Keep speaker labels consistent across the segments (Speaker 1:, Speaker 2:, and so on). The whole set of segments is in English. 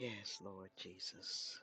Speaker 1: Yes, Lord Jesus.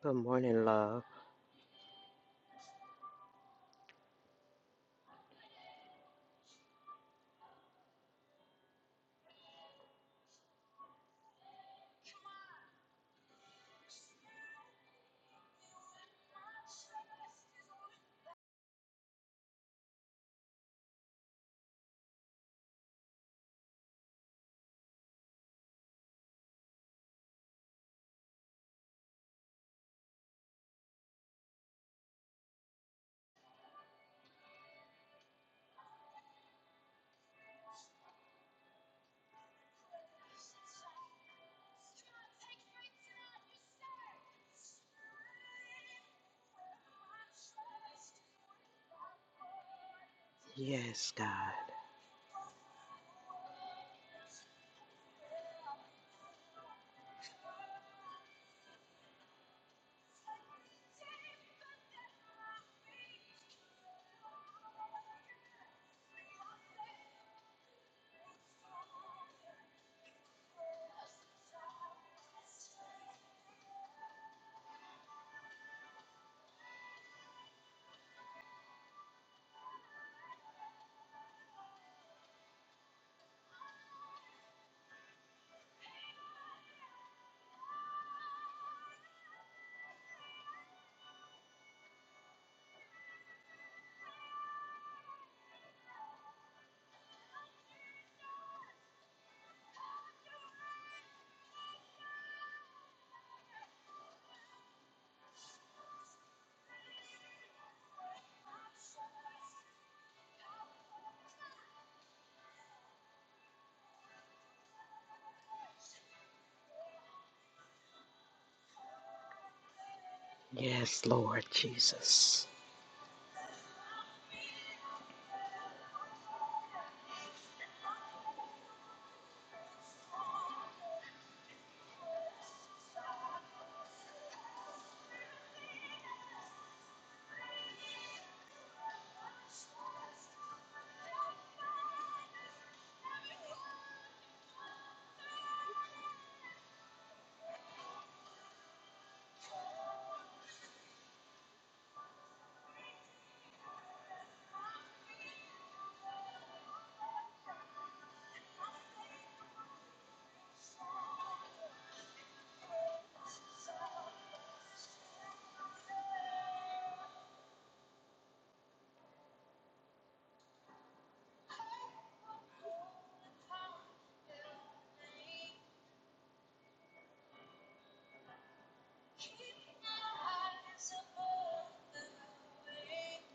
Speaker 1: Good morning, love. Yes, God. Yes, Lord Jesus.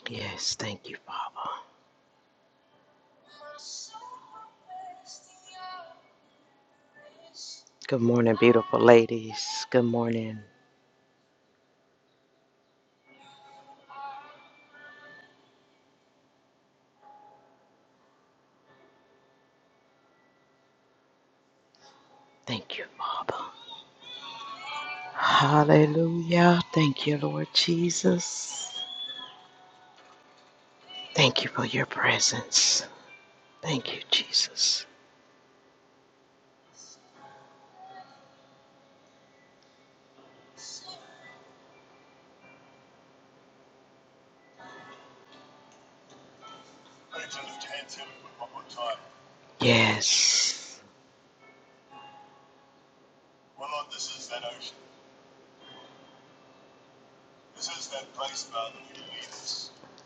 Speaker 1: Yes, thank you, Father. Good morning, beautiful ladies. Good morning. Thank you, Father. Hallelujah. Thank you, Lord Jesus. Thank you for your presence. Thank you, Jesus. Yes.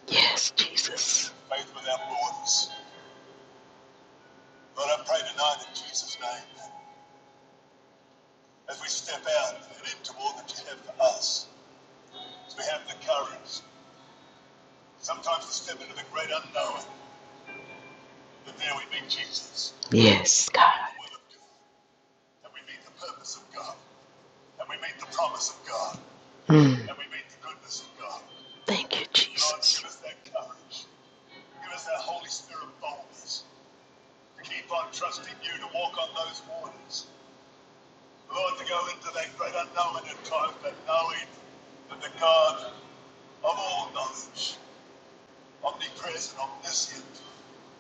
Speaker 1: Yes, Jesus. Yes, God. Mm. Thank you, Jesus.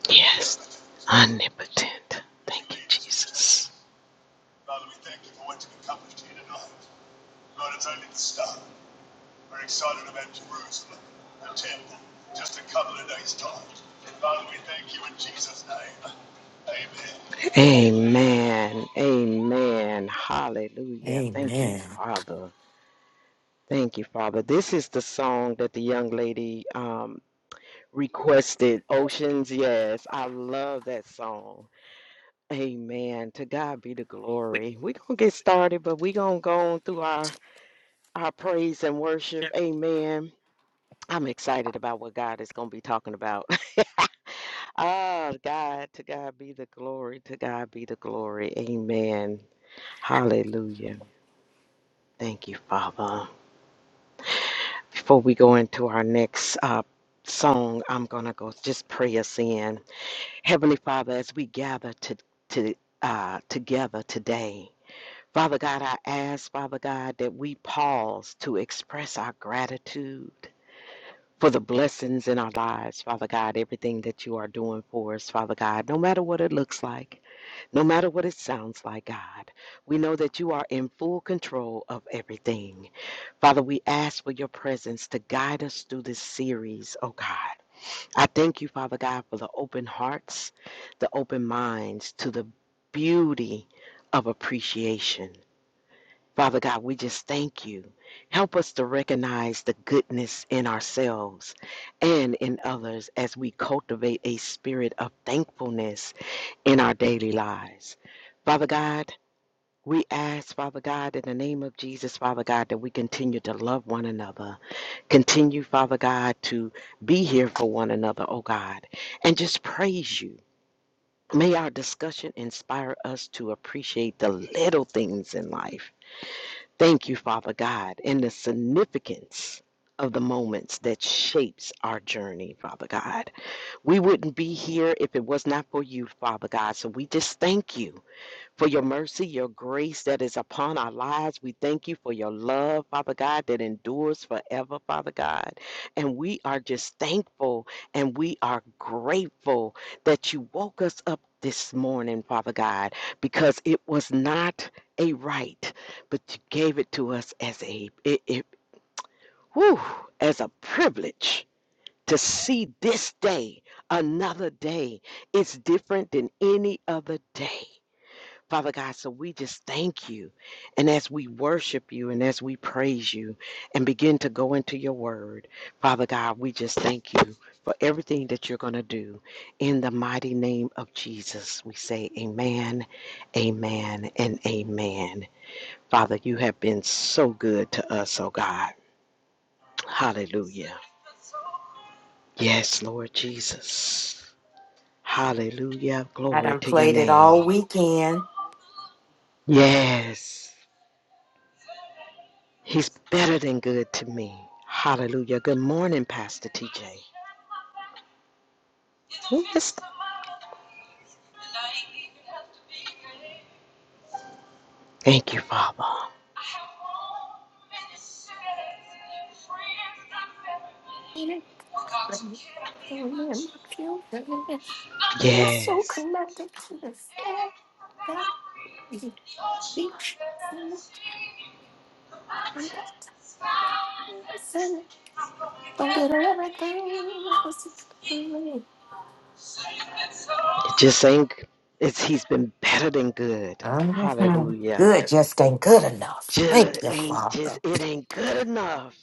Speaker 1: Yes. Omnipotent. Thank you, Jesus. Amen. Amen. Hallelujah. Thank you,
Speaker 2: Amen.
Speaker 1: Father. Thank you, Father. This is the song that the young lady um, requested Oceans. Yes. I love that song. Amen. To God be the glory. We're going to get started, but we're going to go on through our, our praise and worship. Amen. I'm excited about what God is going to be talking about. Ah, God, to God be the glory, to God be the glory. Amen. Hallelujah. Thank you, Father. Before we go into our next uh, song, I'm going to go just pray us in. Heavenly Father, as we gather to, to, uh, together today, Father God, I ask, Father God, that we pause to express our gratitude for the blessings in our lives, Father God, everything that you are doing for us, Father God, no matter what it looks like, no matter what it sounds like, God, we know that you are in full control of everything. Father, we ask for your presence to guide us through this series, oh God. I thank you, Father God, for the open hearts, the open minds to the beauty of appreciation. Father God, we just thank you. Help us to recognize the goodness in ourselves and in others as we cultivate a spirit of thankfulness in our daily lives. Father God, we ask, Father God, in the name of Jesus, Father God, that we continue to love one another. Continue, Father God, to be here for one another, oh God, and just praise you. May our discussion inspire us to appreciate the little things in life Thank you, Father God, and the significance of the moments that shapes our journey, Father God. We wouldn't be here if it was not for you, Father God. So we just thank you for your mercy, your grace that is upon our lives. We thank you for your love, Father God, that endures forever, Father God. And we are just thankful and we are grateful that you woke us up this morning, Father God, because it was not a right, but you gave it to us as a it, it whew, as a privilege to see this day, another day. It's different than any other day. Father God, so we just thank you. And as we worship you and as we praise you and begin to go into your word, Father God, we just thank you for everything that you're going to do. In the mighty name of Jesus, we say amen, amen, and amen. Father, you have been so good to us, oh God. Hallelujah. Yes, Lord Jesus. Hallelujah.
Speaker 2: I
Speaker 1: Glory
Speaker 2: done
Speaker 1: to your
Speaker 2: played it all
Speaker 1: name.
Speaker 2: weekend.
Speaker 1: Yes. He's better than good to me. Hallelujah. Good morning, Pastor TJ. Yes. Thank you, Father. Yes. It just ain't, it's, he's been better than good.
Speaker 2: Mhm.
Speaker 1: Hallelujah.
Speaker 2: Good just ain't good enough. Thank
Speaker 1: Just
Speaker 2: you,
Speaker 1: ain't just
Speaker 2: Father.
Speaker 1: it ain't good enough.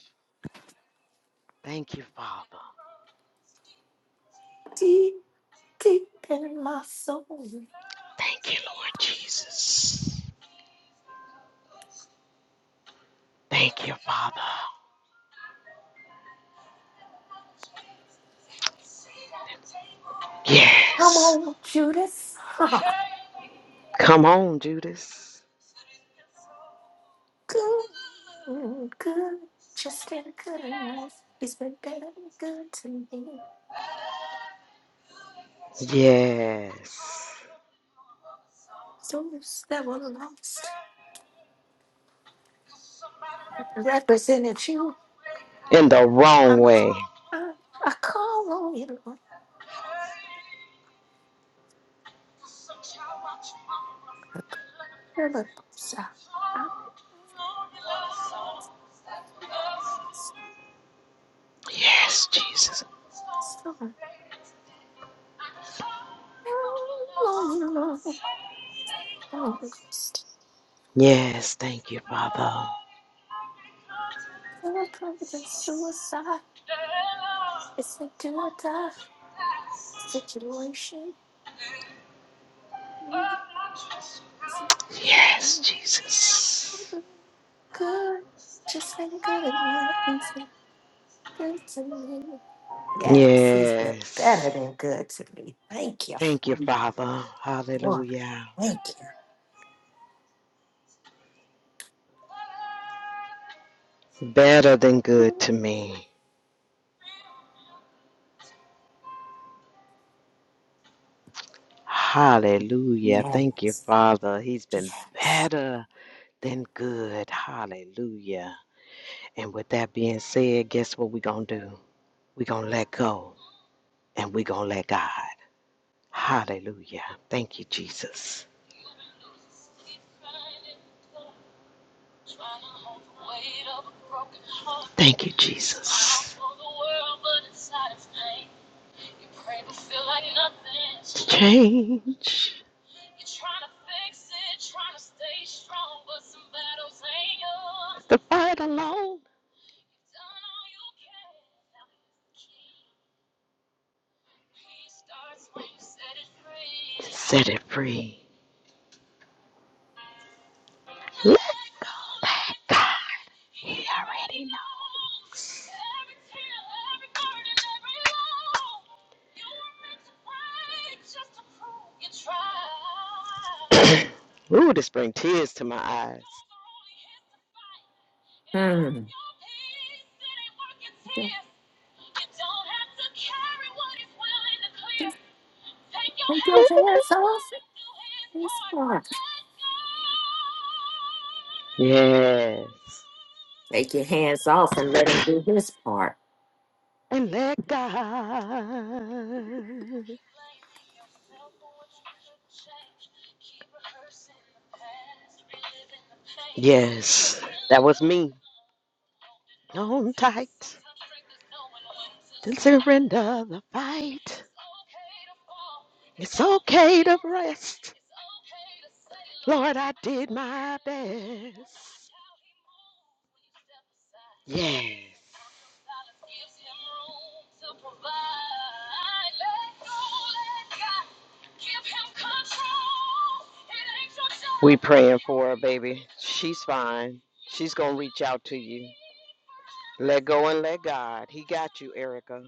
Speaker 1: Thank you, Father. Thank you, Lord Jesus. Thank you, Father. Yes. Come on, Judas. Yes. In the wrong way. Yes, Jesus. Yes, thank you, Father. Yes, Jesus. Yes. Thank you, Father. Hallelujah. Better than good to me. Hallelujah.
Speaker 2: Yeah.
Speaker 1: Thank you, Father. He's been better than good. Hallelujah. And with that being said, guess what we're going to do? We're going to let go. and we're going to let God. Hallelujah. Thank you, Jesus. Thank you, Jesus. Change. The fight alone. Set it free. Let go. Let God. He already knows. Ooh, this brings tears to my eyes.
Speaker 2: Hmm.
Speaker 1: Yes.
Speaker 2: Take your hands off and let him do his part.
Speaker 1: and let God. Yes, that was me. On tight, then surrender the fight. It's okay to rest. Lord, I did my best. Yes. We praying for her, baby. She's fine. She's going to reach out to you. Let go and let God. He got you, Erica.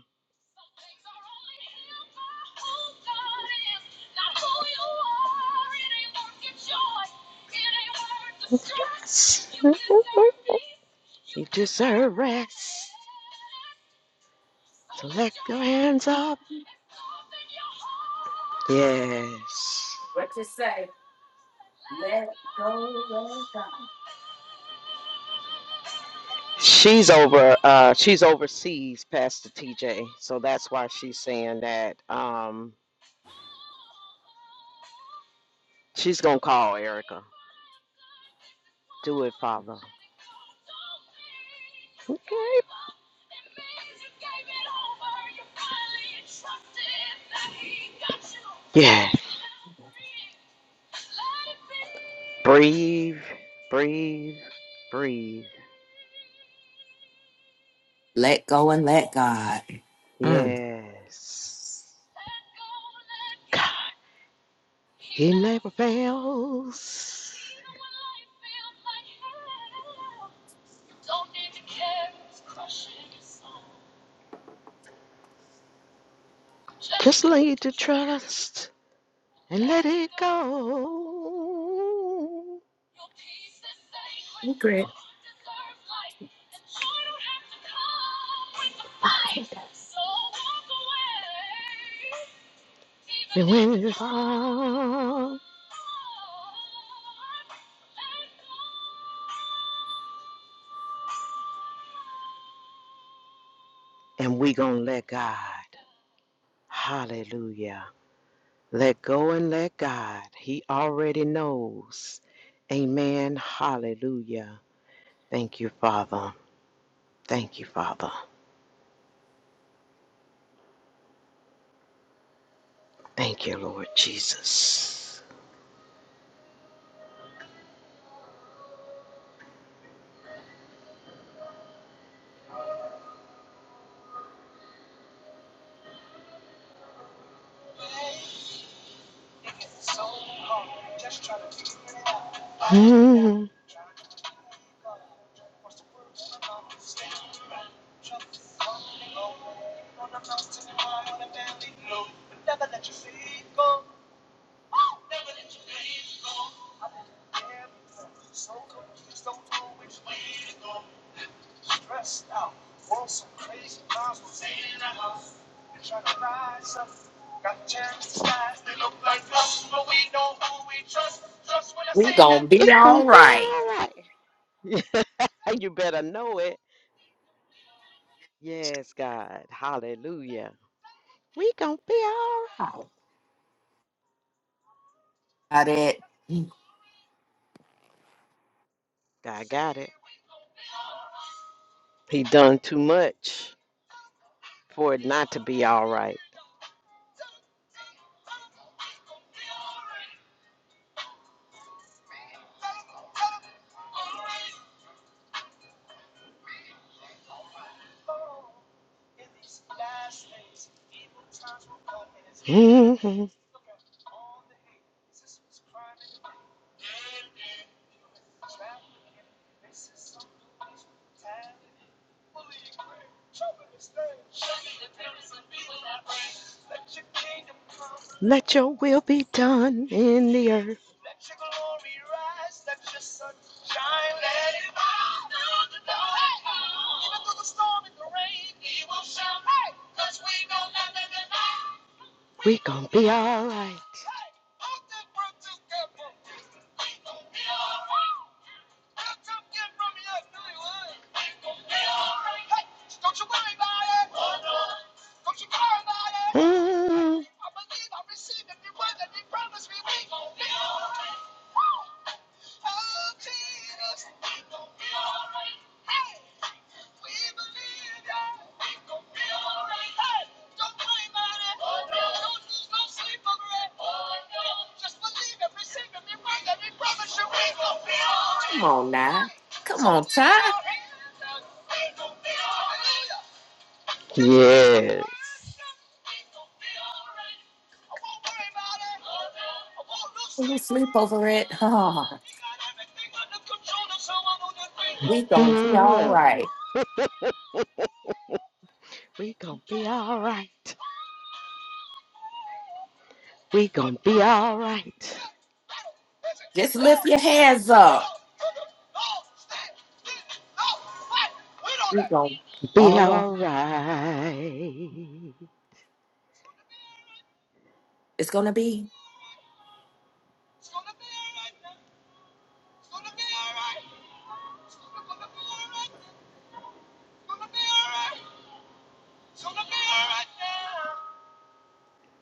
Speaker 1: You deserve rest. So let your hands up. Yes. She's over uh she's overseas, Pastor TJ. So that's why she's saying that um she's gonna call Erica. Do it, Father. Okay. Yes. Breathe, breathe, breathe.
Speaker 2: Let go and let God. Mm.
Speaker 1: Yes. He never fails. Just lead to trust and let it go. And when it fall, and we gonna let God. Hallelujah. Let go and let God. He already knows. Amen. Hallelujah. Thank you, Father. Thank you, Father. Thank you, Lord Jesus. Mm,
Speaker 2: We gonna be
Speaker 1: It's
Speaker 2: all
Speaker 1: going to be
Speaker 2: right.
Speaker 1: all right. you better know it. Yes, God. Hallelujah. We going to be all
Speaker 2: Got it.
Speaker 1: right. God got it. He done too much for it not to be all right. Mhm. Let your will be done in the earth. We gonna be alright. Mm, yes.
Speaker 2: We gonna be all
Speaker 1: Mm,
Speaker 2: right.
Speaker 1: we gonna be alright. We gonna be all right.
Speaker 2: Just lift your hands up. We gonna
Speaker 1: Be
Speaker 2: all
Speaker 1: all
Speaker 2: right.
Speaker 1: right.
Speaker 2: It's gonna be.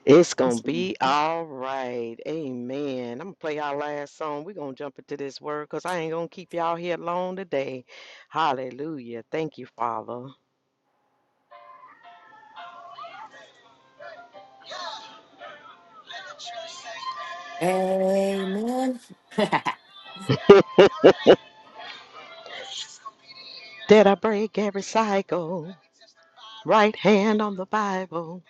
Speaker 1: It's gonna be all right. Amen. I'm gonna play our last song. We're gonna jump into this word because I ain't gonna keep y'all here long today. Hallelujah. Thank you, Father. That I break every cycle. Right hand on the Bible.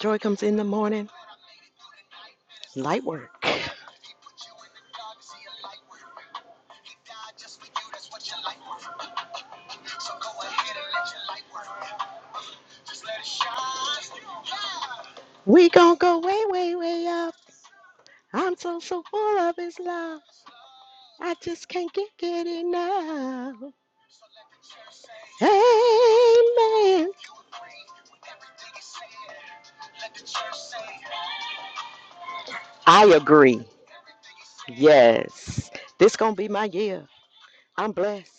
Speaker 1: Joy comes in the morning. Light work. We gonna go way, way, way up. I'm so so full of his love. I just can't get, get enough. Amen. I agree. Yes. This gonna be my year. I'm blessed.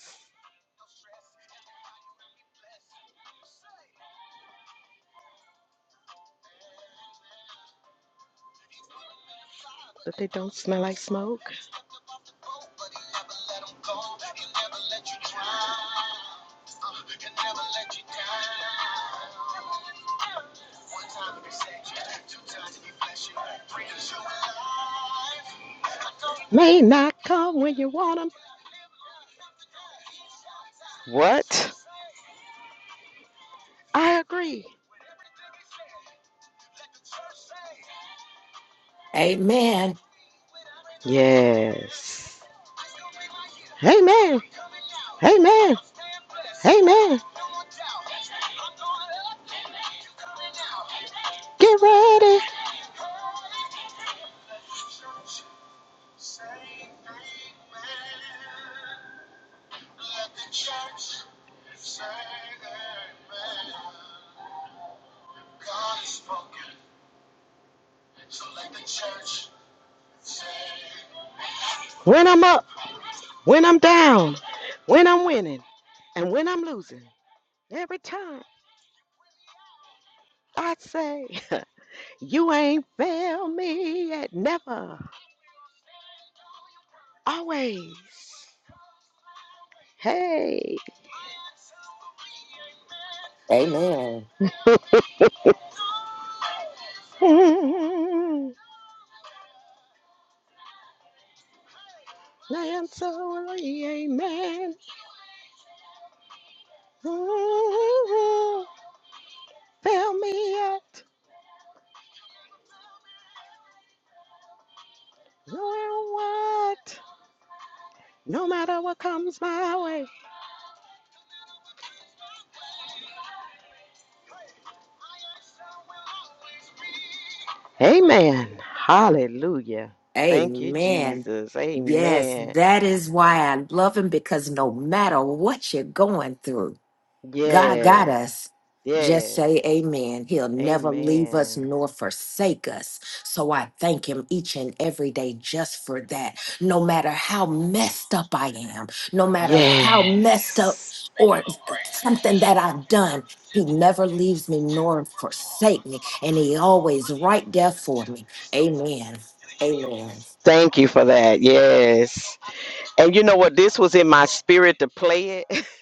Speaker 1: But they don't smell like smoke. May not come when you want 'em. What? I agree.
Speaker 2: Amen.
Speaker 1: Yes. Amen. Amen. Amen. Get ready. When I'm up, when I'm down, when I'm winning, and when I'm losing. Every time I say. You ain't failed me yet, never, always. Hey,
Speaker 2: Amen.
Speaker 1: I am sorry, amen. Ooh, Fail me yet, no matter what, no matter what comes my way. Amen. Hallelujah. Thank you,
Speaker 2: Amen.
Speaker 1: Jesus.
Speaker 2: Yes,
Speaker 1: Amen.
Speaker 2: that is why I love him because no matter what you're going through, God got
Speaker 1: Yes,
Speaker 2: us. Just
Speaker 1: yes.
Speaker 2: say amen. He'll never leave us
Speaker 1: Amen.
Speaker 2: nor forsake us. So I thank him each and every day just for that. No matter how messed up I am, no matter how messed up
Speaker 1: Yes.
Speaker 2: or something that I've done, he never leaves me nor forsake me. And he always right there for me. Amen. Amen.
Speaker 1: Thank you for that. Yes. And you know what? This was in my spirit to play it,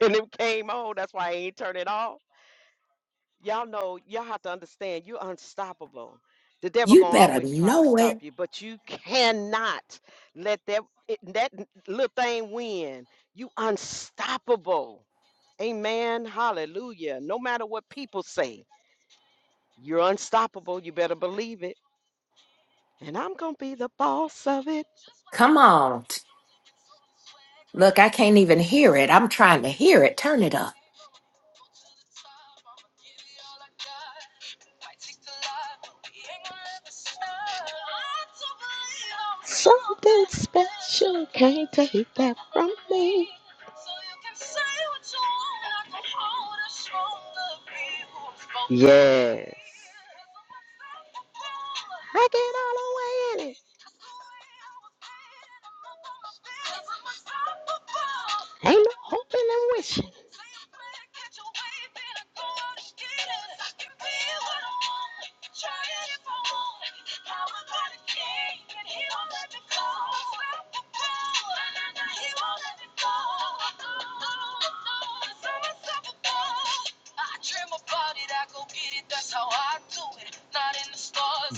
Speaker 1: and it came on. That's why I ain't turn it off. Y'all know, y'all have to understand, you're unstoppable. The devil
Speaker 2: You
Speaker 1: gonna
Speaker 2: better
Speaker 1: always try to
Speaker 2: know
Speaker 1: stop
Speaker 2: it.
Speaker 1: you, but you cannot let that it, that n- little thing win. You unstoppable. Amen. Hallelujah. No matter what people say, you're unstoppable. You better believe it. And I'm gonna be the boss of it.
Speaker 2: Come on. Look, I can't even hear it. I'm trying to hear it. Turn it up.
Speaker 1: Something special can't take that from me. Yes. I get all the way in it. Ain't no hoping and wishing.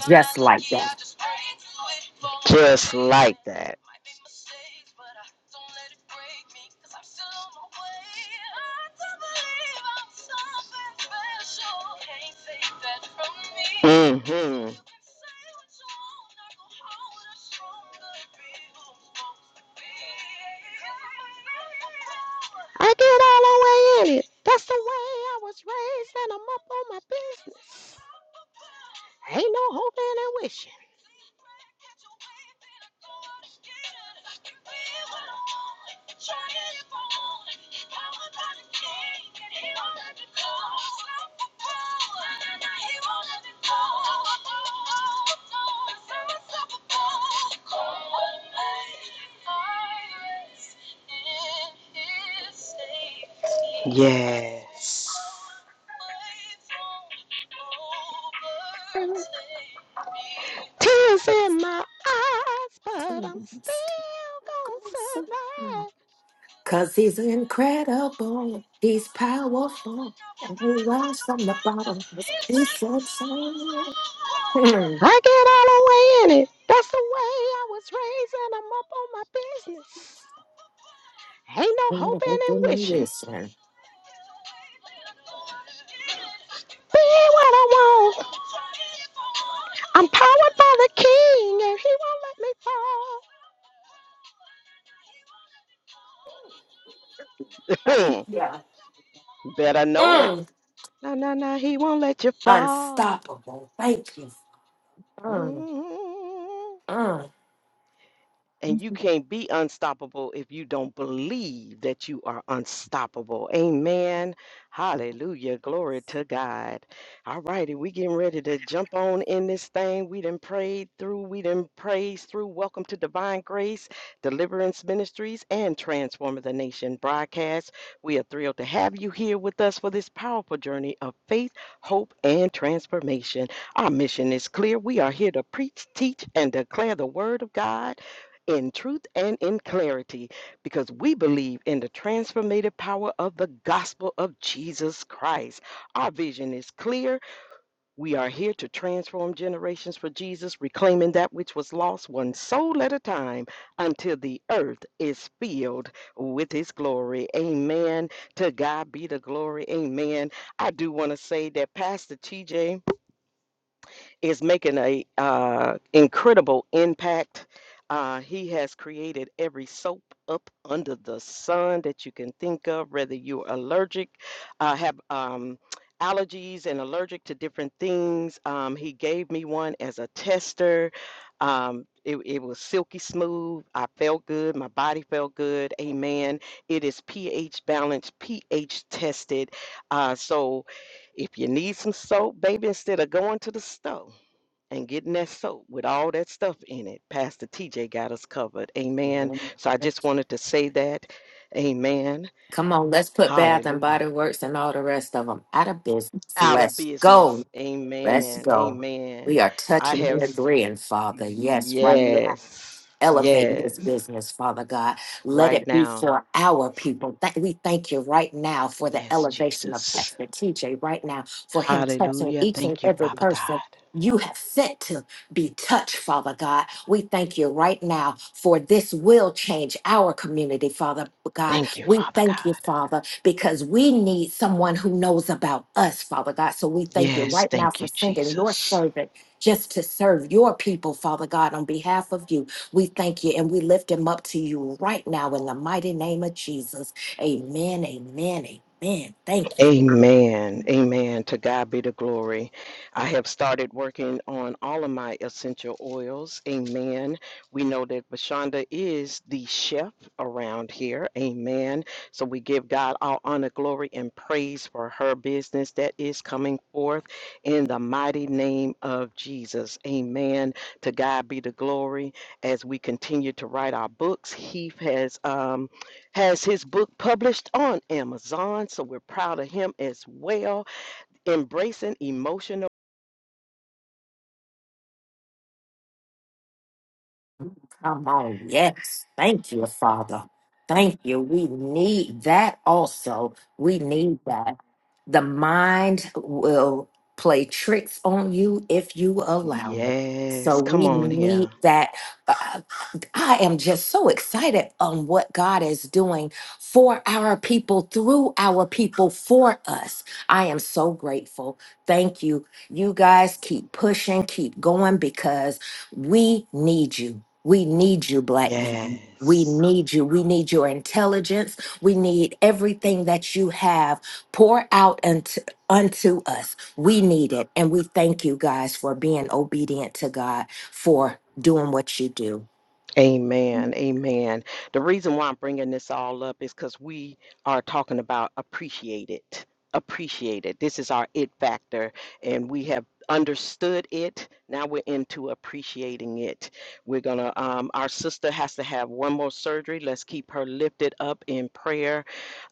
Speaker 2: Just like that.
Speaker 1: that. Mm-hmm. I get all the way in it. That's the way I was raised, and I'm up on my business. Ain't no hoping and wishing. Yes. Tears in my eyes, but I'm still gonna survive.
Speaker 2: Cause he's incredible. He's powerful. And he rise from the bottom. He's so sad.
Speaker 1: I get all the way in it. That's the way I was raised, and I'm up on my business. Ain't no hoping and wishing. Be what I want. I'm powered by the king and he won't let
Speaker 2: Thank
Speaker 1: me fall.
Speaker 2: you.
Speaker 1: Better know it.
Speaker 2: Mm,
Speaker 1: No, no, no, he won't let you fall.
Speaker 2: unstoppable. Thank you. Mm,
Speaker 1: Mm.
Speaker 2: mm.
Speaker 1: And you can't be unstoppable if you don't believe that you are unstoppable. Amen. Hallelujah. Glory to God. All righty, we getting ready to jump on in this thing. We done prayed through. We done praised through. Welcome to Divine Grace, Deliverance Ministries, and Transforming the Nation broadcast. We are thrilled to have you here with us for this powerful journey of faith, hope, and transformation. Our mission is clear. We are here to preach, teach, and declare the word of God in truth and in clarity because we believe in the transformative power of the gospel of Jesus Christ. Our vision is clear. We are here to transform generations for Jesus, reclaiming that which was lost one soul at a time until the earth is filled with his glory. Amen. To God be the glory. Amen. I do want to say that Pastor TJ is making a uh, incredible impact. Uh, he has created every soap up under the sun that you can think of, whether you're allergic, uh, have um, allergies and allergic to different things. Um, he gave me one as a tester. Um, it, it was silky smooth. I felt good. My body felt good. Amen. It is pH balanced, pH tested. Uh, so if you need some soap, baby, instead of going to the store and getting that soap with all that stuff in it. Pastor TJ got us covered. Amen. So I just wanted to say that. Amen.
Speaker 2: Come on, let's put Bath and
Speaker 1: Hallelujah.
Speaker 2: Body Works and all the rest of them out of business.
Speaker 1: Out of
Speaker 2: Let's go.
Speaker 1: business.
Speaker 2: Let's
Speaker 1: Amen.
Speaker 2: go.
Speaker 1: Amen.
Speaker 2: We are
Speaker 1: I
Speaker 2: touching
Speaker 1: have,
Speaker 2: and
Speaker 1: s-
Speaker 2: agreeing, Father. Yes, right now.
Speaker 1: yes,
Speaker 2: Elevate
Speaker 1: yes,
Speaker 2: this business, Father God. Let
Speaker 1: right
Speaker 2: it be
Speaker 1: now.
Speaker 2: for our people. Thank- we thank you right now for the
Speaker 1: Yes,
Speaker 2: elevation of
Speaker 1: Jesus.
Speaker 2: Pastor TJ right now, for him touching
Speaker 1: Hallelujah.
Speaker 2: each and
Speaker 1: Thank you,
Speaker 2: every
Speaker 1: Father God.
Speaker 2: person you have sent to be touched, Father God. We thank you right now for this will change our community, Father God.
Speaker 1: Thank you,
Speaker 2: We
Speaker 1: Father
Speaker 2: thank you,
Speaker 1: God.
Speaker 2: Father, because we need someone who knows about us, Father God. So we thank you
Speaker 1: Yes,
Speaker 2: right now
Speaker 1: thank
Speaker 2: for
Speaker 1: you,
Speaker 2: sending your
Speaker 1: Jesus.
Speaker 2: servant just to serve your people, Father God, on behalf of you. We thank you and we lift him up to you right now in the mighty name of Jesus. Amen, amen, amen. Thank you.
Speaker 1: Amen. Amen. To God be the glory. I have started working on all of my essential oils. Amen. We know that Bashonda is the chef around here. Amen. So we give God all honor, glory, and praise for her business that is coming forth in the mighty name of Jesus. Amen. To God be the glory. As we continue to write our books, Heath has. Um, has his book published on Amazon. So we're proud of him as well. Embracing emotional.
Speaker 2: Come on, yes. Thank you, Father. Thank you. We need that also. We need that. The mind will play tricks on you if you allow it. So
Speaker 1: Yes, come
Speaker 2: we
Speaker 1: on
Speaker 2: need
Speaker 1: here.
Speaker 2: that. Uh, I am just so excited on what God is doing for our people, through our people, for us. I am so grateful. Thank you. You guys keep pushing, keep going because we need you. We need you, black men. We
Speaker 1: Yes.
Speaker 2: need you. We need your intelligence. We need everything that you have. Pour out unto, unto us. We need it. And we thank you guys for being obedient to God, for doing what you do.
Speaker 1: Amen. Amen. The reason why I'm bringing this all up is because we are talking about appreciate it. Appreciate it. This is our it factor, and we have understood it. Now we're into appreciating it. We're gonna. Um, our sister has to have one more surgery. Let's keep her lifted up in prayer.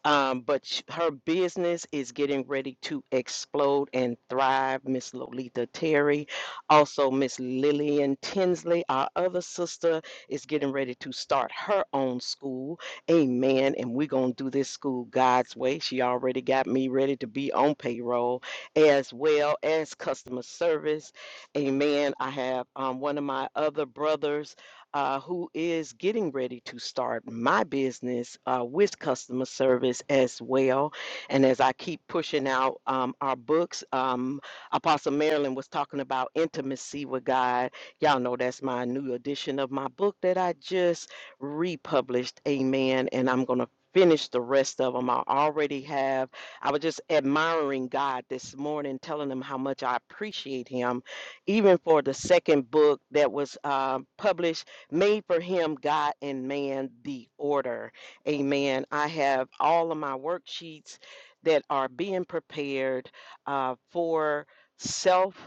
Speaker 1: Um, but sh- her business is getting ready to explode and thrive. Miss Lolita Terry, also Miss Lillian Tinsley, our other sister is getting ready to start her own school. Amen. And we're going to do this school God's way. She already got me ready to be on payroll as well as customer service. Amen. I have um, one of my other brothers uh, who is getting ready to start my business uh, with customer service as well. And as I keep pushing out um, our books, um, Apostle Marilyn was talking about intimacy with God Y'all know that's my new edition of my book that I just republished. Amen. And I'm going to finish the rest of them. I already have. I was just admiring God this morning, telling him how much I appreciate him, even for the second book that was uh, published, Made for Him, God and Man, the Order. Amen. I have all of my worksheets that are being prepared uh, for self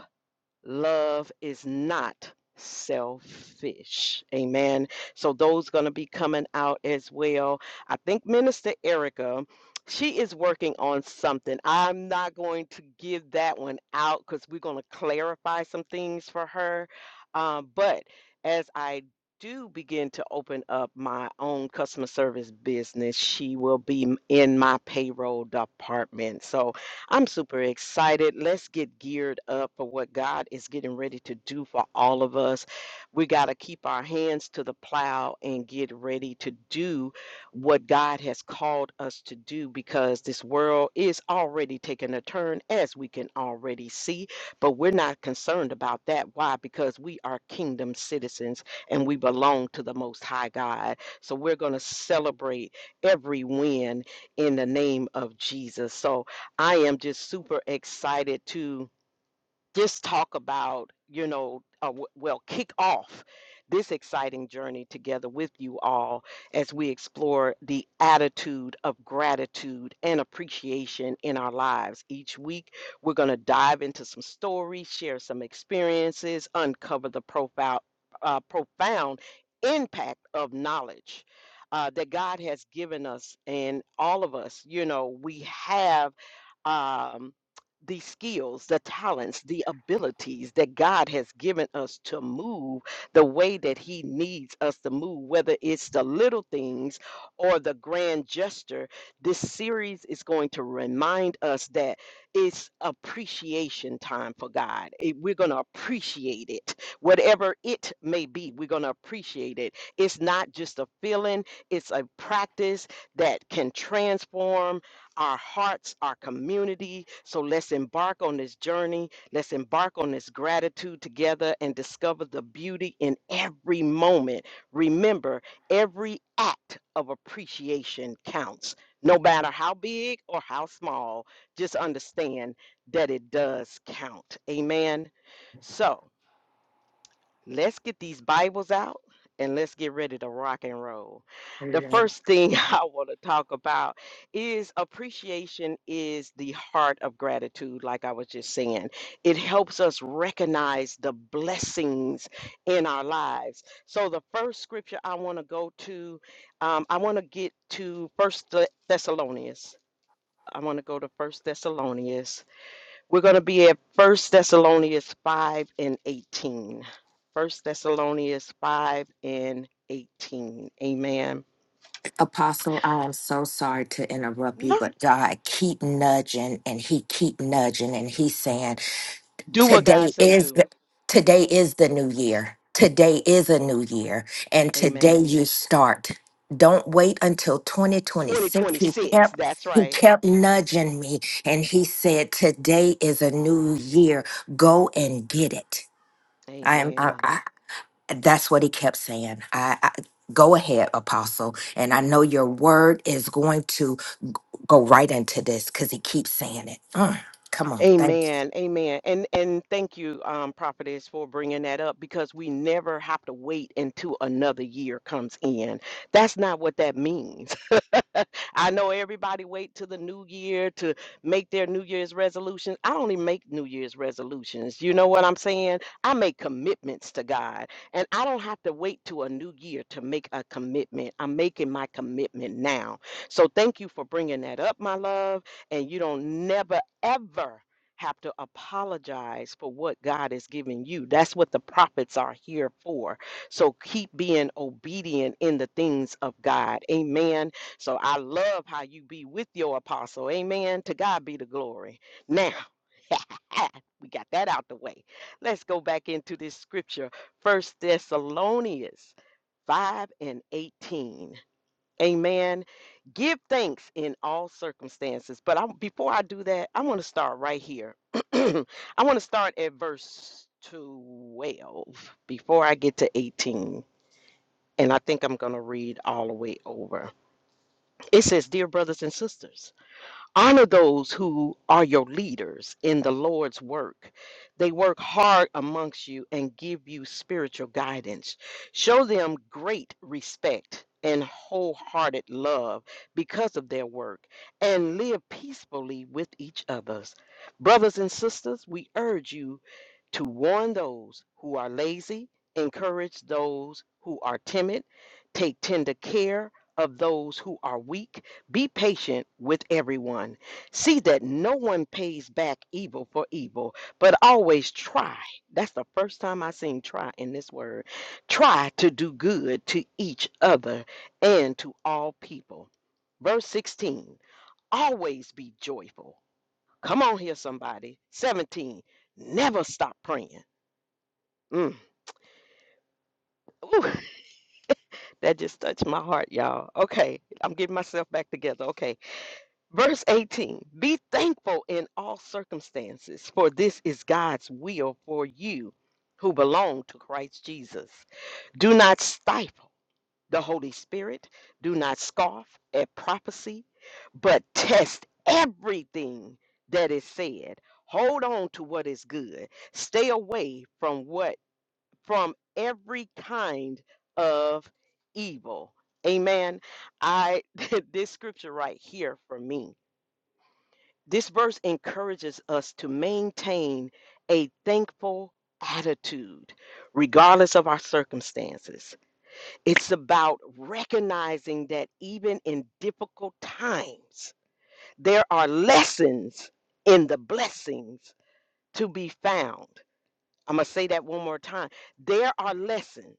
Speaker 1: love is not selfish. Amen. So those going to be coming out as well. I think Minister Erica, she is working on something. I'm not going to give that one out because we're going to clarify some things for her. Um, but as I do begin to open up my own customer service business, she will be in my payroll department. So I'm super excited. Let's get geared up for what God is getting ready to do for all of us. We got to keep our hands to the plow and get ready to do what God has called us to do because this world is already taking a turn, as we can already see. But we're not concerned about that. Why? Because we are kingdom citizens and we belong to the Most High God. So we're going to celebrate every win in the name of Jesus. So, I am just super excited to just talk about, you know, uh, w- well, kick off this exciting journey together with you all as we explore the attitude of gratitude and appreciation in our lives. Each week, we're going to dive into some stories, share some experiences, uncover the profile, uh, profound impact of knowledge. Uh, that God has given us and all of us, you know, we have um, the skills, the talents, the abilities that God has given us to move the way that He needs us to move, whether it's the little things or the grand gesture. This series is going to remind us that it's appreciation time for God. It- we're going to appreciate it, whatever it may be, we're going to appreciate it. It's not just a feeling, it's a practice that can transform our hearts, our community. So let's embark on this journey. Let's embark on this gratitude together and discover the beauty in every moment. Remember, every act of appreciation counts, no matter how big or how small. Just understand that it does count. Amen. So, let's get these Bibles out and let's get ready to rock and roll. The
Speaker 2: Amen.
Speaker 1: first thing I want to talk about is appreciation is the heart of gratitude, like I was just saying. It helps us recognize the blessings in our lives. So the first scripture I want to go to, um, I want to get to First Thessalonians. I want to go to First Thessalonians we're going to be at First Thessalonians 5 and 18. First Thessalonians 5 and 18. Amen.
Speaker 2: Apostle, I am so sorry to interrupt you,
Speaker 1: No.
Speaker 2: but God keep nudging and he keep nudging and he's saying,
Speaker 1: Do what God
Speaker 2: today
Speaker 1: say
Speaker 2: is
Speaker 1: do.
Speaker 2: the, today is the new year. Today is a new year and today
Speaker 1: Amen.
Speaker 2: you start. Don't wait until 2026. He
Speaker 1: 2026.
Speaker 2: kept
Speaker 1: That's
Speaker 2: he
Speaker 1: right.
Speaker 2: kept nudging me and he said, today is a new year. Go and get it. I am I,
Speaker 1: Amen.
Speaker 2: I- that's what he kept saying. I, I go ahead, apostle, and I know your word is going to go right into this because he keeps saying it. Mm, come on, thanks.
Speaker 1: Amen. Amen. And and thank you, um, prophetess, for bringing that up because we never have to wait until another year comes in. That's not what that means. I know everybody wait till the new year to make their new year's resolutions. I only make new year's resolutions. You know what I'm saying? I make commitments to God, and I don't have to wait to a new year to make a commitment. I'm making my commitment now. So thank you for bringing that up, my love, and you don't never ever have to apologize for what God has given you. That's what the prophets are here for. So keep being obedient in the things of God. Amen so I love how you be with your apostle. Amen. To God be the glory. Now, we got that out the way. Let's go back into this scripture. First Thessalonians 5 and 18. Amen. Give thanks in all circumstances. But I, before I do that, I want to start right here. I want to start at verse 12 before I get to 18. And I think I'm going to read all the way over. It says, Dear brothers and sisters, honor those who are your leaders in the Lord's work. They work hard amongst you and give you spiritual guidance. Show them great respect and wholehearted love because of their work and live peacefully with each others. Brothers and sisters, we urge you to warn those who are lazy, encourage those who are timid, take tender care of those who are weak be patient with everyone. See that no one pays back evil for evil, but always try. That's the first time I seen try in this word. Try to do good to each other and to all people. Verse 16, always be joyful. Come on here, somebody. 17, never stop praying. Mm. Ooh, that just touched my heart, y'all. Okay, I'm getting myself back together. Okay. Verse 18 Be thankful in all circumstances, for this is God's will for you who belong to Christ Jesus. Do not stifle the Holy Spirit, do not scoff at prophecy, but test everything that is said. Hold on to what is good. Stay away from what from every kind of evil. Amen. I this scripture right here for me this verse encourages us to maintain a thankful attitude, regardless of our circumstances. It's about recognizing that even in difficult times, there are lessons in the blessings to be found. I'm going to say that one more time. There are lessons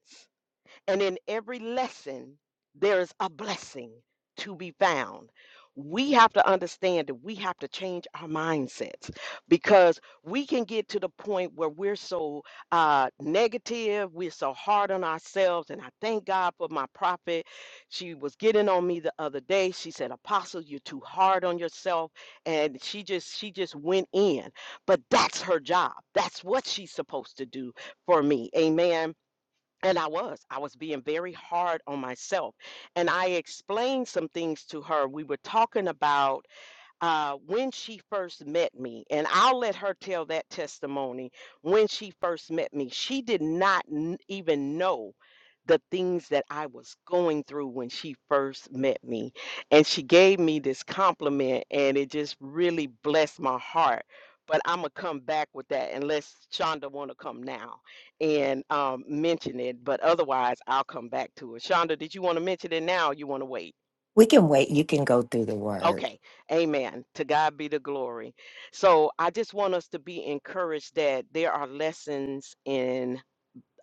Speaker 1: and in every lesson, there is a blessing to be found. We have to understand that we have to change our mindsets because we can get to the point where we're so uh, negative, we're so hard on ourselves. And I thank God for my prophet. She was getting on me the other day. She said, "Apostle, you're too hard on yourself," and she just she just went in. But that's her job. That's what she's supposed to do for me. Amen and I was. I was being very hard on myself. And I explained some things to her. We were talking about uh, when she first met me, and I'll let her tell that testimony. When she first met me, she did not n- even know the things that I was going through when she first met me. And she gave me this compliment, and it just really blessed my heart. But I'm gonna come back with that unless Shonda wanna come now and um, mention it. But otherwise, I'll come back to it. Shonda, did you want to mention it now? Or you want to wait?
Speaker 2: We can wait. You can go through the word.
Speaker 1: Okay, amen. To God be the glory. So I just want us to be encouraged that there are lessons in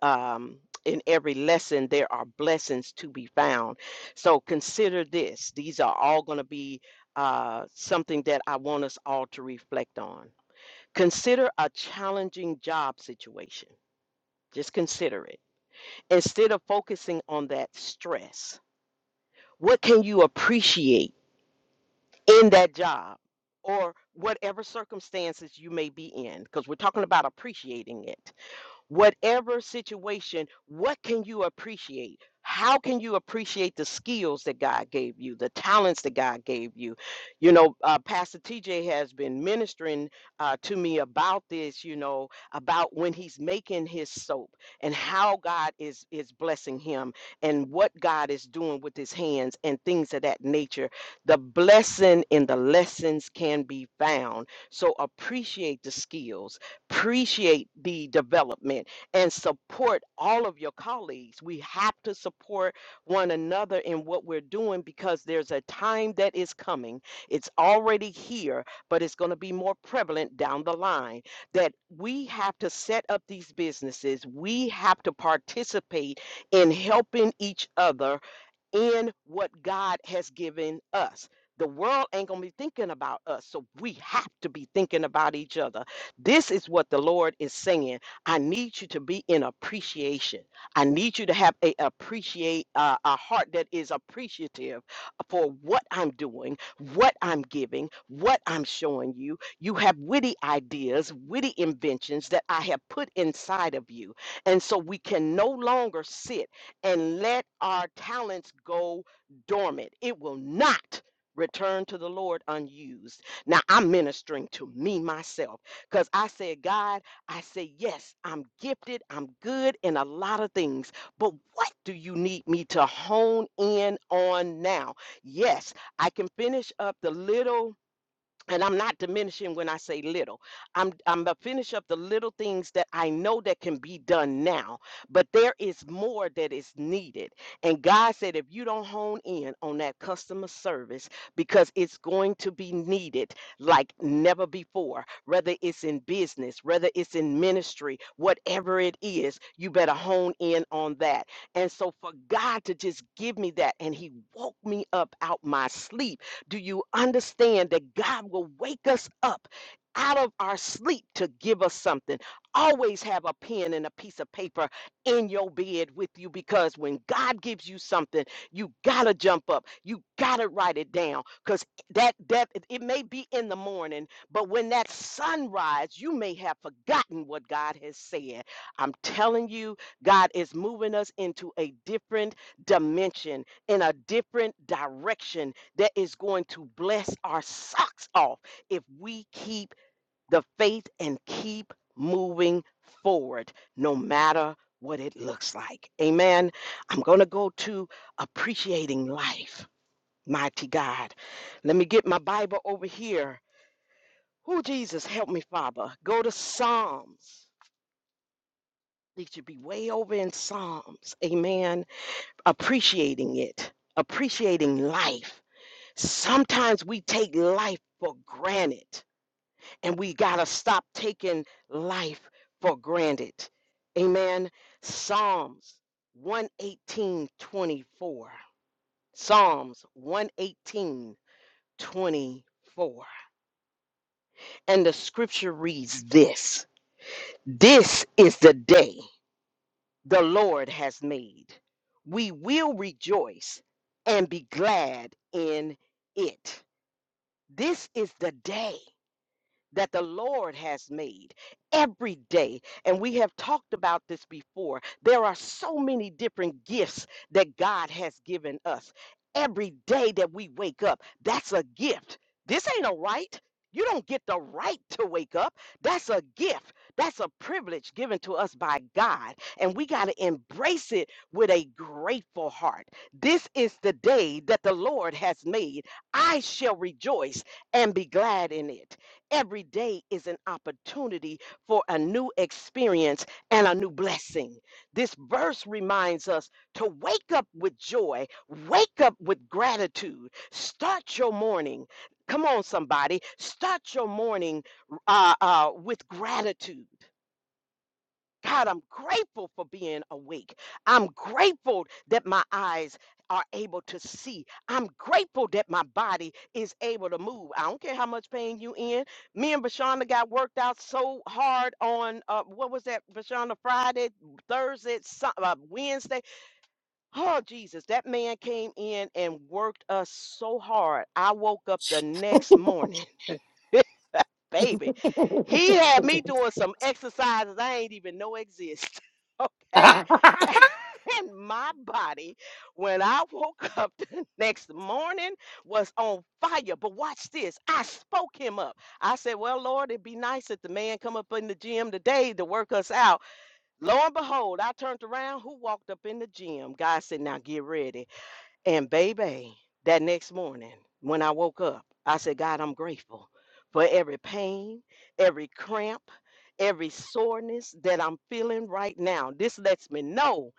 Speaker 1: um in every lesson there are blessings to be found. So consider this. These are all going to be uh something that I want us all to reflect on. Consider a challenging job situation. Just consider it. Instead of focusing on that stress, what can you appreciate? in that job or whatever circumstances you may be in, because we're talking about appreciating it whatever situation, what can you appreciate? How can you appreciate the skills that God gave you, the talents that God gave you? You know, uh, Pastor TJ has been ministering uh, to me about this. You know, about when he's making his soap and how God is is blessing him and what God is doing with his hands and things of that nature. The blessing in the lessons can be found. So appreciate the skills appreciate the development and support all of your colleagues. We have to support one another in what we're doing because there's a time that is coming. It's already here, but it's going to be more prevalent down the line that we have to set up these businesses. We have to participate in helping each other in what God has given us. The world ain't going to be thinking about us, so we have to be thinking about each other. This is what the Lord is saying. I need you to be in appreciation. I need you to have a appreciate uh, a heart that is appreciative for what I'm doing, what I'm giving, what I'm showing you. You have witty ideas, witty inventions that I have put inside of you, and so we can no longer sit and let our talents go dormant. It will not return to the Lord unused. Now I'm ministering to me myself because I said, God, I say, yes, I'm gifted, I'm good in a lot of things, but what do you need me to hone in on now? Yes, I can finish up the little and I'm not diminishing when I say little. I'm I'm gonna finish up the little things that I know that can be done now, but there is more that is needed. And God said, if you don't hone in on that customer service, because it's going to be needed like never before, whether it's in business, whether it's in ministry, whatever it is, you better hone in on that. And so for God to just give me that, and He woke me up out my sleep do you understand that God will wake us up? Out of our sleep to give us something. Always have a pen and a piece of paper in your bed with you because when God gives you something, you gotta jump up. You gotta write it down because that that it may be in the morning, but when that sunrise, you may have forgotten what God has said. I'm telling you, God is moving us into a different dimension, in a different direction, that is going to bless our socks off if we keep the faith and keep moving forward, no matter what it looks like. Amen. I'm going to go to appreciating life, mighty God. Let me get my Bible over here. Oh, Jesus, help me, Father. Go to Psalms. It should be way over in Psalms. Amen. Appreciating it, appreciating life Sometimes we take life for granted, and we got to stop taking life for granted. Amen. Psalms one eighteen twenty four. Psalms one eighteen twenty four. And the scripture reads this This is the day the Lord has made. We will rejoice and be glad in it. This is the day. that the Lord has made every day. And we have talked about this before. There are so many different gifts that God has given us. Every day that we wake up, that's a gift. This ain't a right. You don't get the right to wake up. That's a gift. That's a privilege given to us by God. And we got to embrace it with a grateful heart. This is the day that the Lord has made. I shall rejoice and be glad in it. Every day is an opportunity for a new experience and a new blessing. This verse reminds us to wake up with joy, wake up with gratitude, start your morning. Come on, somebody, start your morning uh, uh, with gratitude. God, I'm grateful for being awake. I'm grateful that my eyes are able to see. I'm grateful that my body is able to move. I don't care how much pain you in. Me and Vashonda got worked out so hard on uh, what was that, Vashonda? Friday, Thursday, Sun- uh, Wednesday. Oh Jesus, that man came in and worked us so hard. I woke up the next morning. Baby, he had me doing some exercises I ain't even know exist. Okay.
Speaker 2: Amen.
Speaker 1: And my body, when I woke up the next morning, was on fire. But watch this. I spoke him up. I said, Well, Lord, it'd be nice if the man come up in the gym today to work us out. Lo and behold, I turned around. Who walked up in the gym? God said, Now get ready. And baby, that next morning when I woke up, I said, God, I'm grateful for every pain, every cramp, every soreness that I'm feeling right now. This lets me know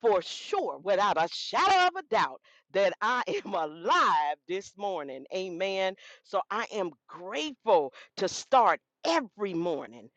Speaker 1: for sure, without a shadow of a doubt, that I am alive this morning. Amen. So I am grateful to start every morning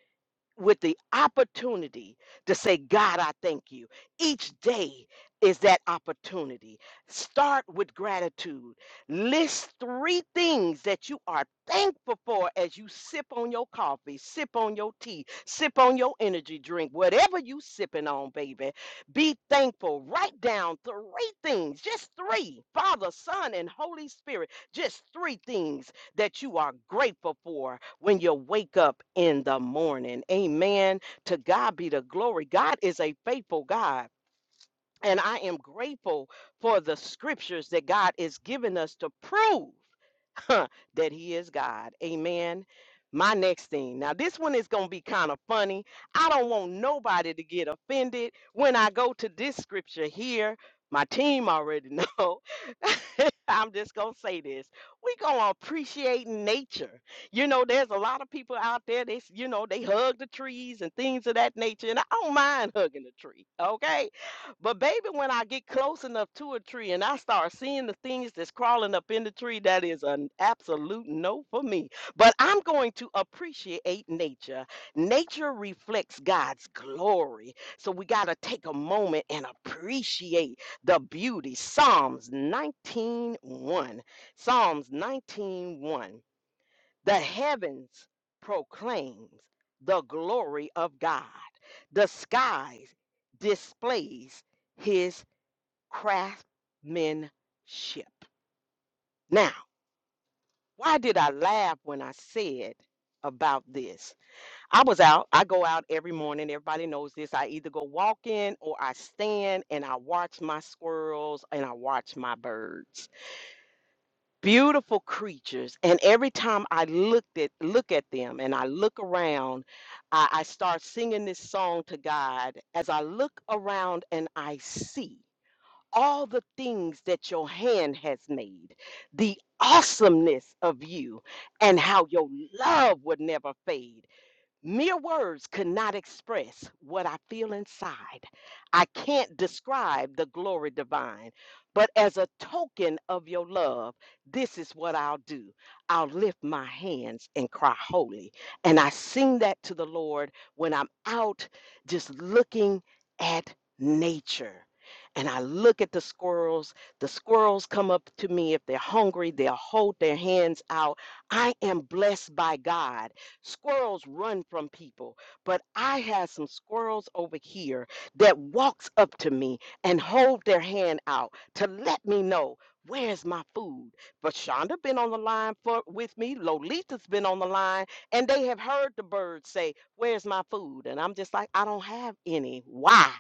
Speaker 1: with the opportunity to say, God, I thank you. Each day is that opportunity. Start with gratitude. List three things that you are thankful for as you sip on your coffee, sip on your tea, sip on your energy drink, whatever you sipping on, baby. Be thankful. Write down three things, just three. Father, Son, and Holy Spirit, just three things that you are grateful for when you wake up in the morning. Amen. To God be the glory. God is a faithful God. And I am grateful for the scriptures that God is giving us to prove. that he is God. Amen. My next thing. Now, this one is going to be kind of funny. I don't want nobody to get offended when I go to this scripture here. My team already know. I'm just going to say this. we going to appreciate nature. You know, there's a lot of people out there, they, s- you know, they hug the trees and things of that nature. And I don't mind hugging the tree, okay? But baby, when I get close enough to a tree and I start seeing the things that's crawling up in the tree, that is an absolute no for me. But I'm going to appreciate nature. Nature reflects God's glory. So we got to take a moment and appreciate the beauty. Psalms nineteen one. Psalms nineteen one. The heavens proclaims the glory of God. The skies displays his craftsmanship. Now, why did I laugh when I said about this? I was out. I go out every morning. Everybody knows this. I either go walking or I stand and I watch my squirrels and I watch my birds. beautiful creatures and every time i looked at look at them and i look around I, I start singing this song to god as i look around and i see all the things that your hand has made the awesomeness of you and how your love would never fade Mere words could not express what I feel inside. I can't describe the glory divine, but as a token of your love, this is what I'll do. I'll lift my hands and cry holy. And I sing that to the Lord when I'm out just looking at nature. And I look at the squirrels. The squirrels come up to me. If they're hungry, they'll hold their hands out. I am blessed by God Squirrels run from people, but I have some squirrels over here that walks up to me and hold their hand out to let me know where's my food. But Shonda been on the line for with me, Lolita's been on the line, and they have heard the birds say, "Where's my food?" And I'm just like, "I don't have any. Why?"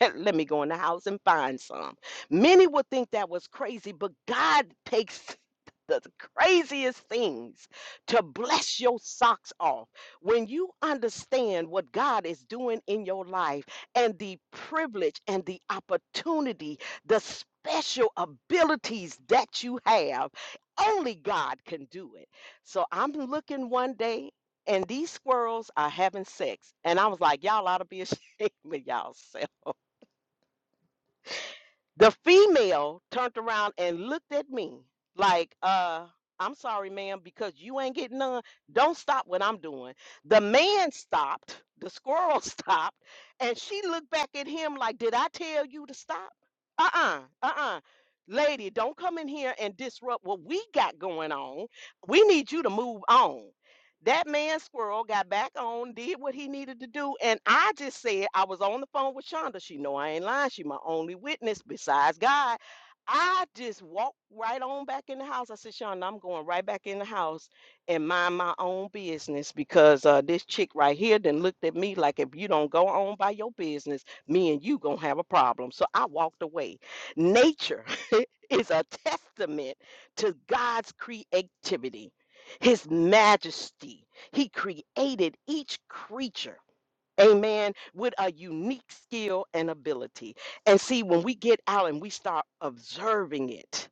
Speaker 1: Let me go in the house and find some. Many would think that was crazy, but God takes the craziest things to bless your socks off. When you understand what God is doing in your life and the privilege and the opportunity, the special abilities that you have, only God can do it. So I'm looking one day and these squirrels are having sex. And I was like, y'all ought to be ashamed of y'all the female turned around and looked at me like, uh, I'm sorry, ma'am, because you ain't getting none. Don't stop what I'm doing. The man stopped, the squirrel stopped, and she looked back at him like, Did I tell you to stop? Uh uh-uh, uh, Lady, don't come in here and disrupt what we got going on. We need you to move on. That man squirrel got back on, did what he needed to do, and I just said I was on the phone with Shonda. She know I ain't lying. She my only witness besides God. I just walked right on back in the house. I said, Shonda, I'm going right back in the house and mind my own business because uh, this chick right here then looked at me like if you don't go on by your business, me and you gonna have a problem. So I walked away. Nature is a testament to God's creativity his majesty. He created each creature, amen, with a unique skill and ability. And see, when we get out and we start observing it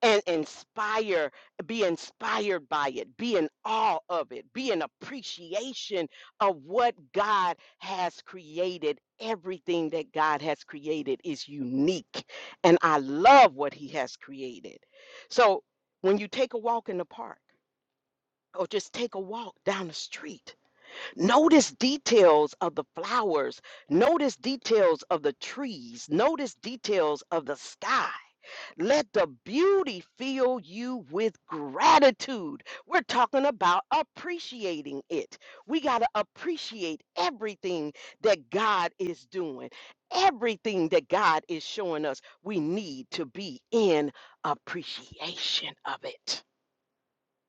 Speaker 1: and inspire, be inspired by it, be in awe of it, be in appreciation of what God has created. Everything that God has created is unique. And I love what He has created. So when you take a walk in the park, or just take a walk down the street. Notice details of the flowers, notice details of the trees, notice details of the sky. Let the beauty fill you with gratitude. We're talking about appreciating it. We got to appreciate everything that God is doing, everything that God is showing us. We need to be in appreciation of it.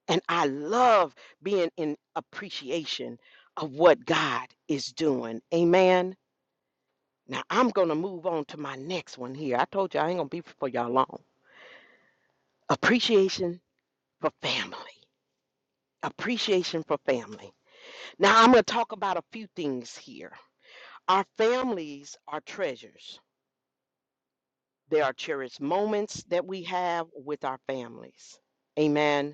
Speaker 1: And I love being in appreciation of what God is doing. Amen. Now I'm going to move on to my next one here. I told you I ain't going to be for y'all long. Appreciation for family. Appreciation for family. Now I'm going to talk about a few things here. Our families are treasures, There are cherished moments that we have with our families. Amen.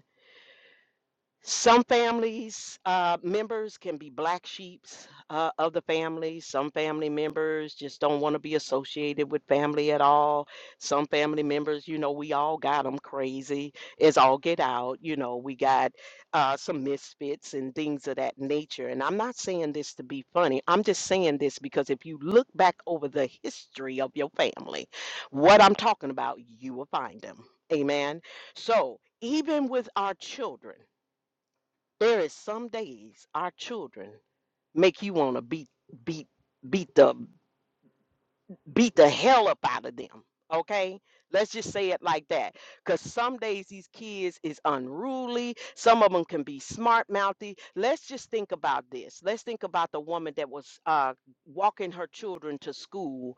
Speaker 1: Some families, uh, members can be black sheeps uh, of the family. Some family members just don't want to be associated with family at all. Some family members, you know, we all got them crazy. It's all get out. You know, we got uh, some misfits and things of that nature. And I'm not saying this to be funny. I'm just saying this because if you look back over the history of your family, what I'm talking about, you will find them. Amen. So even with our children, there is some days our children make you want to beat beat beat the beat the hell up out of them. Okay? Let's just say it like that. Cause some days these kids is unruly. Some of them can be smart mouthy. Let's just think about this. Let's think about the woman that was uh, walking her children to school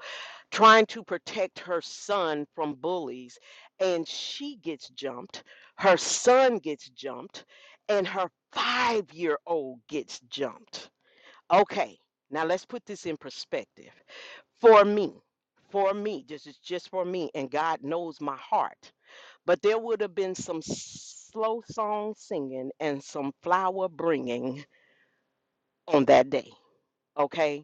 Speaker 1: trying to protect her son from bullies and she gets jumped her son gets jumped and her 5-year-old gets jumped okay now let's put this in perspective for me for me this is just for me and God knows my heart but there would have been some slow song singing and some flower bringing on that day okay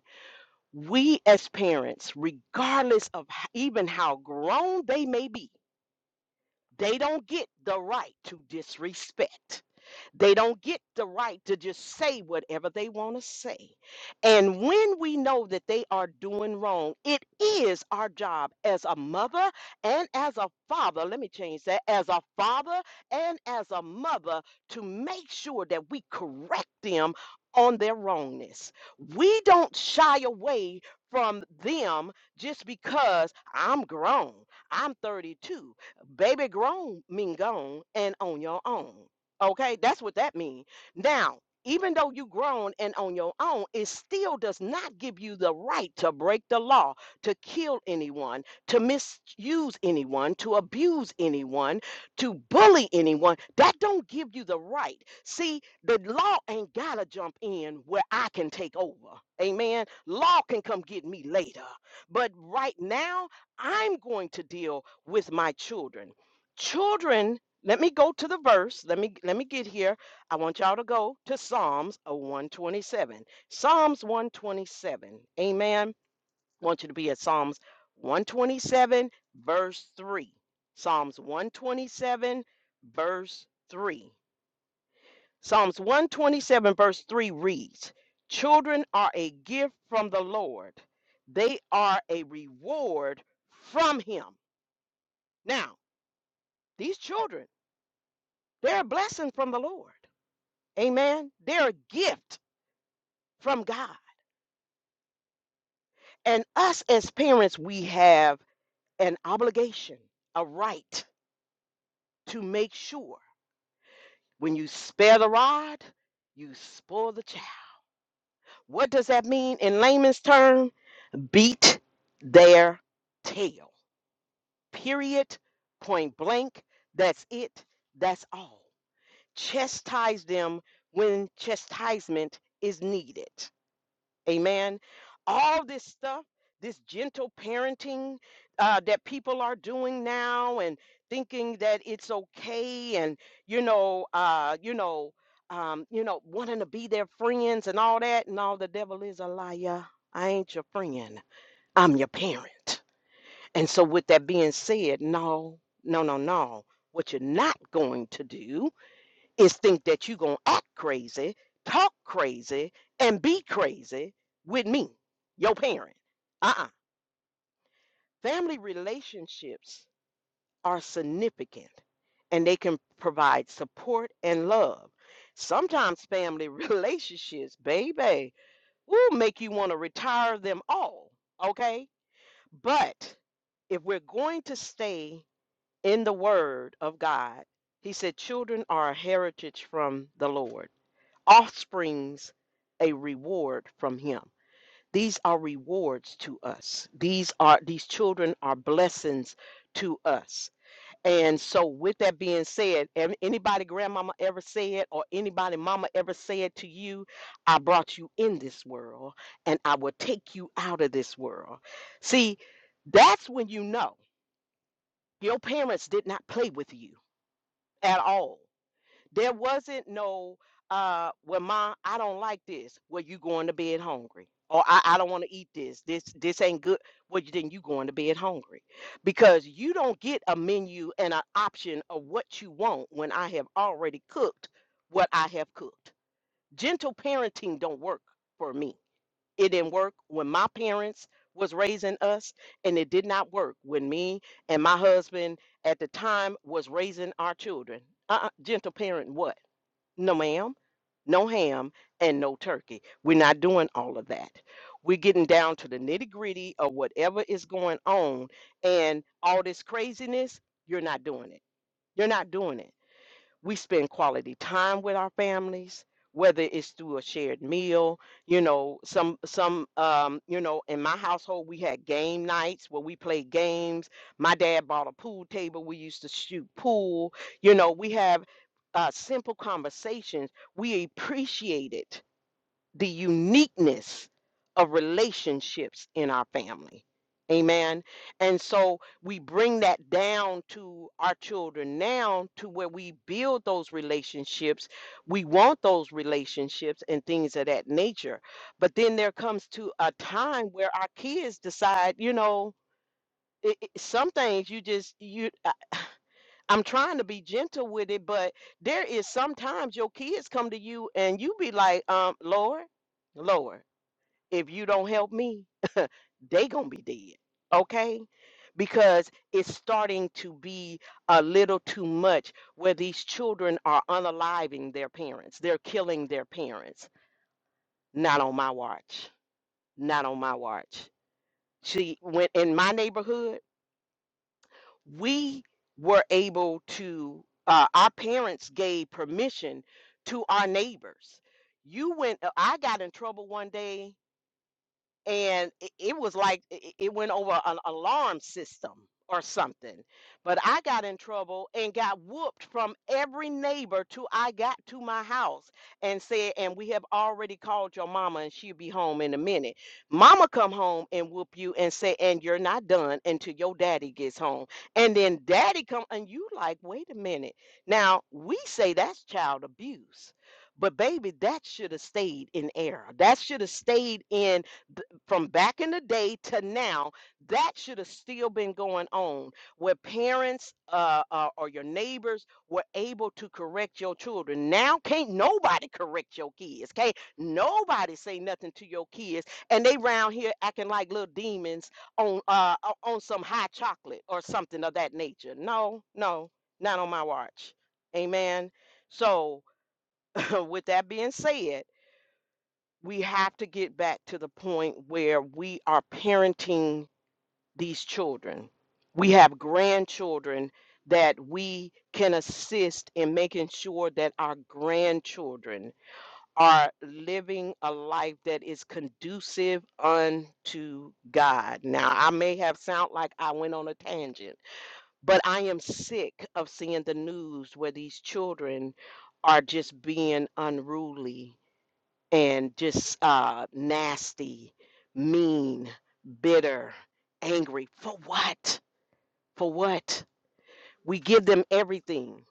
Speaker 1: we as parents, regardless of h- even how grown they may be, they don't get the right to disrespect. They don't get the right to just say whatever they want to say. And when we know that they are doing wrong, it is our job as a mother and as a father, let me change that, as a father and as a mother to make sure that we correct them on their wrongness. We don't shy away from them just because I'm grown. I'm 32. Baby grown mean gone and on your own. Okay, that's what that means. Now, even though you grown and on your own, it still does not give you the right to break the law, to kill anyone, to misuse anyone, to abuse anyone, to bully anyone. That don't give you the right. See, the law ain't gotta jump in where I can take over. Amen. Law can come get me later. But right now, I'm going to deal with my children. Children let me go to the verse. Let me let me get here. I want y'all to go to Psalms uh, 127. Psalms 127. Amen. I want you to be at Psalms 127 verse 3. Psalms 127 verse 3. Psalms 127 verse 3 reads, "Children are a gift from the Lord. They are a reward from him." Now, these children, they're a blessing from the Lord. Amen. They're a gift from God. And us as parents, we have an obligation, a right to make sure when you spare the rod, you spoil the child. What does that mean in layman's term? Beat their tail. Period. Point blank. That's it. That's all. Chastise them when chastisement is needed. Amen. All this stuff, this gentle parenting uh, that people are doing now, and thinking that it's okay, and you know, uh, you know, um, you know, wanting to be their friends and all that, and all the devil is a liar. I ain't your friend. I'm your parent. And so, with that being said, no, no, no, no. What you're not going to do is think that you gonna act crazy, talk crazy, and be crazy with me, your parent. Uh-uh. Family relationships are significant and they can provide support and love. Sometimes family relationships, baby, will make you want to retire them all, okay? But if we're going to stay in the word of God, he said, children are a heritage from the Lord. offsprings a reward from him. These are rewards to us. These are these children are blessings to us. And so with that being said, an- anybody grandmama ever said or anybody mama ever said to you, I brought you in this world and I will take you out of this world. See, that's when you know your parents did not play with you at all. There wasn't no, uh, well, Ma, I don't like this. Well, you going to bed hungry. Or I, I don't want to eat this. This this ain't good. Well, you- then you going to bed hungry. Because you don't get a menu and an option of what you want when I have already cooked what I have cooked. Gentle parenting don't work for me. It didn't work when my parents was raising us, and it did not work when me and my husband at the time was raising our children. Uh-uh, gentle parent what? No, ma'am, no ham, and no turkey. We're not doing all of that. We're getting down to the nitty gritty of whatever is going on, and all this craziness, you're not doing it. You're not doing it we spend quality time with our families whether it's through a shared meal you know some some um you know in my household we had game nights where we played games my dad bought a pool table we used to shoot pool you know we have uh, simple conversations we appreciate it the uniqueness of relationships in our family. Amen. And so we bring that down to our children now to where we build those relationships. We want those relationships and things of that nature. But then there comes to a time where our kids decide, you know, it, it- some things you just you I, I'm trying to be gentle with it, but there is sometimes your kids come to you and you be like, um, Lord, Lord if you don't help me, they gonna be dead. Okay? Because it's starting to be a little too much where these children are unaliving their parents. They're killing their parents. Not on my watch. Not on my watch. See, when in my neighborhood, we were able to uh, our parents gave permission to our neighbors. You went uh, I got in trouble one day and it, it was like it, it went over an alarm system or something. But I got in trouble and got whooped from every neighbor till I got to my house and said, and we have already called your mama and she'll be home in a minute. Mama come home and whoop you and say, and you're not done until your daddy gets home. And then daddy come and you like, wait a minute. Now we say that's child abuse. But baby, that should have stayed in air. That should have stayed in from back in the day to now, that should have still been going on, where parents uh, uh, or your neighbors were able to correct your children. Now can't nobody correct your kids. Can't nobody say nothing to your kids, and they round here acting like little demons on uh, o- on some hot chocolate or something of that nature. No, no, not on my watch. Amen. So, with that being said we have to get back to the point where we are parenting these children. We have grandchildren that we can assist in making sure that our grandchildren are living a life that is conducive unto God. Now, I may have sound like I went on a tangent, but I am sick of seeing the news where these children are just being unruly and just uh, nasty, mean, bitter, angry. For what? For what? We give them everything.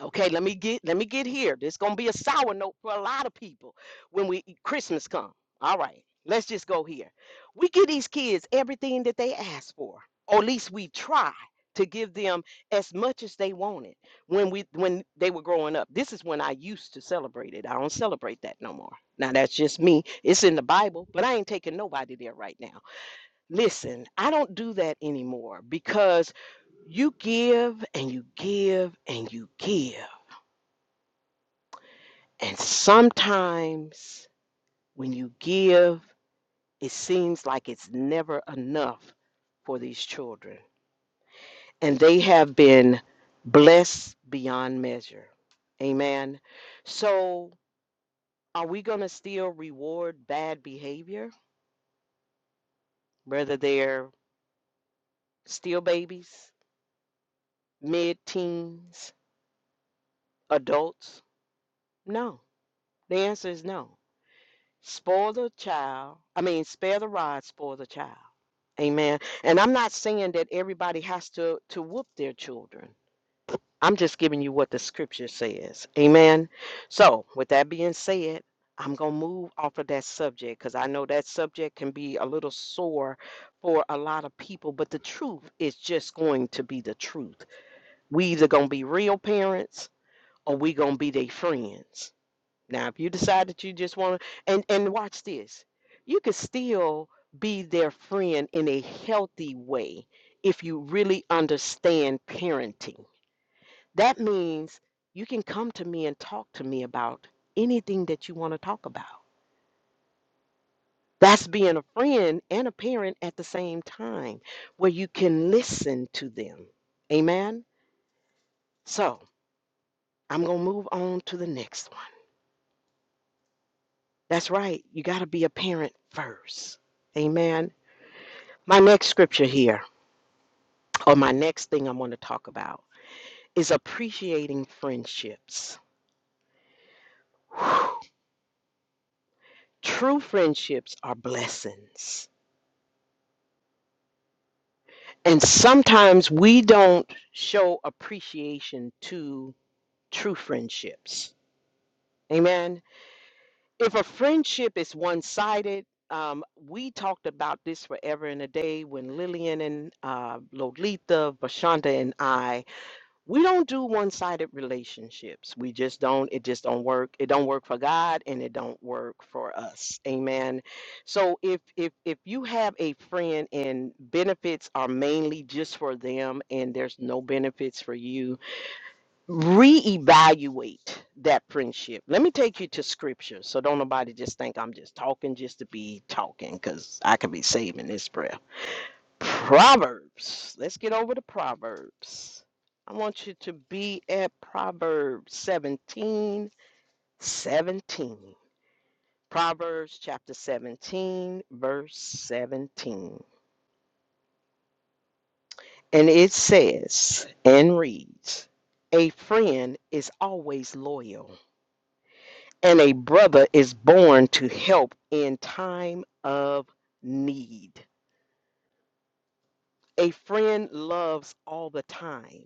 Speaker 1: Okay, let me get let me get here. This gonna be a sour note for a lot of people when we Christmas come. All right, let's just go here. We give these kids everything that they ask for, or at least we try to give them as much as they wanted when we when they were growing up. This is when I used to celebrate it. I don't celebrate that no more. Now that's just me. It's in the Bible, but I ain't taking nobody there right now. Listen, I don't do that anymore because you give and you give and you give and sometimes when you give, it seems like it's never enough for these children. And they have been blessed beyond measure. Amen. So, are we going to still reward bad behavior, whether they're still babies, mid teens, adults? No. The answer is no. Spoil the child, I mean, spare the rod, spoil the child. Amen. And I'm not saying that everybody has to to whoop their children. I'm just giving you what the scripture says. Amen. So, with that being said, I'm going to move off of that subject cuz I know that subject can be a little sore for a lot of people, but the truth is just going to be the truth. We either going to be real parents or we going to be their friends. Now, if you decide that you just want to, and and watch this, you could still be their friend in a healthy way if you really understand parenting. That means you can come to me and talk to me about anything that you want to talk about. That's being a friend and a parent at the same time, where you can listen to them. Amen. So I'm gonna move on to the next one. That's right. You got to be a parent first. Amen My next scripture here, or my next thing I'm going to talk about, is appreciating friendships. Whew. True friendships are blessings. And sometimes we don't show appreciation to true friendships. Amen. If a friendship is one sided, um, we talked about this forever and a day when Lillian and uh, Lolita, Vashonda, and I we don't do one-sided relationships we just don't it just don't work it don't work for god and it don't work for us amen so if if if you have a friend and benefits are mainly just for them and there's no benefits for you reevaluate that friendship let me take you to scripture so don't nobody just think i'm just talking just to be talking because i could be saving this breath Proverbs. Let's get over to Proverbs. I want you to be at Proverbs 17, 17. Proverbs chapter 17, verse 17. And it says and reads A friend is always loyal, and a brother is born to help in time of need. A friend loves all the time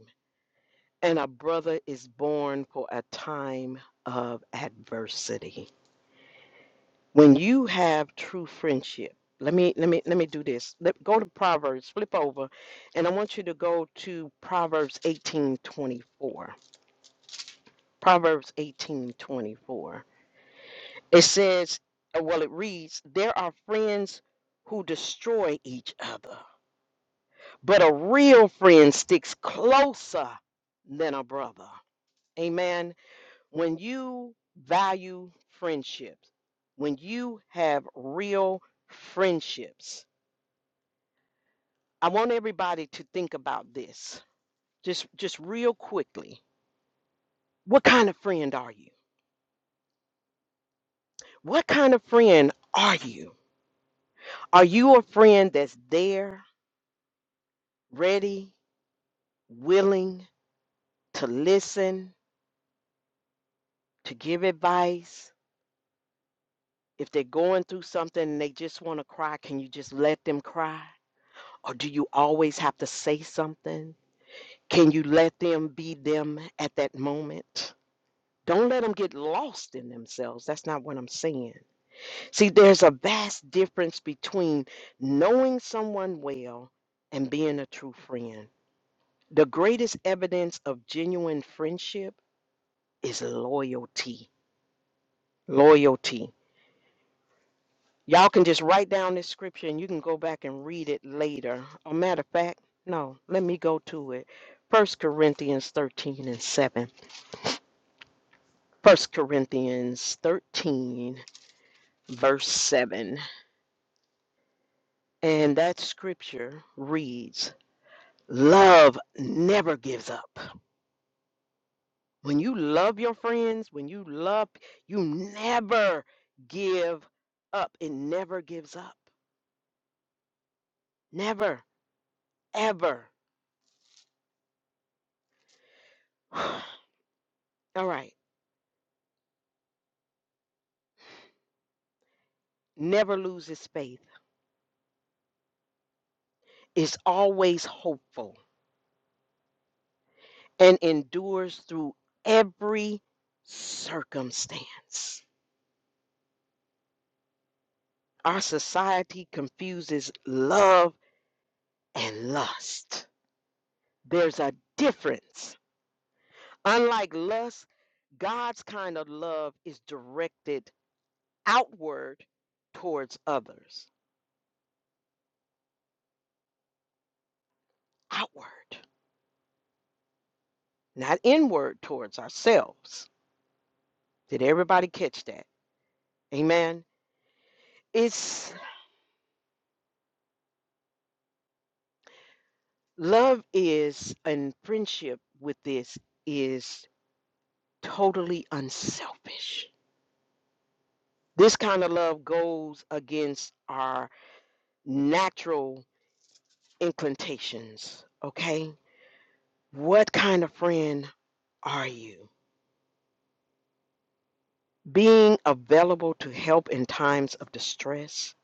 Speaker 1: And a brother is born for a time of adversity. When you have true friendship, let me let me let me do this. Let, go to Proverbs, flip over, and I want you to go to Proverbs 18:24. Proverbs 18:24. It says, uh, well, it reads, there are friends who destroy each other, but a real friend sticks closer than a brother. Amen. when you value friendships, when you have real friendships, I want everybody to think about this just just real quickly. What kind of friend are you? What kind of friend are you? Are you a friend that's there, ready, willing to listen, to give advice? If they're going through something and they just want to cry, can you just let them cry? Or do you always have to say something? Can you let them be them at that moment? Don't let them get lost in themselves. That's not what I'm saying. See, there's a vast difference between knowing someone well and being a true friend. The greatest evidence of genuine friendship is loyalty. Loyalty. Y'all can just write down this scripture and you can go back and read it later. A matter of fact, no, let me go to it. First Corinthians 13 and 7. First Corinthians 13, verse 7. And that scripture reads, Love never gives up. When you love your friends, when you love, you never give up. It never gives up. Never, ever. All right. Never loses faith. Is always hopeful and endures through every circumstance. Our society confuses love and lust. There's a difference. Unlike lust, God's kind of love is directed outward towards others, outward, not inward towards ourselves. Did everybody catch that? Amen. It's love is and friendship with this is totally unselfish. This kind of love goes against our natural inclinations, okay? What kind of friend are you? Being available to help in times of distress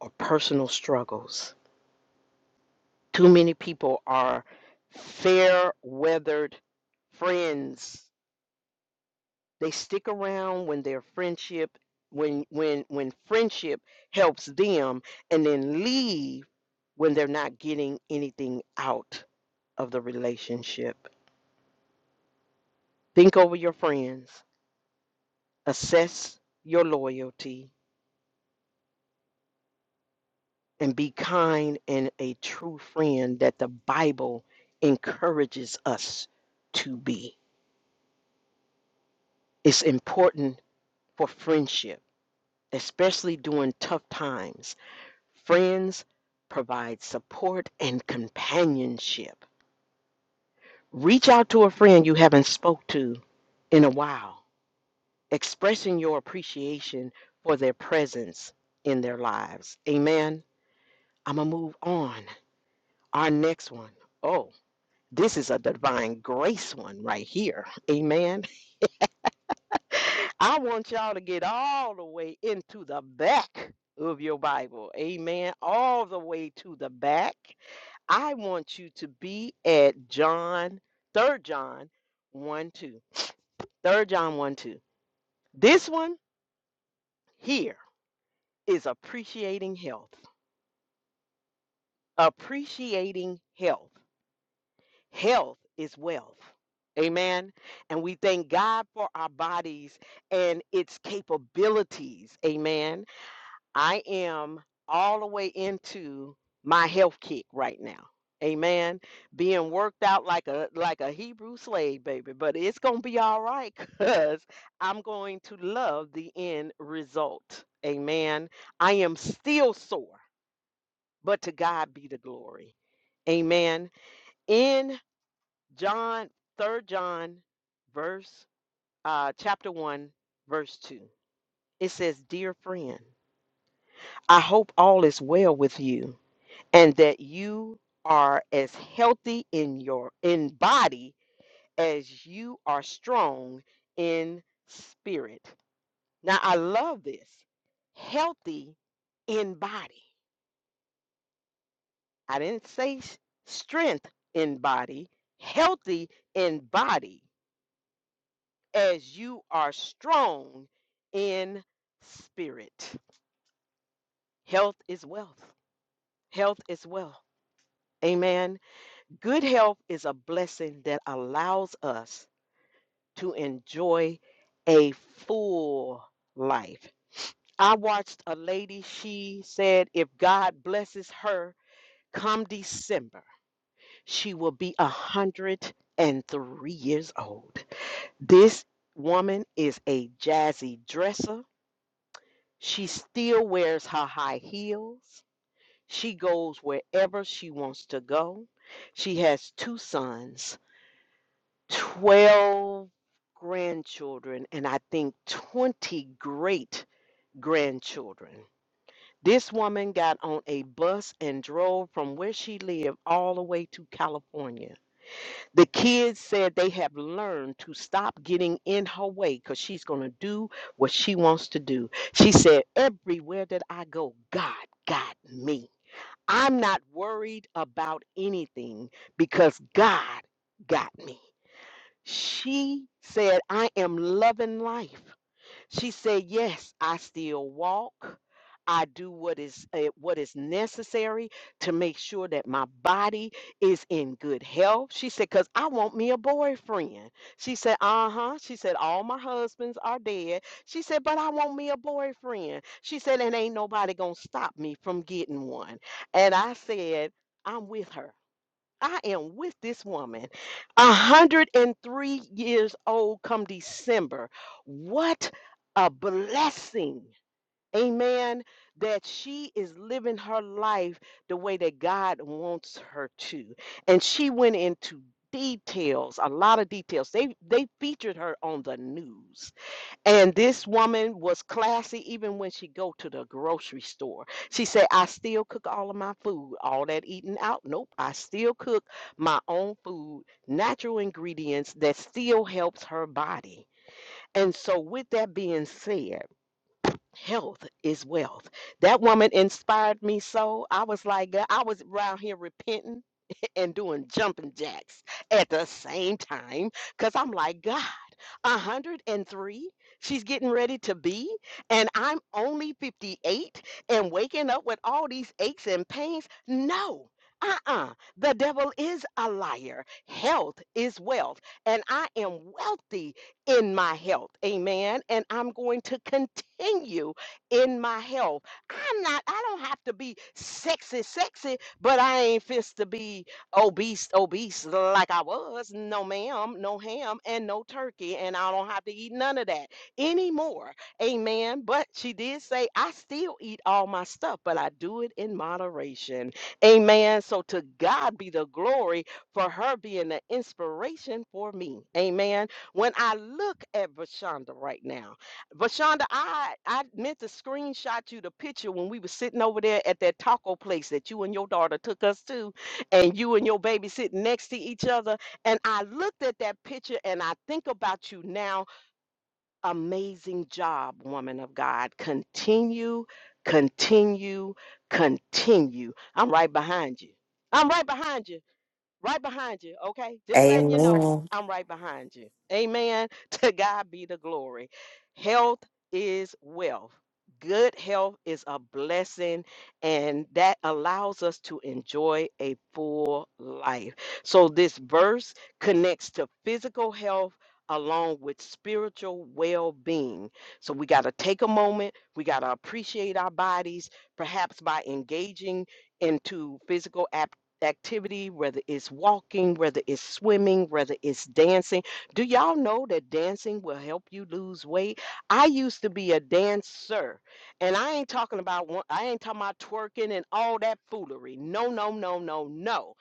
Speaker 1: or personal struggles. Too many people are fair weathered friends. They stick around when their friendship when when when friendship helps them and then leave when they're not getting anything out of the relationship. Think over your friends assess your loyalty and be kind and a true friend that the Bible encourages us to be. It's important for friendship, especially during tough times. Friends provide support and companionship. Reach out to a friend you haven't spoke to in a while, expressing your appreciation for their presence in their lives. Amen. I'm going to move on. Our next one. Oh. This is a divine grace one right here. Amen. I want y'all to get all the way into the back of your Bible. Amen. All the way to the back. I want you to be at John, third John 1 2. Third John 1 2. This one here is appreciating health. Appreciating health. health is wealth. Amen. And we thank God for our bodies and its capabilities. Amen. I am all the way into my health kick right now. Amen. Being worked out like a like a Hebrew slave, baby. But it's gonna be all right because I'm going to love the end result. Amen. I am still sore, but to God be the glory. Amen. In. John, third John, verse, uh, chapter one, verse two. It says, Dear friend, I hope all is well with you and that you are as healthy in your in body as you are strong in spirit. Now I love this. Healthy in body. I didn't say s- strength in body, healthy in body. as you are strong in spirit. Health is wealth. Health is wealth. Amen. Good health is a blessing that allows us to enjoy a full life. I watched a lady, she said, if God blesses her come December, she will be a 103 years old. This woman is a jazzy dresser. She still wears her high heels. She goes wherever she wants to go. She has two sons, 12 grandchildren, and I think 20 great grandchildren. This woman got on a bus and drove from where she lived all the way to California the kids said they have learned to stop getting in her way because she's going to do what she wants to do. She said, Everywhere that I go, God got me. I'm not worried about anything because God got me. She said, I am loving life. She said, "Yes, I still walk. I do what is eh, what is necessary to make sure that my body is in good health." She said, "Cause I want me a boyfriend." She said, "Uh huh." She said, "All my husbands are dead." She said, "But I want me a boyfriend." She said, "And ain't nobody gonna stop me from getting one." And I said, "I'm with her." I am with this woman, 103 years old come December. What a blessing. Amen. That she is living her life the way that God wants her to. And she went into details, a lot of details. They they featured her on the news and this woman was classy even when she go to the grocery store. She said, I still cook all of my food, all that eating out. Nope, I still cook my own food, natural ingredients that still helps her body. And so with that being said, health is wealth. That woman inspired me so. I was like, "Girl," I was around here repenting and doing jumping jacks at the same time because I'm like, God, 103, she's getting ready to be, and I'm only 58 and waking up with all these aches and pains. No. Uh uh the devil is a liar. Health is wealth, and I am wealthy in my health. Amen. And I'm going to continue in my health. I'm not, I don't have to be sexy, sexy, but I ain't fist to be obese, obese like I was. No ma'am, no ham, and no turkey, and I don't have to eat none of that anymore. Amen. But she did say I still eat all my stuff, but I do it in moderation. Amen. So to God be the glory for her being the inspiration for me. Amen. When I look at Vashonda right now, Vashonda, I I meant to screenshot you the picture when we were sitting over there at that taco place that you and your daughter took us to and you and your baby sitting next to each other. And I looked at that picture and I think about you now. Amazing job, woman of God. Continue, continue, continue. I'm right behind you. I'm right behind you right behind you, okay? Just letting you know I'm right behind you. Amen. To God be the glory. Health is wealth. Good health is a blessing, and that allows us to enjoy a full life. So, this verse connects to physical health along with spiritual well being. So, we got to take a moment, we got to appreciate our bodies, perhaps by engaging into physical activities activity, whether it's walking, whether it's swimming, whether it's dancing. Do y'all know that dancing will help you lose weight? I used to be a dancer, and I ain't talking about one, I ain't talking about twerking and all that foolery. No, no, no, no, no.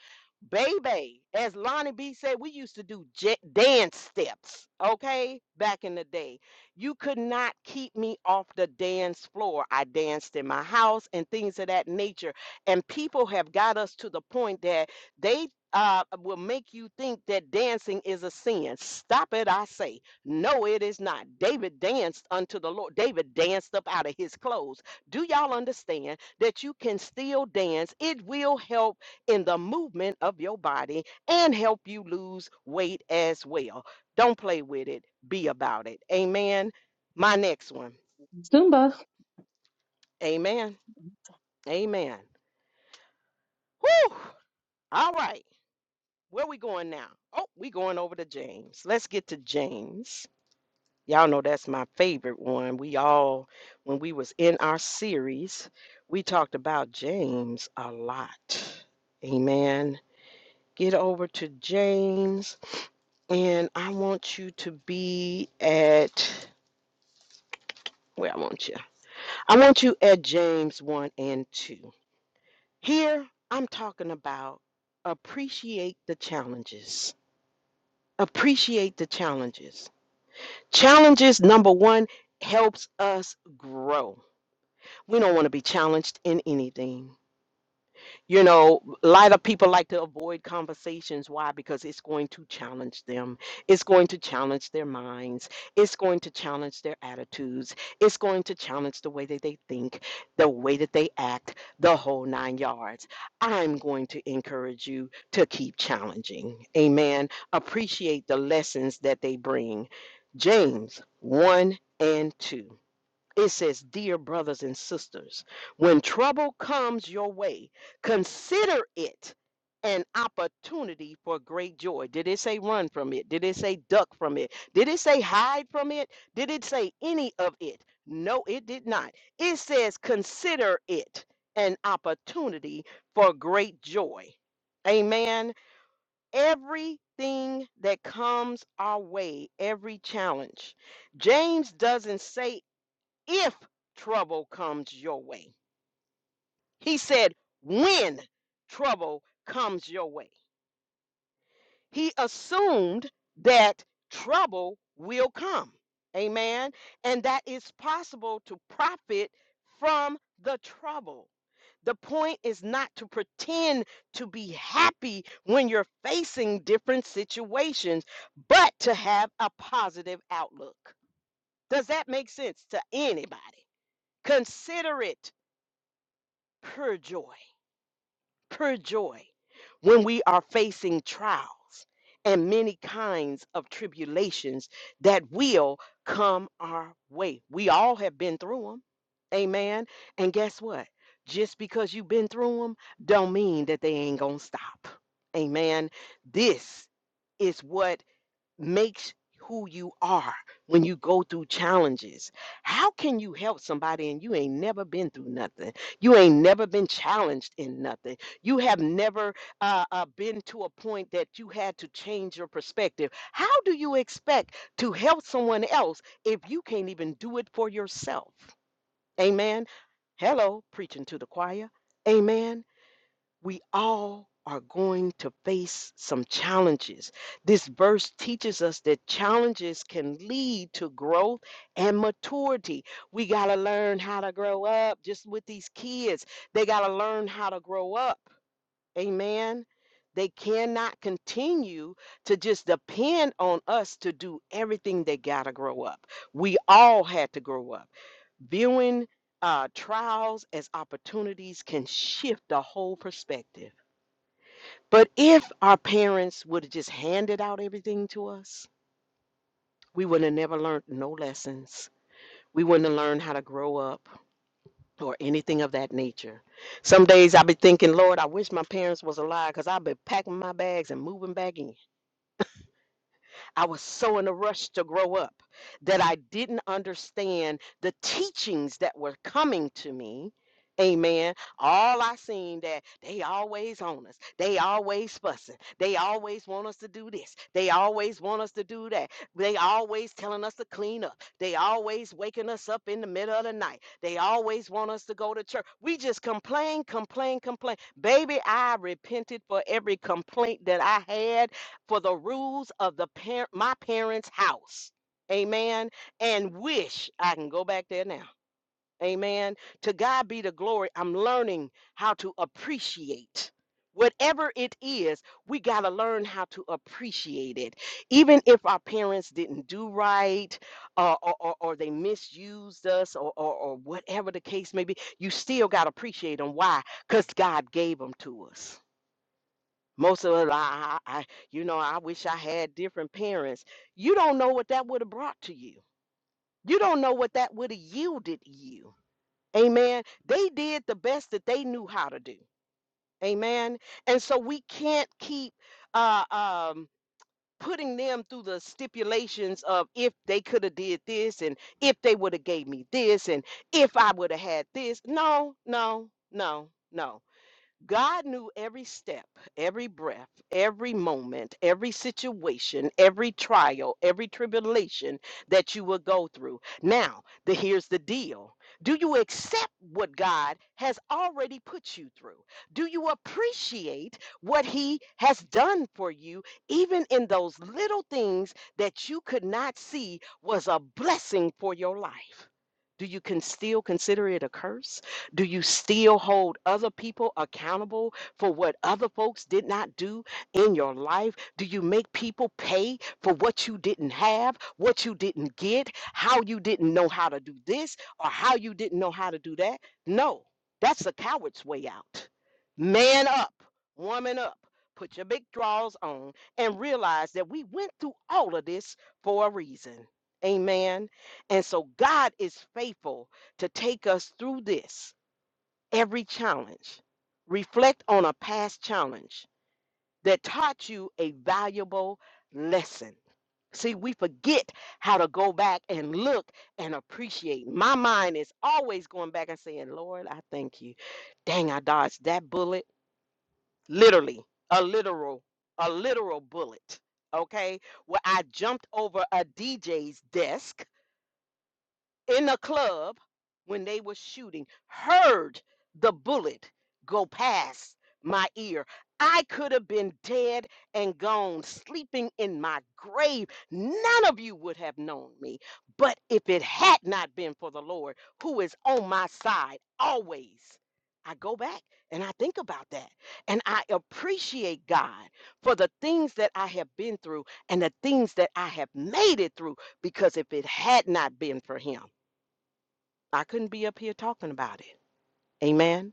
Speaker 1: Baby, as Lonnie B said, we used to do ja- dance steps, okay? Back in the day, you could not keep me off the dance floor. I danced in my house and things of that nature and people have got us to the point that they uh, will make you think that dancing is a sin. Stop it, I say. No, it is not. David danced unto the Lord. David danced up out of his clothes. Do y'all understand that you can still dance? It will help in the movement of your body and help you lose weight as well. Don't play with it, be about it. Amen. My next one.
Speaker 3: Zumba.
Speaker 1: Amen. Amen. Whew. All right. Where we going now? Oh, we going over to James. Let's get to James. Y'all know that's my favorite one. We all, when we was in our series, we talked about James a lot. Amen. Get over to James, and I want you to be at where I want you. I want you at James 1 and 2. Here, I'm talking about appreciate the challenges. Appreciate the challenges Challenges, number one, helps us grow. We don't want to be challenged in anything. You know, a lot of people like to avoid conversations. Why? Because it's going to challenge them. It's going to challenge their minds. It's going to challenge their attitudes. It's going to challenge the way that they think, the way that they act, the whole nine yards. I'm going to encourage you to keep challenging. Amen. Appreciate the lessons that they bring. James 1 and 2. It says, Dear brothers and sisters, when trouble comes your way, consider it an opportunity for great joy. Did it say run from it? Did it say duck from it? Did it say hide from it? Did it say any of it? No, it did not. It says, Consider it an opportunity for great joy. Amen. Everything that comes our way, every challenge, James doesn't say if trouble comes your way. He said, when trouble comes your way. He assumed that trouble will come. Amen. And that it's possible to profit from the trouble. The point is not to pretend to be happy when you're facing different situations, but to have a positive outlook. Does that make sense to anybody? Consider it Pure joy, pure joy when we are facing trials and many kinds of tribulations that will come our way. We all have been through them. Amen. And guess what? Just because you've been through them don't mean that they ain't going to stop. Amen. This is what makes who you are when you go through challenges. How can you help somebody and you ain't never been through nothing? You ain't never been challenged in nothing. You have never uh, uh, been to a point that you had to change your perspective. How do you expect to help someone else if you can't even do it for yourself? Amen. Hello, preaching to the choir. Amen we all are going to face some challenges. This verse teaches us that challenges can lead to growth and maturity. We got to learn how to grow up just with these kids. They got to learn how to grow up. Amen. They cannot continue to just depend on us to do everything. They got to grow up. We all had to grow up. Viewing uh, trials as opportunities can shift the whole perspective. But if our parents would have just handed out everything to us, we would have never learned no lessons. We wouldn't have learned how to grow up or anything of that nature. Some days i be thinking, Lord, I wish my parents was alive because I'd be packing my bags and moving back in. I was so in a rush to grow up that I didn't understand the teachings that were coming to me. Amen. All I seen that they always on us. They always fussing. They always want us to do this. They always want us to do that. They always telling us to clean up. They always waking us up in the middle of the night. They always want us to go to church. We just complain, complain, complain. Baby, I repented for every complaint that I had for the rules of the par- my parents' house. Amen. And wish I can go back there now. Amen. To God be the glory. I'm learning how to appreciate. Whatever it is, we got to learn how to appreciate it. Even if our parents didn't do right uh, or, or, or they misused us or, or, or whatever the case may be, you still got to appreciate them. Why? Because God gave them to us. Most of us, I, I, I- you know, I wish I had different parents. You don't know what that would have brought to you. You don't know what that would have yielded you. Amen. They did the best that they knew how to do. Amen. And so we can't keep uh, um, putting them through the stipulations of if they could have did this and if they would have gave me this and if I would have had this. No, no, no, no. God knew every step, every breath, every moment, every situation, every trial, every tribulation that you would go through. Now, the, here's the deal Do you accept what God has already put you through? Do you appreciate what He has done for you, even in those little things that you could not see was a blessing for your life? Do you can still consider it a curse? Do you still hold other people accountable for what other folks did not do in your life? Do you make people pay for what you didn't have, what you didn't get, how you didn't know how to do this, or how you didn't know how to do that? No, that's a coward's way out. Man up, woman up. Put your big draws on and realize that we went through all of this for a reason. Amen. And so God is faithful to take us through this every challenge. Reflect on a past challenge that taught you a valuable lesson. See, we forget how to go back and look and appreciate. My mind is always going back and saying, Lord, I thank you. Dang, I dodged that bullet. Literally, a literal, a literal bullet. Okay, where I jumped over a DJ's desk in a club when they were shooting heard the bullet go past my ear. I could have been dead and gone, sleeping in my grave. None of you would have known me. But if it had not been for the Lord, who is on my side always, I go back and I think about that. And I appreciate God for the things that I have been through and the things that I have made it through, because if it had not been for Him, I couldn't be up here talking about it. Amen.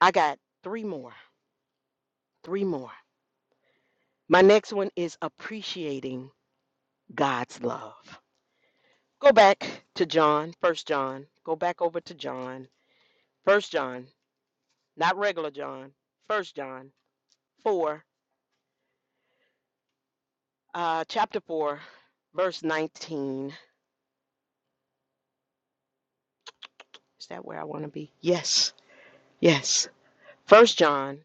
Speaker 1: I got three more. Three more. My next one is appreciating God's love. Go back to John, first John. Go back over to John. First John, not regular John. First John 4, uh, chapter 4, verse 19. Is that where I want to be? Yes. Yes. First John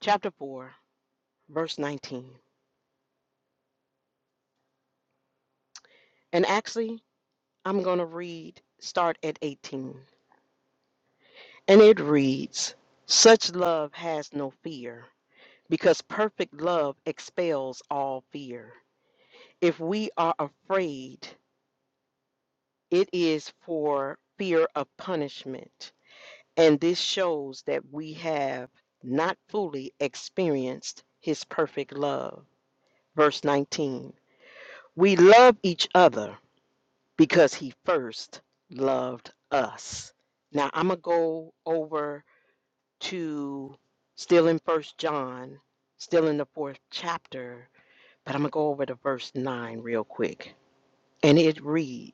Speaker 1: chapter 4, verse 19. And actually, I'm going to read start at 18. And it reads Such love has no fear, because perfect love expels all fear. If we are afraid, it is for fear of punishment. And this shows that we have not fully experienced his perfect love. Verse 19 We love each other because he first loved us. Now I'm going to go over to still in first john still in the fourth chapter but i'm going to go over to verse 9 real quick and it reads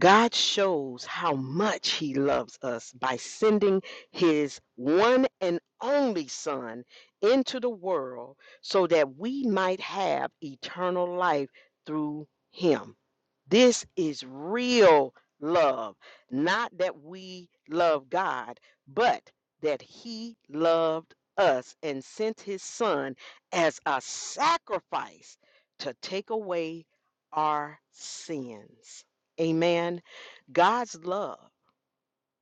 Speaker 1: God shows how much He loves us by sending His one and only Son into the world so that we might have eternal life through Him. This is real love, not that we love God, but that He loved us and sent His Son as a sacrifice to take away our sins. Amen. God's love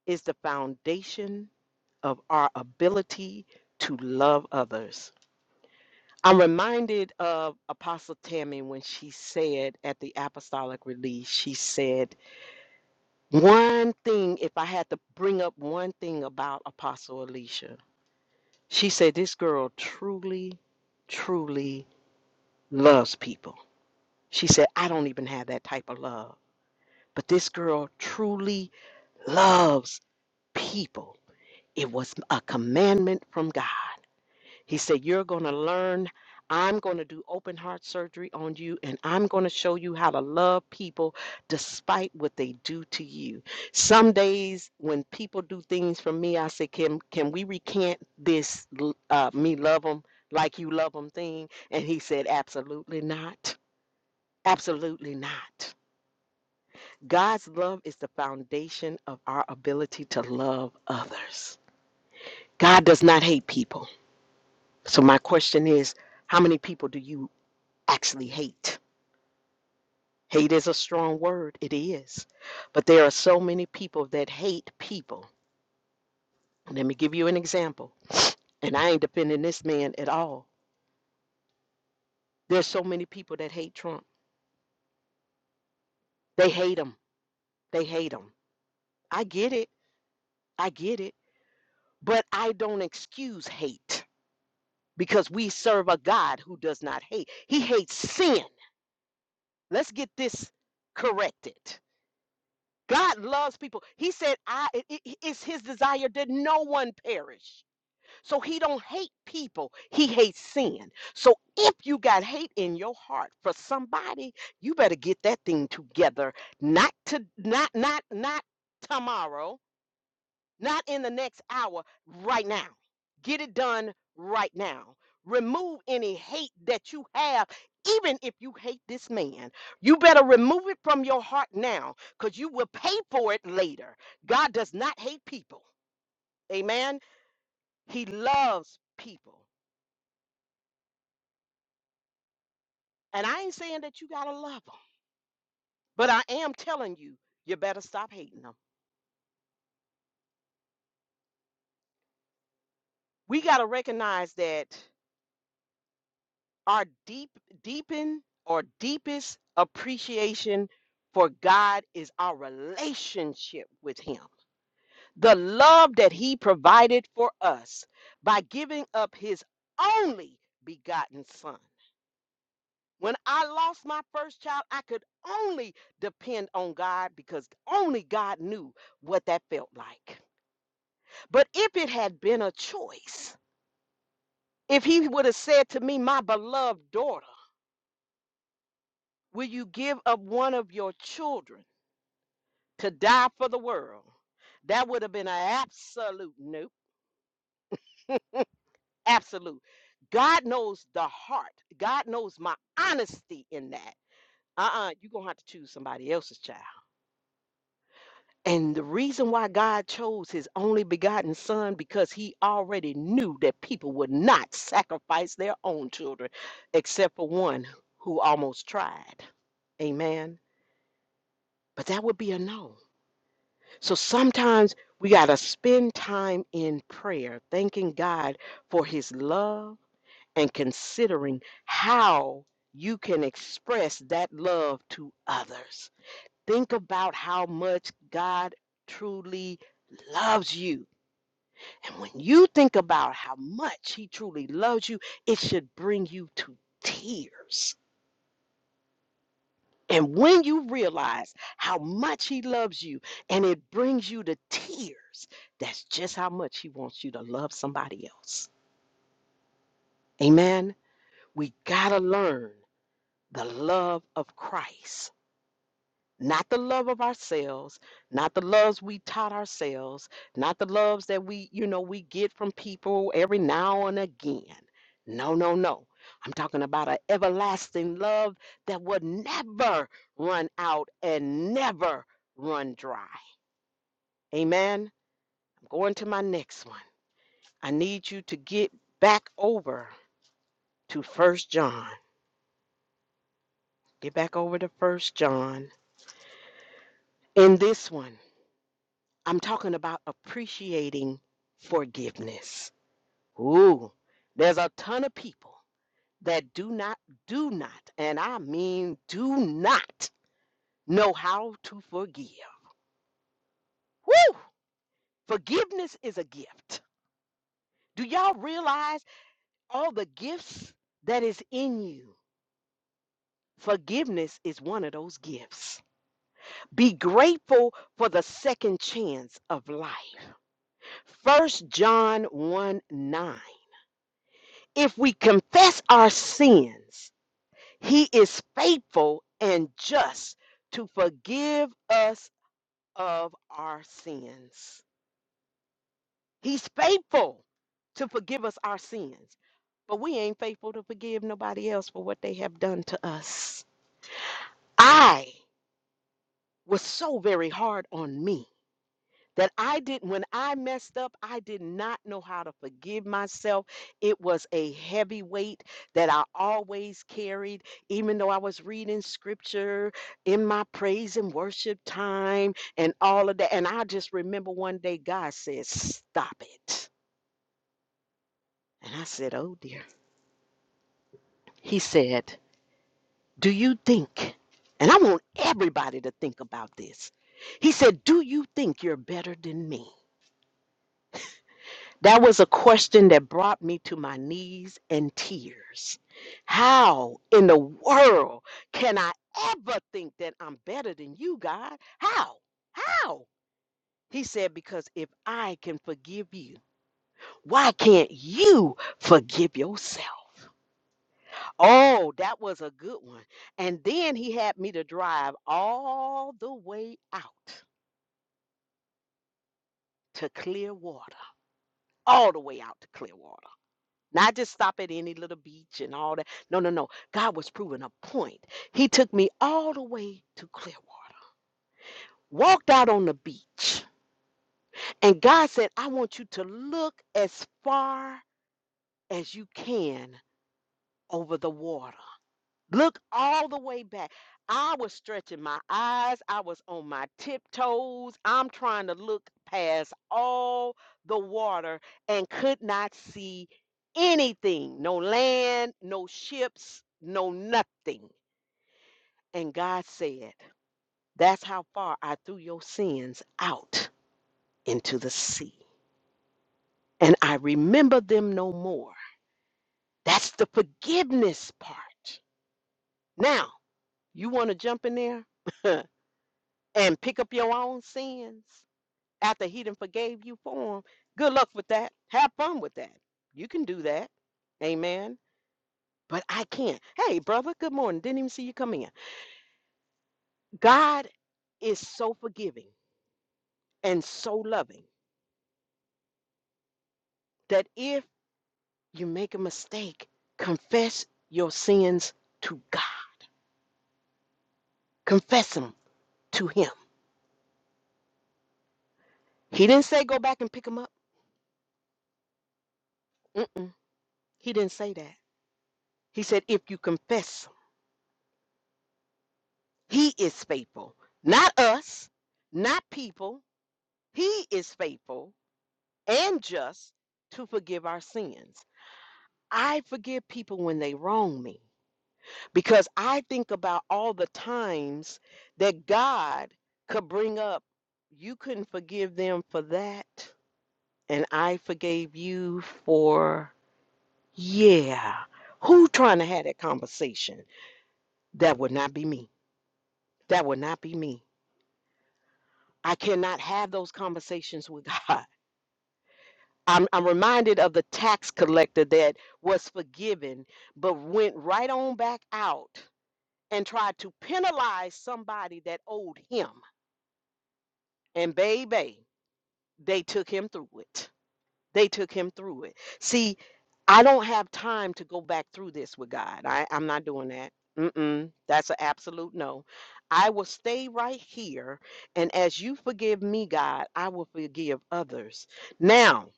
Speaker 1: is the foundation of our ability to love others. I'm reminded of Apostle Tammy when she said at the apostolic release, she said, One thing, if I had to bring up one thing about Apostle Alicia, she said, This girl truly, truly loves people. She said, I don't even have that type of love, but this girl truly loves people It was a commandment from God. He said, You're going to learn. I'm going to do open heart surgery on you, and I'm going to show you how to love people despite what they do to you. Some days when people do things for me, I say, Can, can we recant this, l- uh, me love them like you love them thing? And he said, Absolutely not. Absolutely not. God's love is the foundation of our ability to love others. God does not hate people. So my question is, how many people do you actually hate? Hate is a strong word, it is. But there are so many people that hate people. Let me give you an example. And I ain't defending this man at all. There's so many people that hate Trump. They hate him. They hate him. I get it. I get it. But I don't excuse hate because we serve a God who does not hate. He hates sin. Let's get this corrected. God loves people. He said, "I it, it- it's his desire that no one perish." So he don't hate people. He hates sin. So if you got hate in your heart for somebody, you better get that thing together. Not to not not not tomorrow not in the next hour, right now. Get it done right now. Remove any hate that you have, even if you hate this man. You better remove it from your heart now because you will pay for it later. God does not hate people. Amen. He loves people. And I ain't saying that you got to love them, but I am telling you, you better stop hating them. We got to recognize that our deep deepen or deepest appreciation for God is our relationship with him. The love that he provided for us by giving up his only begotten son. When I lost my first child, I could only depend on God because only God knew what that felt like. But if it had been a choice, if he would have said to me, My beloved daughter, will you give up one of your children? to die for the world. That would have been an absolute nope. Absolute. God knows the heart. God knows my honesty in that. Uh-uh, you're gonna have to choose somebody else's child. And the reason why God chose his only begotten son, because he already knew that people would not sacrifice their own children, except for one who almost tried. Amen. But that would be a no. So sometimes we got to spend time in prayer, thanking God for his love and considering how you can express that love to others. Think about how much God truly loves you. And when you think about how much he truly loves you, it should bring you to tears And when you realize how much he loves you and it brings you to tears, that's just how much he wants you to love somebody else. Amen. We got to learn the love of Christ not the love of ourselves, not the loves we taught ourselves, not the loves that we, you know, we get from people every now and again. No, no, no. I'm talking about an everlasting love that would never run out and never run dry. Amen. I'm going to my next one. I need you to get back over to First John. Get back over to First John. In this one, I'm talking about appreciating forgiveness. Ooh, there's a ton of people that do not, do not, and I mean do not know how to forgive. Woo! Forgiveness is a gift. Do y'all realize all the gifts that is in you? Forgiveness is one of those gifts. Be grateful for the second chance of life. First John 1 9 If we confess our sins, he is faithful and just to forgive us of our sins. He's faithful to forgive us our sins, but we ain't faithful to forgive nobody else for what they have done to us. I was so very hard on me that I didn't, when I messed up, I did not know how to forgive myself. It was a heavy weight that I always carried, even though I was reading scripture in my praise and worship time and all of that. And I just remember one day God said, Stop it. And I said, Oh dear. He said, Do you think? And I want everybody to think about this. He said, Do you think you're better than me? That was a question that brought me to my knees and tears. How in the world can I ever think that I'm better than you, God? How? How? He said, Because if I can forgive you, why can't you forgive yourself? Oh, that was a good one. And then he had me to drive all the way out to Clearwater, all the way out to Clearwater. Not just stop at any little beach and all that. No, no, no. God was proving a point. He took me all the way to Clearwater, walked out on the beach, and God said, I want you to look as far as you can over the water. Look all the way back. I was stretching my eyes. I was on my tiptoes. I'm trying to look past all the water and could not see anything no land, no ships, no nothing. And God said, That's how far I threw your sins out into the sea. And I remember them no more. That's the forgiveness part. Now, you want to jump in there? and pick up your own sins after he done forgave you for them. good luck with that. Have fun with that. You can do that. Amen. But I can't. Hey, brother, good morning. Didn't even see you come in. God is so forgiving and so loving that if you make a mistake, confess your sins to God. Confess them to him. He didn't say go back and pick them up. Mm-mm. He didn't say that. He said if you confess He is faithful, not us, not people. He is faithful and just to forgive our sins. I forgive people when they wrong me because I think about all the times that God could bring up, you couldn't forgive them for that, and I forgave you for, yeah. Who trying to have that conversation? That would not be me. That would not be me. I cannot have those conversations with God. I'm, I'm reminded of the tax collector that was forgiven, but went right on back out and tried to penalize somebody that owed him. And baby, they took him through it. They took him through it. See, I don't have time to go back through this with God. I, I'm not doing that. Mm-mm, that's an absolute no. I will stay right here. And as you forgive me, God, I will forgive others. Now,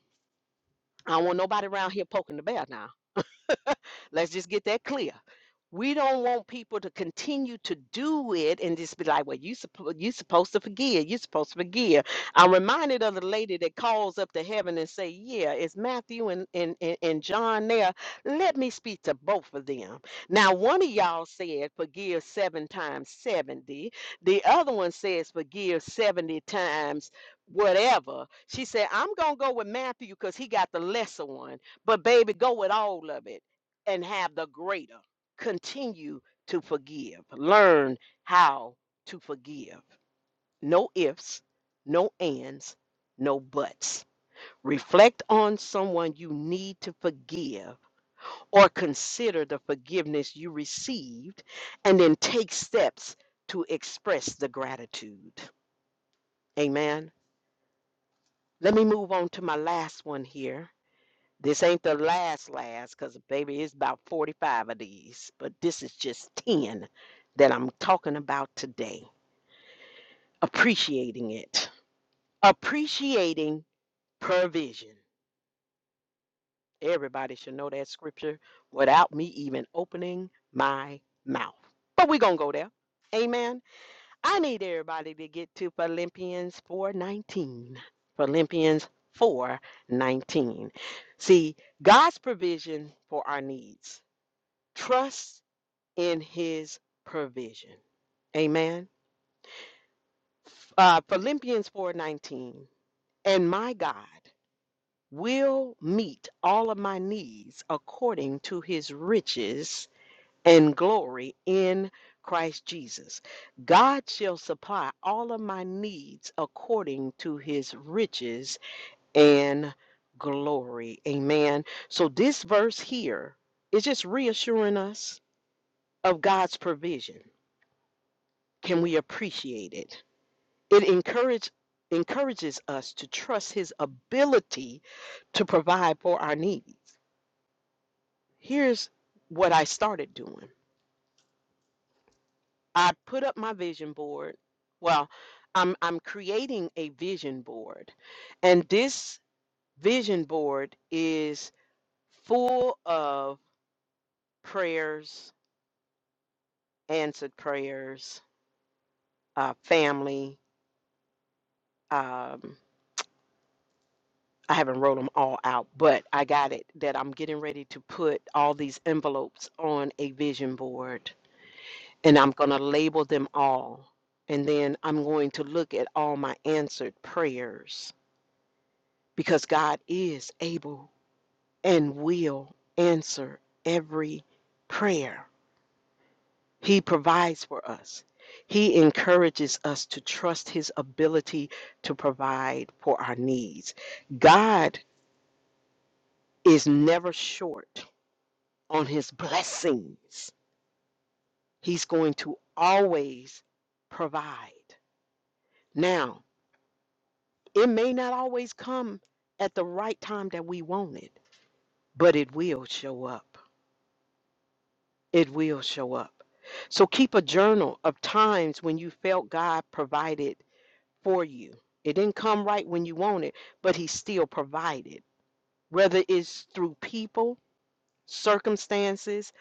Speaker 1: I don't want nobody around here poking the bear now. Let's just get that clear. We don't want people to continue to do it and just be like, well, you suppo- you supposed to forgive. You're supposed to forgive. I'm reminded of the lady that calls up to heaven and say, yeah, it's Matthew and, and, and, and John there. Let me speak to both of them. Now, one of y'all said, forgive seven times 70. The other one says, forgive 70 times whatever. She said, I'm going to go with Matthew because he got the lesser one but baby, go with all of it and have the greater. Continue to forgive. Learn how to forgive. No ifs, no ands, no buts. Reflect on someone you need to forgive or consider the forgiveness you received and then take steps to express the gratitude. Amen. Let me move on to my last one here. This ain't the last last, cause baby, it's about 45 of these, but this is just 10 that I'm talking about today. Appreciating it. Appreciating provision. Everybody should know that scripture without me even opening my mouth. But we're gonna go there. Amen. I need everybody to get to Philippians 4:19. Philippians 4:19. See, God's provision for our needs. Trust in his provision. Amen. Uh, Philippians 4:19. And my God will meet all of my needs according to his riches and glory in Christ Jesus. God shall supply all of my needs according to his riches and glory. Amen. So this verse here is just reassuring us of God's provision Can we appreciate it? It encourage, encourages us to trust His ability to provide for our needs. Here's what I started doing I put up my vision board. Well, I'm, I'm creating a vision board, and this vision board is full of prayers, answered prayers, uh, family. um, I haven't wrote them all out, but I got it that I'm getting ready to put all these envelopes on a vision board and I'm going to label them all. And then I'm going to look at all my answered prayers because God is able and will answer every prayer. He provides for us, He encourages us to trust His ability to provide for our needs. God is never short on his blessings. He's going to always provide. Now, it may not always come at the right time that we want it, but it will show up. It will show up. So keep a journal of times when you felt God provided for you. It didn't come right when you wanted, but He still provided, whether it's through people circumstances,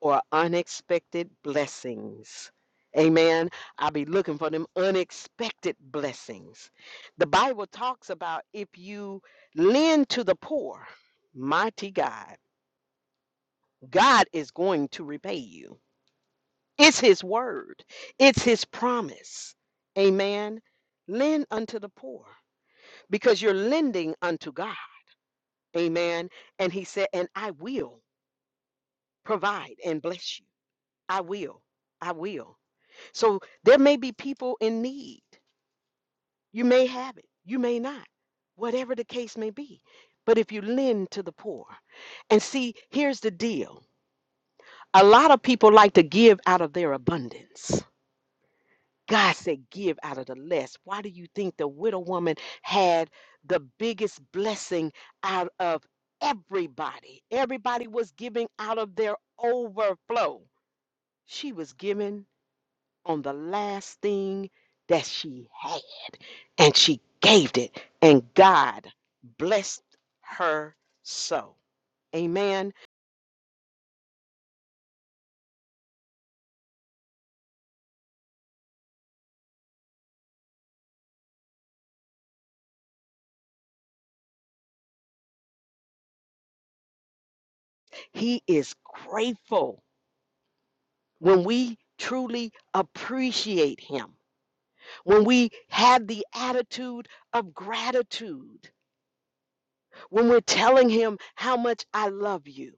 Speaker 1: or unexpected blessings. Amen. I'll be looking for them unexpected blessings. The Bible talks about if you lend to the poor, mighty God, God is going to repay you. It's His word, it's His promise. Amen. Lend unto the poor because you're lending unto God. Amen. And He said, And I will provide and bless you. I will. I will. So there may be people in need. You may have it, you may not, whatever the case may be. But if you lend to the poor, and see, here's the deal a lot of people like to give out of their abundance. God said, give out of the less. Why do you think the widow woman had the biggest blessing out of everybody? Everybody was giving out of their overflow. She was giving on the last thing that she had. And she gave it, and God blessed her so. Amen. He is grateful when we truly appreciate Him, when we have the attitude of gratitude, when we're telling Him how much I love you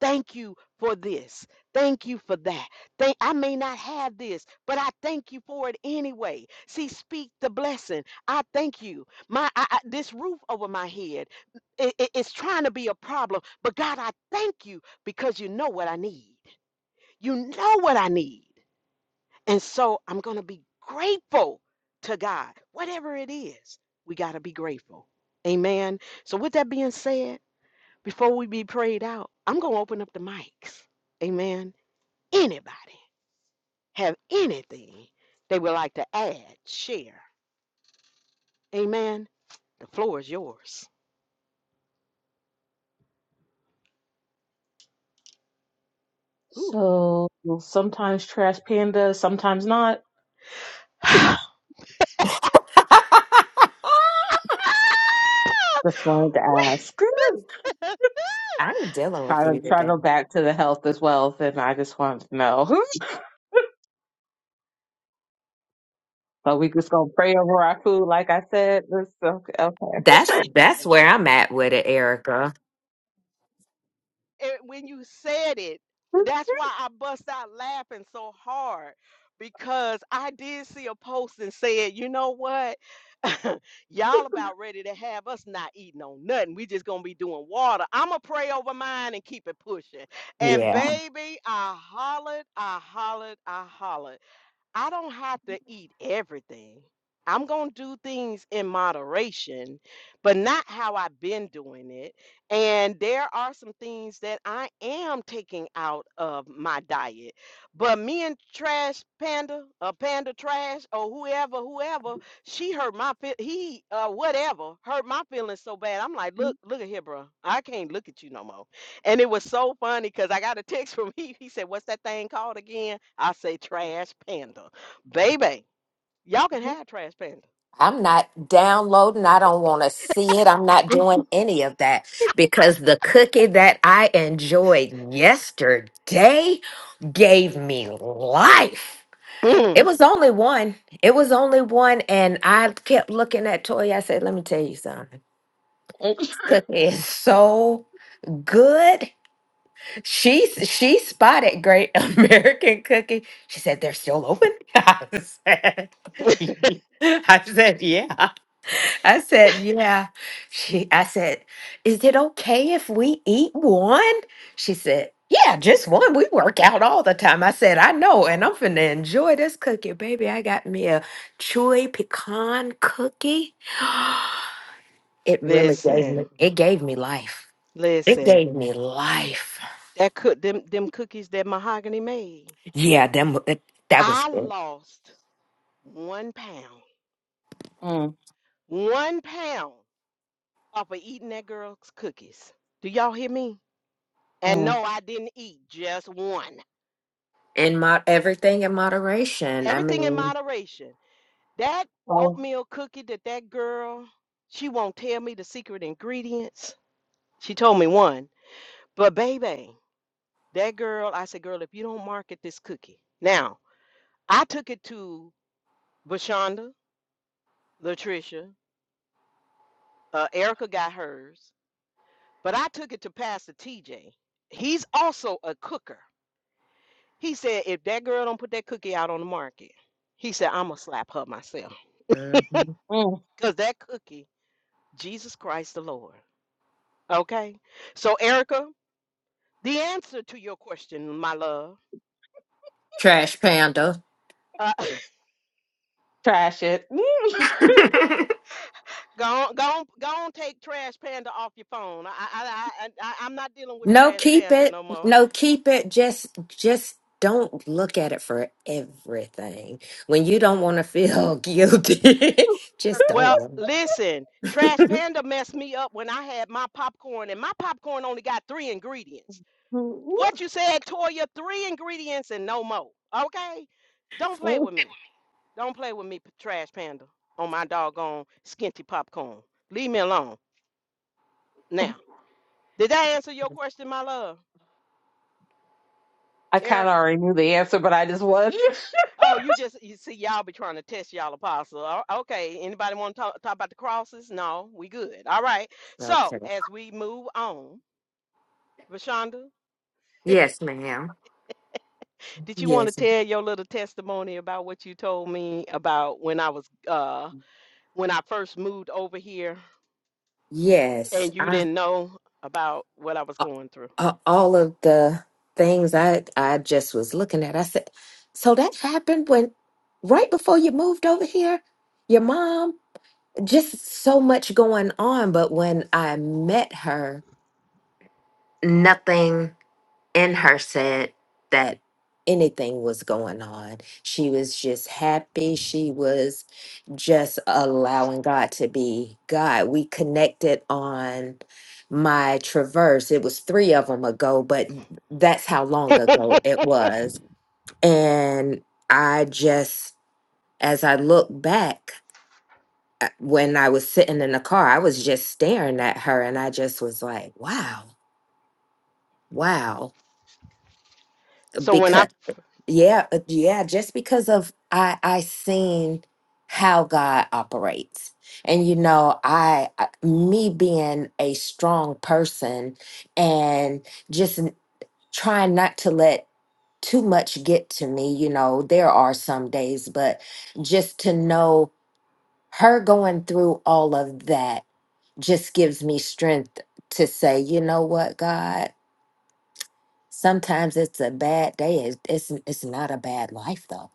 Speaker 1: Thank you for this. Thank you for that. Thank I may not have this, but I thank you for it anyway. See, speak the blessing. I thank you. My I, I- this roof over my head, it, it- it's trying to be a problem, but God, I thank you because you know what I need. You know what I need, and so I'm gonna be grateful to God, whatever it is. We gotta be grateful. Amen. So with that being said. Before we be prayed out, I'm going to open up the mics. Amen. Anybody have anything they would like to add, share? Amen. The floor is yours. Ooh.
Speaker 3: So well, sometimes Trash Panda, sometimes not. Just wanted to ask.
Speaker 1: Ah! We,
Speaker 2: I ain't dealing
Speaker 3: I
Speaker 2: with
Speaker 3: done
Speaker 2: you
Speaker 3: try to
Speaker 2: today.
Speaker 3: go back to the health as well, and I just wanted to know. So we just gonna pray over our food, like I said. This okay. okay.
Speaker 2: that's that's where I'm at with it, Erica.
Speaker 1: And when you said it, that's why I bust out laughing so hard because I did see a post and said, you know what? Y'all about ready to have us not eating on nothing. We just gonna be doing water. I'ma pray over mine and keep it pushing. And
Speaker 2: Yeah.
Speaker 1: baby, I hollered, I hollered, I hollered. I don't have to eat everything. I'm going to do things in moderation, but not how I've been doing it. And there are some things that I am taking out of my diet. But me and Trash Panda, or Panda Trash, or whoever, whoever, she hurt my feel. He, uh, whatever, hurt my feelings so bad. I'm like, look, look at here, bro. I can't look at you no more. And it was so funny because I got a text from he. He said, "What's that thing called again?" I say, "Trash Panda, baby. Y'all can have Trash Panda."
Speaker 2: I'm not downloading. I don't want to see it. I'm not doing any of that because the cookie that I enjoyed yesterday gave me life.
Speaker 1: Mm.
Speaker 2: It was only one. It was only one. And I kept looking at Toy. I said, let me tell you something. Cookie is so good. She she spotted Great American Cookie. She said, they're still open. I said, I said, yeah. I said, yeah. She I said, is it okay if we eat one? She said, yeah, just one. We work out all the time. I said, I know, and I'm finna enjoy this cookie, baby. I got me a chewy pecan cookie. It really gave
Speaker 1: listen,
Speaker 2: me it gave me life. It
Speaker 1: listen.
Speaker 2: gave me life.
Speaker 1: That cook them them cookies that Mahogany made.
Speaker 2: Yeah, them it, that was
Speaker 1: I
Speaker 2: good.
Speaker 1: lost one pound,
Speaker 3: mm,
Speaker 1: one pound off of eating that girl's cookies. Do y'all hear me? And
Speaker 3: mm.
Speaker 1: no, I didn't eat just one.
Speaker 2: In my everything in moderation. I
Speaker 1: Everything in
Speaker 2: mean,
Speaker 1: moderation. That
Speaker 3: Well,
Speaker 1: oatmeal cookie that that girl, she won't tell me the secret ingredients. She told me one. But baby, that girl, I said, girl, if you don't market this cookie. Now, I took it to Bashonda, Latricia, uh, Erica got hers, but I took it to Pastor TJ. He's also a cooker. He said, if that girl don't put that cookie out on the market, he said, I'm going to slap her myself.
Speaker 2: mhm.
Speaker 3: mm,
Speaker 1: Because that cookie, Jesus Christ the Lord. Okay? So, Erica, The answer to your question, my love.
Speaker 2: Trash Panda.
Speaker 1: Uh,
Speaker 3: trash it.
Speaker 1: go on, go on, go on, take Trash Panda off your phone. I, I, I, I, I'm not dealing with
Speaker 2: No,
Speaker 1: Trash
Speaker 2: keep
Speaker 1: Panda
Speaker 2: it.
Speaker 1: no more.
Speaker 2: No, keep it. Just just don't look at it for everything. When you don't want to feel guilty, just
Speaker 1: Well,
Speaker 2: don't look.
Speaker 1: listen, Trash Panda messed me up when I had my popcorn, and my popcorn only got three ingredients. What you said, Toya, three ingredients and no more. Okay? Don't play with me. Don't play with me, p- Trash Panda, on my doggone skinty popcorn. Leave me alone now. Did that answer your question, my love,
Speaker 3: I kind of already knew the answer, but I just wanted.
Speaker 1: Oh, you just you see y'all be trying to test y'all apostle. O- Okay, anybody want to talk, talk about the crosses? No, we good. All right.
Speaker 2: okay.
Speaker 1: So as we move on, Rashonda,
Speaker 2: Yes, ma'am.
Speaker 1: did you want to
Speaker 2: Yes.
Speaker 1: tell your little testimony about what you told me about when I was uh when I first moved over here
Speaker 2: Yes.
Speaker 1: and you
Speaker 2: I
Speaker 1: didn't know about what I was
Speaker 2: a-
Speaker 1: going through?
Speaker 2: a- all of the things I I just was looking at. I said, so that happened when right before you moved over here, your mom just so much going on, but when I met her, nothing and her said that anything was going on. She was just happy. She was just allowing God to be God. We connected on my traverse. It was three of them ago, but that's how long ago it was. And I just, as I look back, uh, when I was sitting in the car, I was just staring at her and I just was like, wow, wow.
Speaker 1: So when
Speaker 2: Because
Speaker 1: I
Speaker 2: yeah uh, yeah just because of i i seen how god operates and you know i I- me being a strong person and just n- trying not to let too much get to me you know there are some days but just to know her going through all of that just gives me strength to say you know what god sometimes it's a bad day it's it's, it's not a bad life though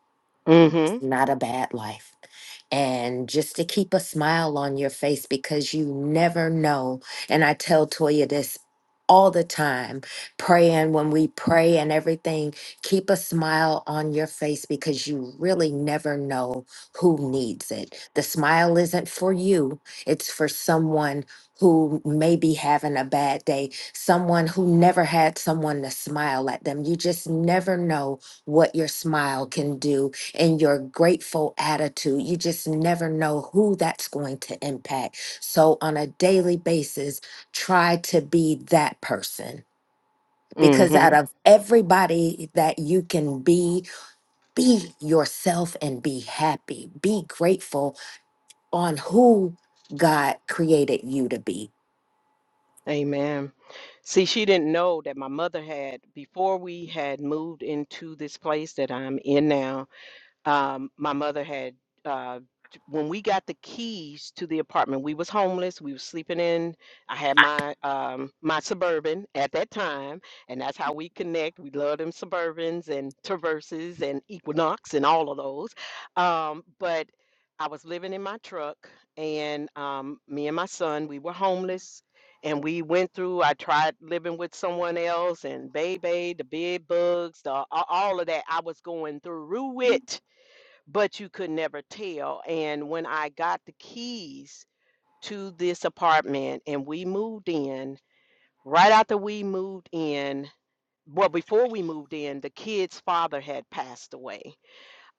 Speaker 1: mm-hmm
Speaker 2: not a bad life and just to keep a smile on your face because you never know. And I tell Toya this all the time praying when we pray and everything, keep a smile on your face because you really never know who needs it. The smile isn't for you, it's for someone. Who may be having a bad day, someone who never had someone to smile at them. You just never know what your smile can do and your grateful attitude. You just never know who that's going to impact. So, on a daily basis, try to be that person because out
Speaker 1: mm-hmm
Speaker 2: of everybody that you can be, be yourself and be happy. Be grateful on who God created you to be.
Speaker 1: amen. See, she didn't know that my mother had before we had moved into this place that I'm in now. um, my mother had uh, t- when we got the keys to the apartment we was homeless we was sleeping in i had my um, my suburban at that time and that's how we connect we love them suburbans and traverses and equinox and all of those um, but i was living in my truck and um, me and my son we were homeless and we went through i tried living with someone else and baby the bed bugs the a- all of that i was going through it but you could never tell. And when I got the keys to this apartment and we moved in, right after we moved in, well, before we moved in, the kid's father had passed away.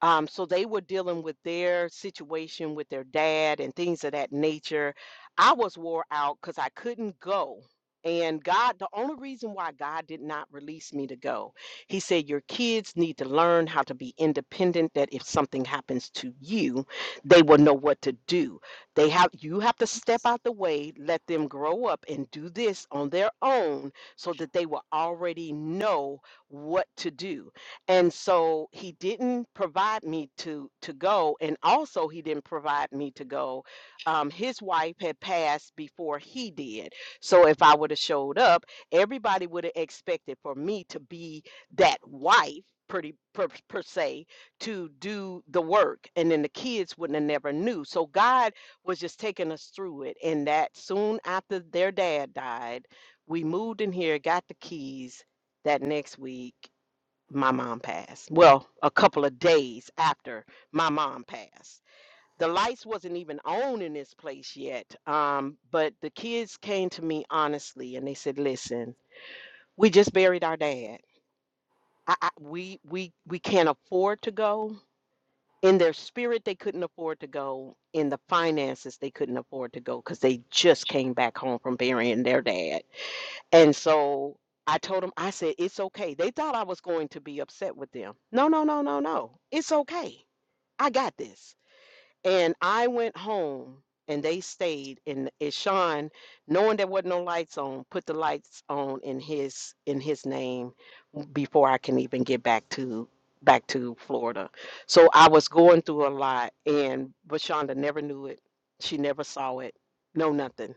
Speaker 1: Um, so they were dealing with their situation with their dad and things of that nature. I was wore out because I couldn't go. And God, the only reason why God did not release me to go, He said, Your kids need to learn how to be independent, that if something happens to you, they will know what to do. They have you have to step out the way, let them grow up and do this on their own so that they will already know what to do and so he didn't provide me to to go and also he didn't provide me to go um, his wife had passed before he did so if i would have showed up everybody would have expected for me to be that wife pretty per, per se to do the work and then the kids wouldn't have never knew so god was just taking us through it and that soon after their dad died we moved in here got the keys that next week my mom passed. Well, a couple of days after my mom passed. The lights wasn't even on in this place yet. Um, but the kids came to me honestly and they said, "Listen, we just buried our dad. I, I, we we we can't afford to go." In their spirit, they couldn't afford to go. In the finances, they couldn't afford to go because they just came back home from burying their dad. And so I told them, I said, it's okay. They thought I was going to be upset with them. No, no, no, no, no. It's okay. I got this. And I went home and they stayed and, and Sean, knowing there wasn't no lights on, put the lights on in his in his name before I can even get back to back to Florida. So I was going through a lot and Vashonda never knew it. She never saw it. No nothing.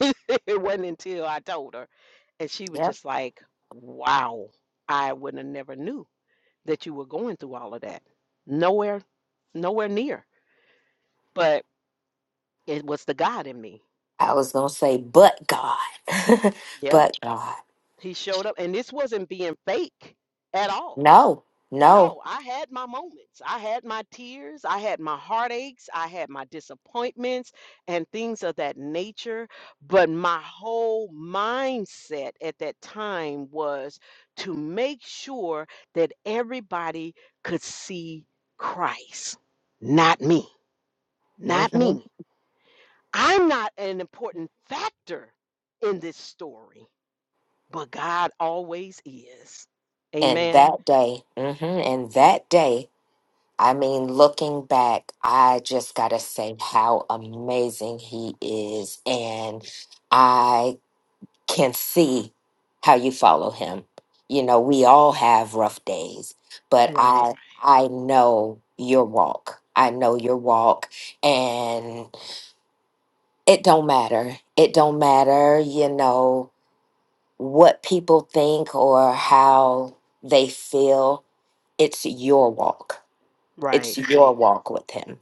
Speaker 1: it wasn't until I told her, and she was
Speaker 2: Yep.
Speaker 1: just like, "Wow, I wouldn't have never knew that you were going through all of that. Nowhere, nowhere near. But it was the God in me.
Speaker 2: I was going to say, but God,
Speaker 1: Yep,
Speaker 2: but God.
Speaker 1: He showed up, and this wasn't being fake at all.
Speaker 2: No, no.
Speaker 1: No, I had my moments. I had my tears. I had my heartaches. I had my disappointments and things of that nature. But my whole mindset at that time was to make sure that everybody could see Christ, not me, not
Speaker 2: hmm
Speaker 1: me. I'm not an important factor in this story, but God always is.
Speaker 2: And
Speaker 1: Amen.
Speaker 2: that day, hmm and that day. I mean, looking back, I just got to say how amazing he is. And I can see how you follow him. You know, we all have rough days, but
Speaker 1: Right,
Speaker 2: I I know your walk. I know your walk and it don't matter. It don't matter, you know, what people think or how they feel. It's your walk. It's
Speaker 1: right.
Speaker 2: your walk with him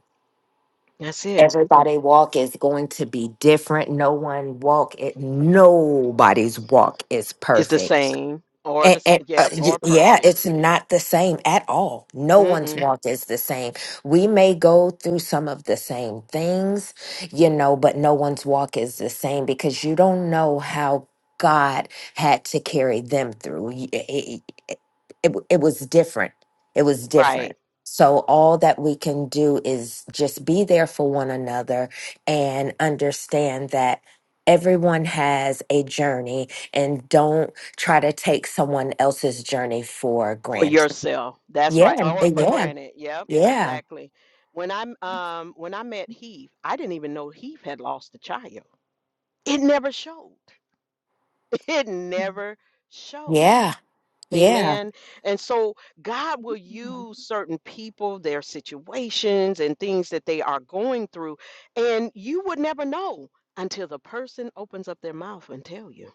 Speaker 1: That's it.
Speaker 2: Everybody walk is going to be different. No one walk it. Nobody's walk is
Speaker 1: is the
Speaker 2: perfect.
Speaker 1: same or the
Speaker 2: And,
Speaker 1: s-
Speaker 2: and uh,
Speaker 1: yep
Speaker 2: y-
Speaker 1: or
Speaker 2: yeah,
Speaker 1: perfect.
Speaker 2: it's not the same at all. No one's Yeah.
Speaker 1: Mm-mm.
Speaker 2: walk is the same. We may go through some of the same things, you know, but no one's walk is the same because you don't know how God had to carry them through. Y- It, it, it w- it was different. It was different.
Speaker 1: Right
Speaker 2: So, all that we can do is just be there for one another and understand that everyone has a journey and don't try to take someone else's journey for
Speaker 1: for
Speaker 2: granted.
Speaker 1: yourself. That's
Speaker 2: Yeah,
Speaker 1: right.
Speaker 2: and-
Speaker 1: Or for
Speaker 2: yeah,
Speaker 1: granted. Yep.
Speaker 2: yeah,
Speaker 1: Exactly. When I'm um when I met Heath, I didn't even know Heath had lost a child. It never showed. It never showed.
Speaker 2: yeah, yeah.
Speaker 1: Amen. And so God will use certain people, their situations, and things that they are going through, and you would never know until the person opens up their mouth and tell you.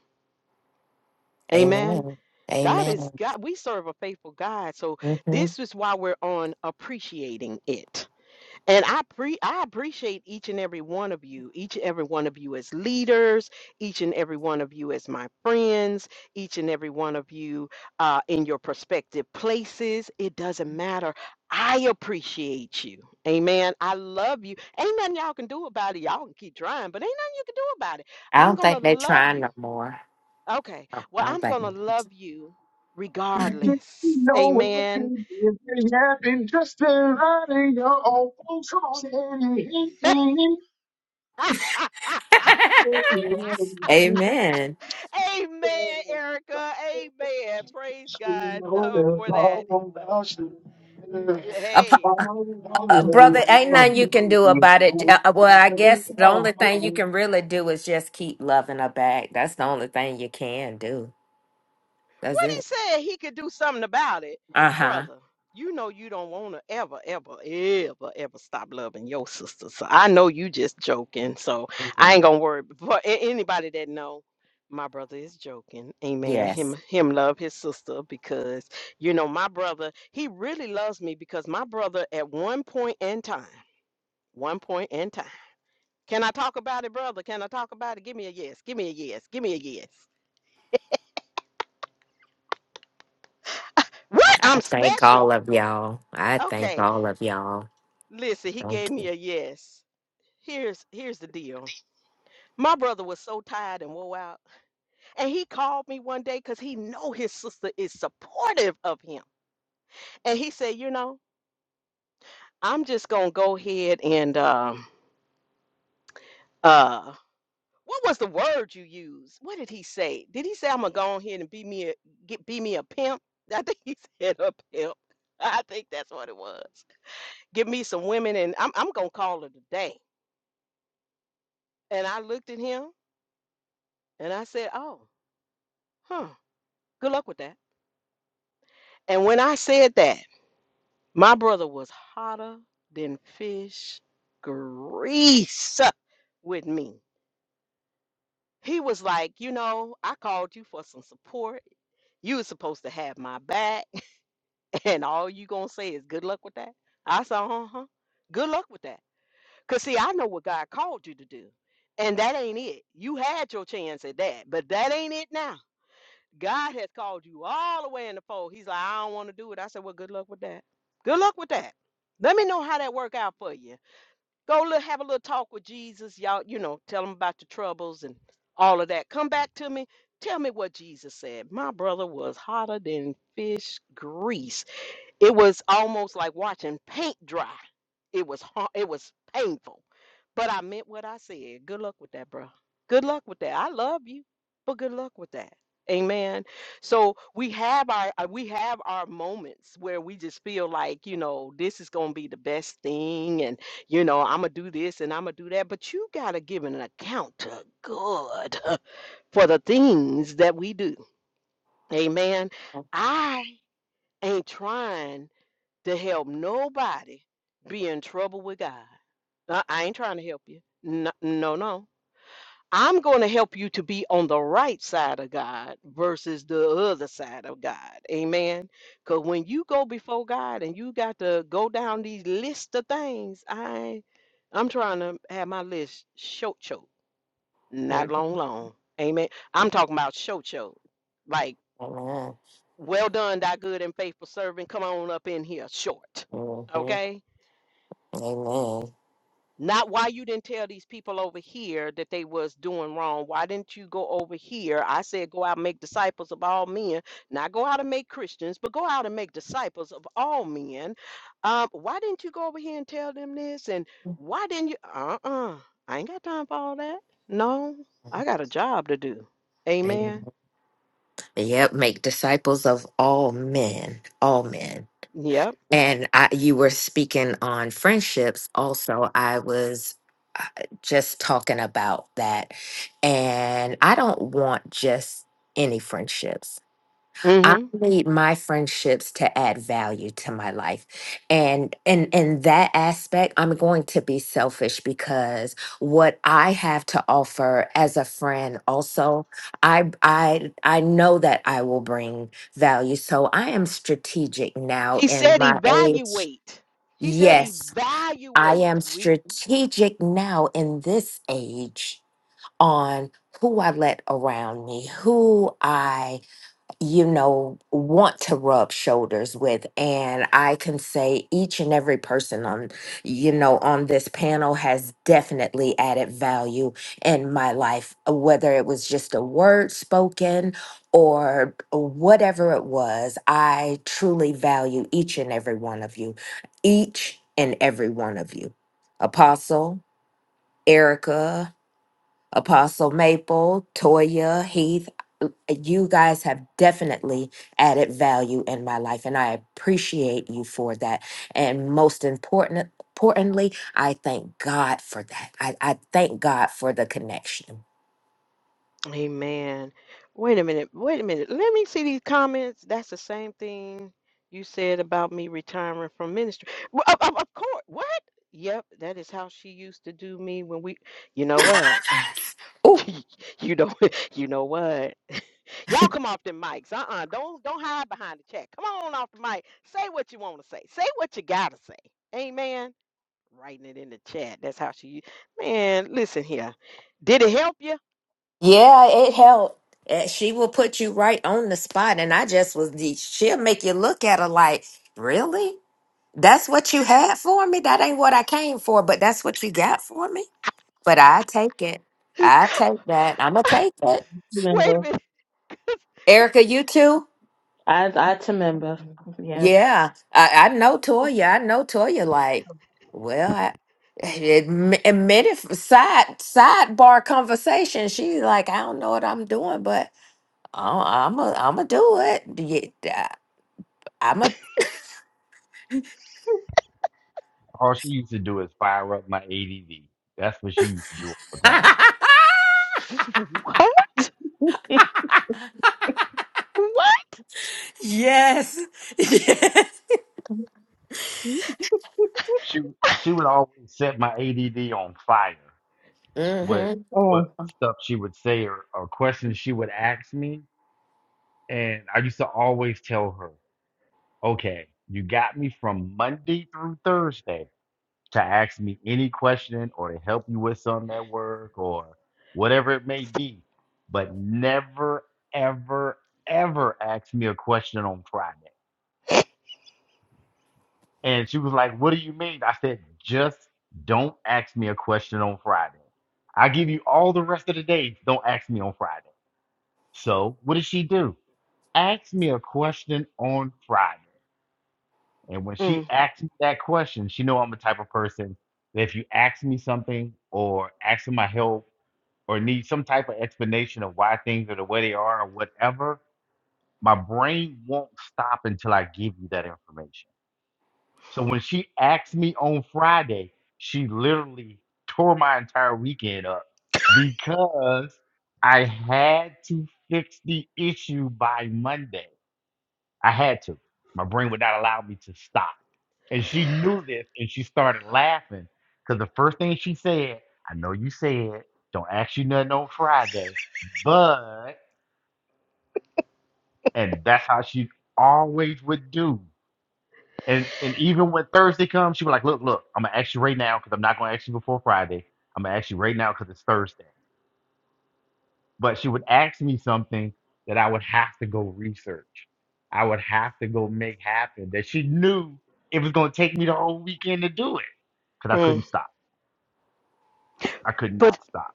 Speaker 1: Amen.
Speaker 2: Amen.
Speaker 1: God is
Speaker 2: Amen.
Speaker 1: God. We serve a faithful God. So
Speaker 2: hmm
Speaker 1: this is why we're on appreciating it. And I pre I appreciate each and every one of you, each and every one of you as leaders, each and every one of you as my friends, each and every one of you uh, in your prospective places. It doesn't matter. I appreciate you. Amen. I love you. Ain't nothing y'all can do about it. Y'all can keep trying, but ain't nothing you can do about it.
Speaker 2: I
Speaker 1: I'm
Speaker 2: don't
Speaker 1: gonna
Speaker 2: think they're
Speaker 1: love
Speaker 2: trying
Speaker 1: you.
Speaker 2: no more.
Speaker 1: Okay.
Speaker 2: I
Speaker 1: Well,
Speaker 2: I don't
Speaker 1: I'm
Speaker 2: think.
Speaker 1: going to love you
Speaker 3: Just
Speaker 1: regardless.
Speaker 3: know what will be
Speaker 1: Amen.
Speaker 3: if you have been just running your own folks on anything. You
Speaker 2: Amen.
Speaker 1: Amen, Erica. Amen. Praise God
Speaker 3: know
Speaker 1: uh,
Speaker 3: there's
Speaker 1: for that.
Speaker 3: all about you.
Speaker 2: Apo-
Speaker 1: Hey.
Speaker 2: uh, brother, ain't nothing you can do about it. Uh, uh, well, I guess the only thing you can really do is just keep loving her back. That's the only thing you can do. That's
Speaker 1: What he
Speaker 2: it.
Speaker 1: said he could do something about it,
Speaker 2: Uh huh.
Speaker 1: brother. You know you don't want to ever, ever, ever, ever stop loving your sister. So I know you just joking. So I ain't gonna worry. But a- anybody that know, my brother is joking. Amen.
Speaker 2: Yes.
Speaker 1: Him, him love his sister because you know my brother. He really loves me because my brother at one point in time, one point in time. Can I talk about it, brother? Can I talk about it? Give me a yes. Give me a yes. Give me a yes. What?
Speaker 2: I
Speaker 1: I'm
Speaker 2: thank all
Speaker 1: special.
Speaker 2: of y'all. I thank
Speaker 1: Okay,
Speaker 2: all of y'all.
Speaker 1: Listen, he gave me a yes. Here's here's the deal. My brother was so tired and wore out, and he called me one day because he know his sister is supportive of him, and he said, you know, I'm just gonna go ahead and um uh. What was the word you used? What did he say? Did he say I'm gonna go ahead and be me a get be me a pimp? I think he said a pimp. I think that's what it was. Give me some women and I'm I'm gonna call it a day. And I looked at him and I said, Oh, huh. Good luck with that. And when I said that, my brother was hotter than fish grease with me. He was like, you know, I called you for some support. You was supposed to have my back, and all you gonna say is good luck with that. I said, uh huh. Good luck with that. Cause see, I know what God called you to do, and that ain't it. You had your chance at that, but that ain't it now. God has called you all the way in the fold. He's like, I don't want to do it. I said, Well, good luck with that. Good luck with that. Let me know how that work out for you. Go look, have a little talk with Jesus. Y'all, you know, tell him about your troubles and all of that. Come back to me. Tell me what Jesus said. My brother was hotter than fish grease. It was almost like watching paint dry. It was har- it was painful, but I meant what I said. Good luck with that, bro. Good luck with that. I love you, but good luck with that. Amen. So we have our uh, we have our moments where we just feel like you know this is gonna be the best thing, and you know I'm gonna do this and I'm gonna do that. But you gotta give an account to God for the things that we do. Amen. I ain't trying to help nobody be in trouble with God. I, I ain't trying to help you. No, no, no. I'm going to help you to be on the right side of God versus the other side of God. Amen. Because when you go before God and you got to go down these lists of things, I, I'm trying to have my list short, short, not
Speaker 2: Amen.
Speaker 1: long, long. Amen. I'm talking about short, short. Like,
Speaker 2: Mhm.
Speaker 1: well done, thy good and faithful servant. Come on up in here short. Okay
Speaker 2: Amen.
Speaker 1: Not why you didn't tell these people over here that they was doing wrong. Why didn't you go over here? I said go out and make disciples of all men. Not go out and make Christians, but go out and make disciples of all men. Um, why didn't you go over here and tell them this? And why didn't you? Uh-uh. I ain't got time for all that. No, I got a job to do. Amen.
Speaker 2: Amen. Yep, make disciples of all men, all men.
Speaker 1: Yep.
Speaker 2: And I, you were speaking on friendships also. I was uh, just talking about that. And I don't want just any friendships. I
Speaker 1: Mm-hmm.
Speaker 2: need my friendships to add value to my life. And in in that aspect, I'm going to be selfish because what I have to offer as a friend also, I I I know that I will bring value. So I am strategic now
Speaker 1: He
Speaker 2: in
Speaker 1: said
Speaker 2: my age.
Speaker 1: evaluate. He said
Speaker 2: Yes, I
Speaker 1: evaluate.
Speaker 2: am
Speaker 1: We
Speaker 2: strategic now in this age on who I let around me, who I you know, want to rub shoulders with. And I can say each and every person on, you know, on this panel has definitely added value in my life, uh, whether it was just a word spoken or whatever it was. I truly value each and every one of you, each and every one of you. Apostle, Erica, Apostle Maple, Toya, Heath you guys have definitely added value in my life and i appreciate you for that and most important importantly i thank god for that i, I thank god for the connection
Speaker 1: Amen. Wait a minute. Wait a minute. Let me see these comments. That's the same thing you said about me retiring from ministry. Well, Of, of, of course. What? Yep, that is how she used to do me when we you know what?
Speaker 2: Ooh,
Speaker 1: you know you know what? Y'all come off the mics. Uh Uh-uh. uh. Don't don't hide behind the chat. Come on off the mic. Say what you want to say. Say what you gotta say. Amen. Writing it in the chat. That's how she u- man, listen here. Did it help you?
Speaker 2: yeah it helped Eh, she will put you right on the spot and i just was the she'll make you look at her like really that's what you had for me that ain't what i came for but that's what you got for me but i take it i take that i'ma take it
Speaker 1: Wait a
Speaker 3: Remember.
Speaker 1: minute.
Speaker 2: Erica, you too?
Speaker 3: I I to remember. Yes.
Speaker 2: Yeah, I, I know Toya. I know Toya. Like, well, I, admi- admitted f- side sidebar conversation. She's like, I don't know what I'm doing, but I'm i am a, I'm gonna do it. Yeah, I'm a.
Speaker 4: All she used to do is fire up my ADD. That's what she used to do all the time.
Speaker 1: What?
Speaker 3: mm,
Speaker 1: What?
Speaker 2: yes.
Speaker 3: mm,
Speaker 4: She she would always set my ADD on fire with
Speaker 2: mm-hmm.
Speaker 4: what stuff she would say or, or questions she would ask me. And I used to always tell her, okay, you got me from Monday through Thursday to ask me any question or to help you with something at work or whatever it may be, but never, ever, ever ask me a question on Friday And she was like, What do you mean? I said, Just don't ask me a question on Friday. I give you all the rest of the day. Don't ask me on Friday. So, what did she do? Asked me a question on Friday. And when she
Speaker 1: Mm,
Speaker 4: asked me that question, she know I'm the type of person that if you ask me something or ask for my help or need some type of explanation of why things are the way they are or whatever, my brain won't stop until I give you that information. So when she asked me on Friday, she literally tore my entire weekend up because I had to fix the issue by Monday. I had to. My brain would not allow me to stop. And she knew this and she started laughing because the first thing she said, I know you said, don't ask you nothing on Friday, but, and that's how she always would do. And and even when Thursday comes, she was like, "Look, look, I'm gonna ask you right now because I'm not gonna ask you before Friday. I'm gonna ask you right now because it's Thursday." But she would ask me something that I would have to go research. I would have to go make happen that she knew it was gonna take me the whole weekend to do it because I
Speaker 1: mm.
Speaker 4: couldn't stop. I could
Speaker 1: But
Speaker 4: not stop.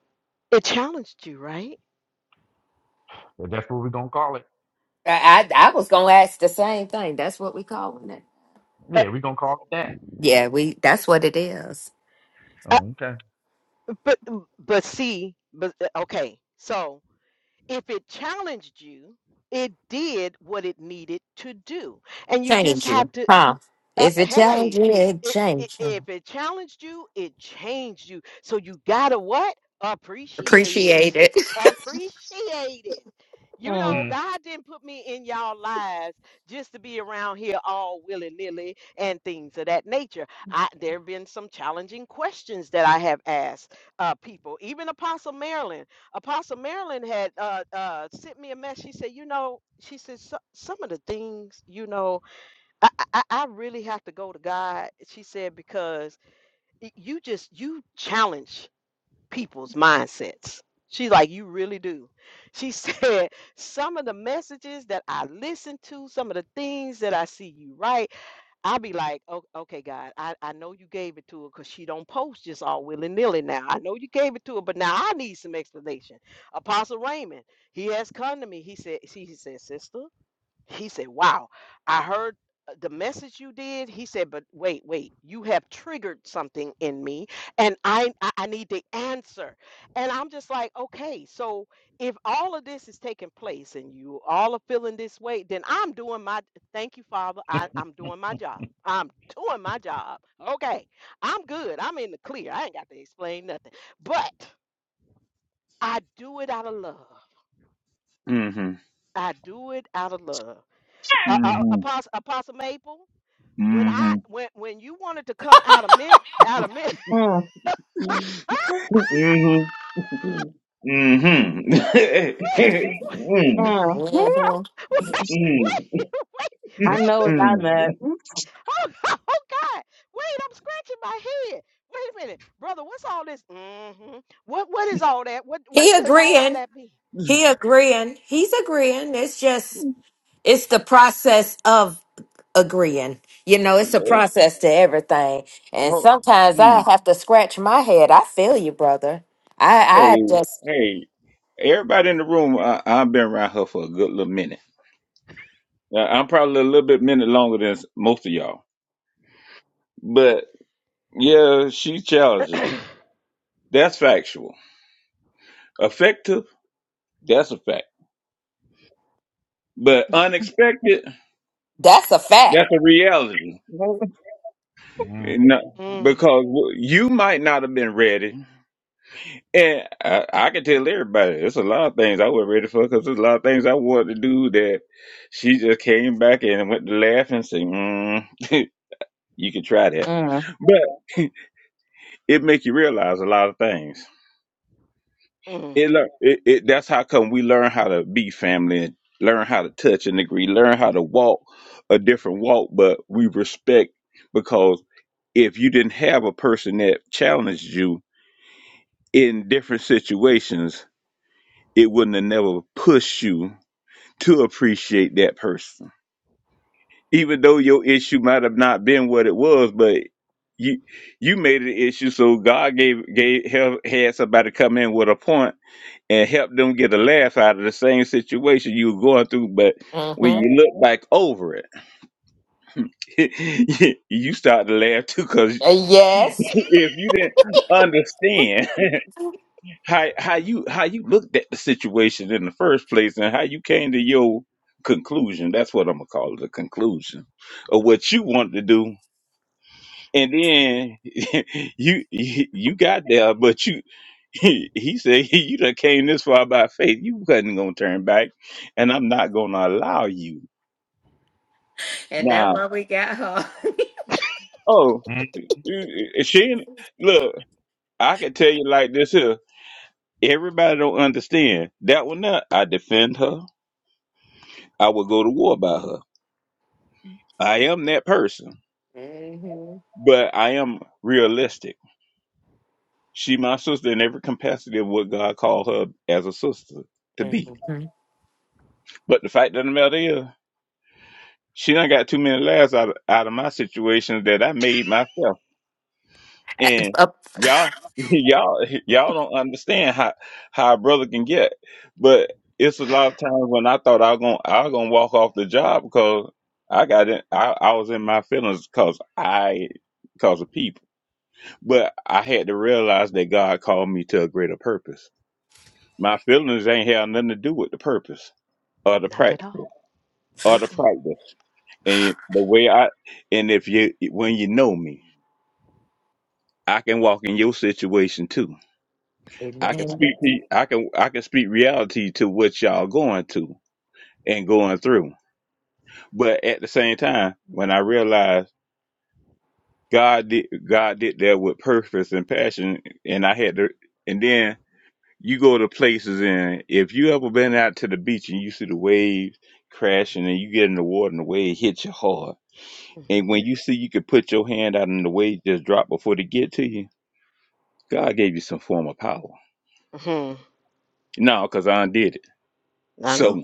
Speaker 1: it challenged you, right?
Speaker 4: If that's what we're gonna call it,
Speaker 2: I, I I was gonna ask the same thing. That's what we calling it.
Speaker 1: Uh,
Speaker 4: yeah, we're gonna call it that.
Speaker 2: Yeah, we. That's what it is.
Speaker 1: uh,
Speaker 4: Oh, okay.
Speaker 1: but mm, but see, but uh, okay. So if it challenged you, it did what it needed to do, and you just
Speaker 2: change you,
Speaker 1: have to.
Speaker 2: huh?
Speaker 1: uh,
Speaker 2: If it change
Speaker 1: hey,
Speaker 2: you, it
Speaker 1: it, it,
Speaker 2: change you.
Speaker 1: if it challenged you, it changed you. So you gotta what? Appreciate
Speaker 2: Appreciate
Speaker 1: it.
Speaker 2: it.
Speaker 1: Appreciate it. You know,
Speaker 4: Mm,
Speaker 1: God didn't put me in y'all lives just to be around here all willy nilly and things of that nature. I, there have been some challenging questions that I have asked uh, people, even Apostle Marilyn. Apostle Marilyn had uh, uh, sent me a message. She said, You know, she said, "So- some of the things, you know, I, I, I I really have to go to God, she said, because y- you just you challenge people's mindsets. She's like, you really do. She said, some of the messages that I listen to, some of the things that I see you write, i be like, oh, okay, God, I, I know you gave it to her because she don't post just all willy-nilly now. I know you gave it to her, but now I need some explanation. Apostle Raymond, he has come to me. He said, she he said, sister. He said, Wow, I heard uh, the message you did. He said, But wait, wait, you have triggered something in me and I, I, I need the answer. And I'm just like, Okay, so if all of this is taking place and you all are feeling this way, then I'm doing my, thank you, Father, I, I'm doing my job. I'm doing my job. Okay, I'm good. I'm in the clear. I ain't got to explain nothing. But I do it out of love.
Speaker 5: Mhm.
Speaker 1: I do it out of love. Uh, uh,
Speaker 4: mm,
Speaker 5: Mhm.
Speaker 1: Apostle, Apostle Maple? When I
Speaker 5: Mhm.
Speaker 1: when when you wanted to come out of men out of men wait,
Speaker 5: Mhm. Mhm.
Speaker 1: wait,
Speaker 3: mm,
Speaker 2: Mhm.
Speaker 3: mm.
Speaker 5: Mm.
Speaker 1: wait, wait,
Speaker 3: I know what
Speaker 1: wait.
Speaker 3: I meant.
Speaker 5: Hmm.
Speaker 1: Oh, God, oh God. Wait, I'm scratching my head. Wait a minute. Brother, what's all this? hmm What what is all that? What what
Speaker 2: He
Speaker 1: does all of
Speaker 2: agreeing.
Speaker 1: that mean?
Speaker 2: He agreeing. He's agreeing. It's just
Speaker 5: Mm.
Speaker 2: it's the process of agreeing. You know, it's a process to everything. And
Speaker 5: Ho-
Speaker 2: sometimes I
Speaker 5: mm.
Speaker 2: have to scratch my head. I feel you, brother.
Speaker 5: Hey,
Speaker 2: I I just
Speaker 5: hey, everybody in the room, I, I've been around her for a good little minute. Uh, I'm probably a little bit minute longer than s- most of y'all, but yeah, she's challenging. That's factual. Effective, that's a fact. But unexpected,
Speaker 2: that's a fact.
Speaker 5: that's a reality.
Speaker 4: mm,
Speaker 5: No,
Speaker 1: mm,
Speaker 5: because you might not have been ready. And I, I can tell everybody, it's a lot of things I wasn't ready for because there's a lot of things I wanted to do that she just came back and went to laugh and say, mm, you can try that.
Speaker 3: Mm.
Speaker 5: But it make you realize a lot of things.
Speaker 1: mm,
Speaker 5: It, lear- it, it That's how come we learn how to be family, learn how to touch and agree, learn how to walk a different walk, but we respect because if you didn't have a person that challenged you, in different situations, it wouldn't have never pushed you to appreciate that person. Even though your issue might have not been what it was, but you you made it an issue, so God gave gave help, had somebody come in with a point and help them get a laugh out of the same situation you were going through. But when
Speaker 2: Mm-hmm.
Speaker 5: you look back over it, you start to laugh too, because
Speaker 2: Uh,
Speaker 5: if
Speaker 2: Yes.
Speaker 5: you didn't understand how how you how you looked at the situation in the first place and how you came to your conclusion. That's what I'm gonna call it, a conclusion of what you wanted to do. And then you you got there, but you he said you done came this far by faith. You wasn't gonna turn back, and I'm not gonna allow you.
Speaker 2: And that's
Speaker 5: Now,
Speaker 2: why we got her.
Speaker 5: oh,
Speaker 4: mm,
Speaker 5: eh, she look. I can tell you like this here. Everybody don't understand that one. Not I defend her. I would go to war about her. I am that person,
Speaker 2: hmm
Speaker 5: but I am realistic. She my sister in every capacity of what God called her as a sister to be.
Speaker 2: hmm
Speaker 5: But the fact of the matter is, she done got too many laughs out of, out of my situations that I made myself. And
Speaker 2: Uh,
Speaker 5: y'all, y'all, y'all don't understand how how a brother can get. But it's a lot of times when I thought I was gonna I was gonna walk off the job because I got in, I, I was in my feelings because I because of people. But I had to realize that God called me to a greater purpose. My feelings ain't had nothing to do with the purpose or the
Speaker 1: not at all.
Speaker 5: practical or
Speaker 1: Mm,
Speaker 5: the practice. And the way I and if you when you know me, I can walk in your situation too. I can
Speaker 2: Amen.
Speaker 5: speak to you, I can I can speak reality to what y'all going to and going through. But at the same time, when I realized God did God did that with purpose and passion and I had to and then you go to places and if you ever been out to the beach and you see the waves crashing and you get in the water and the wave hits you hard.
Speaker 1: mhm,
Speaker 5: And when you see you could put your hand out and the wave just drop before they get to you, God gave you some form of power.
Speaker 1: mhm.
Speaker 5: No, because I done did it.
Speaker 1: I know.
Speaker 5: So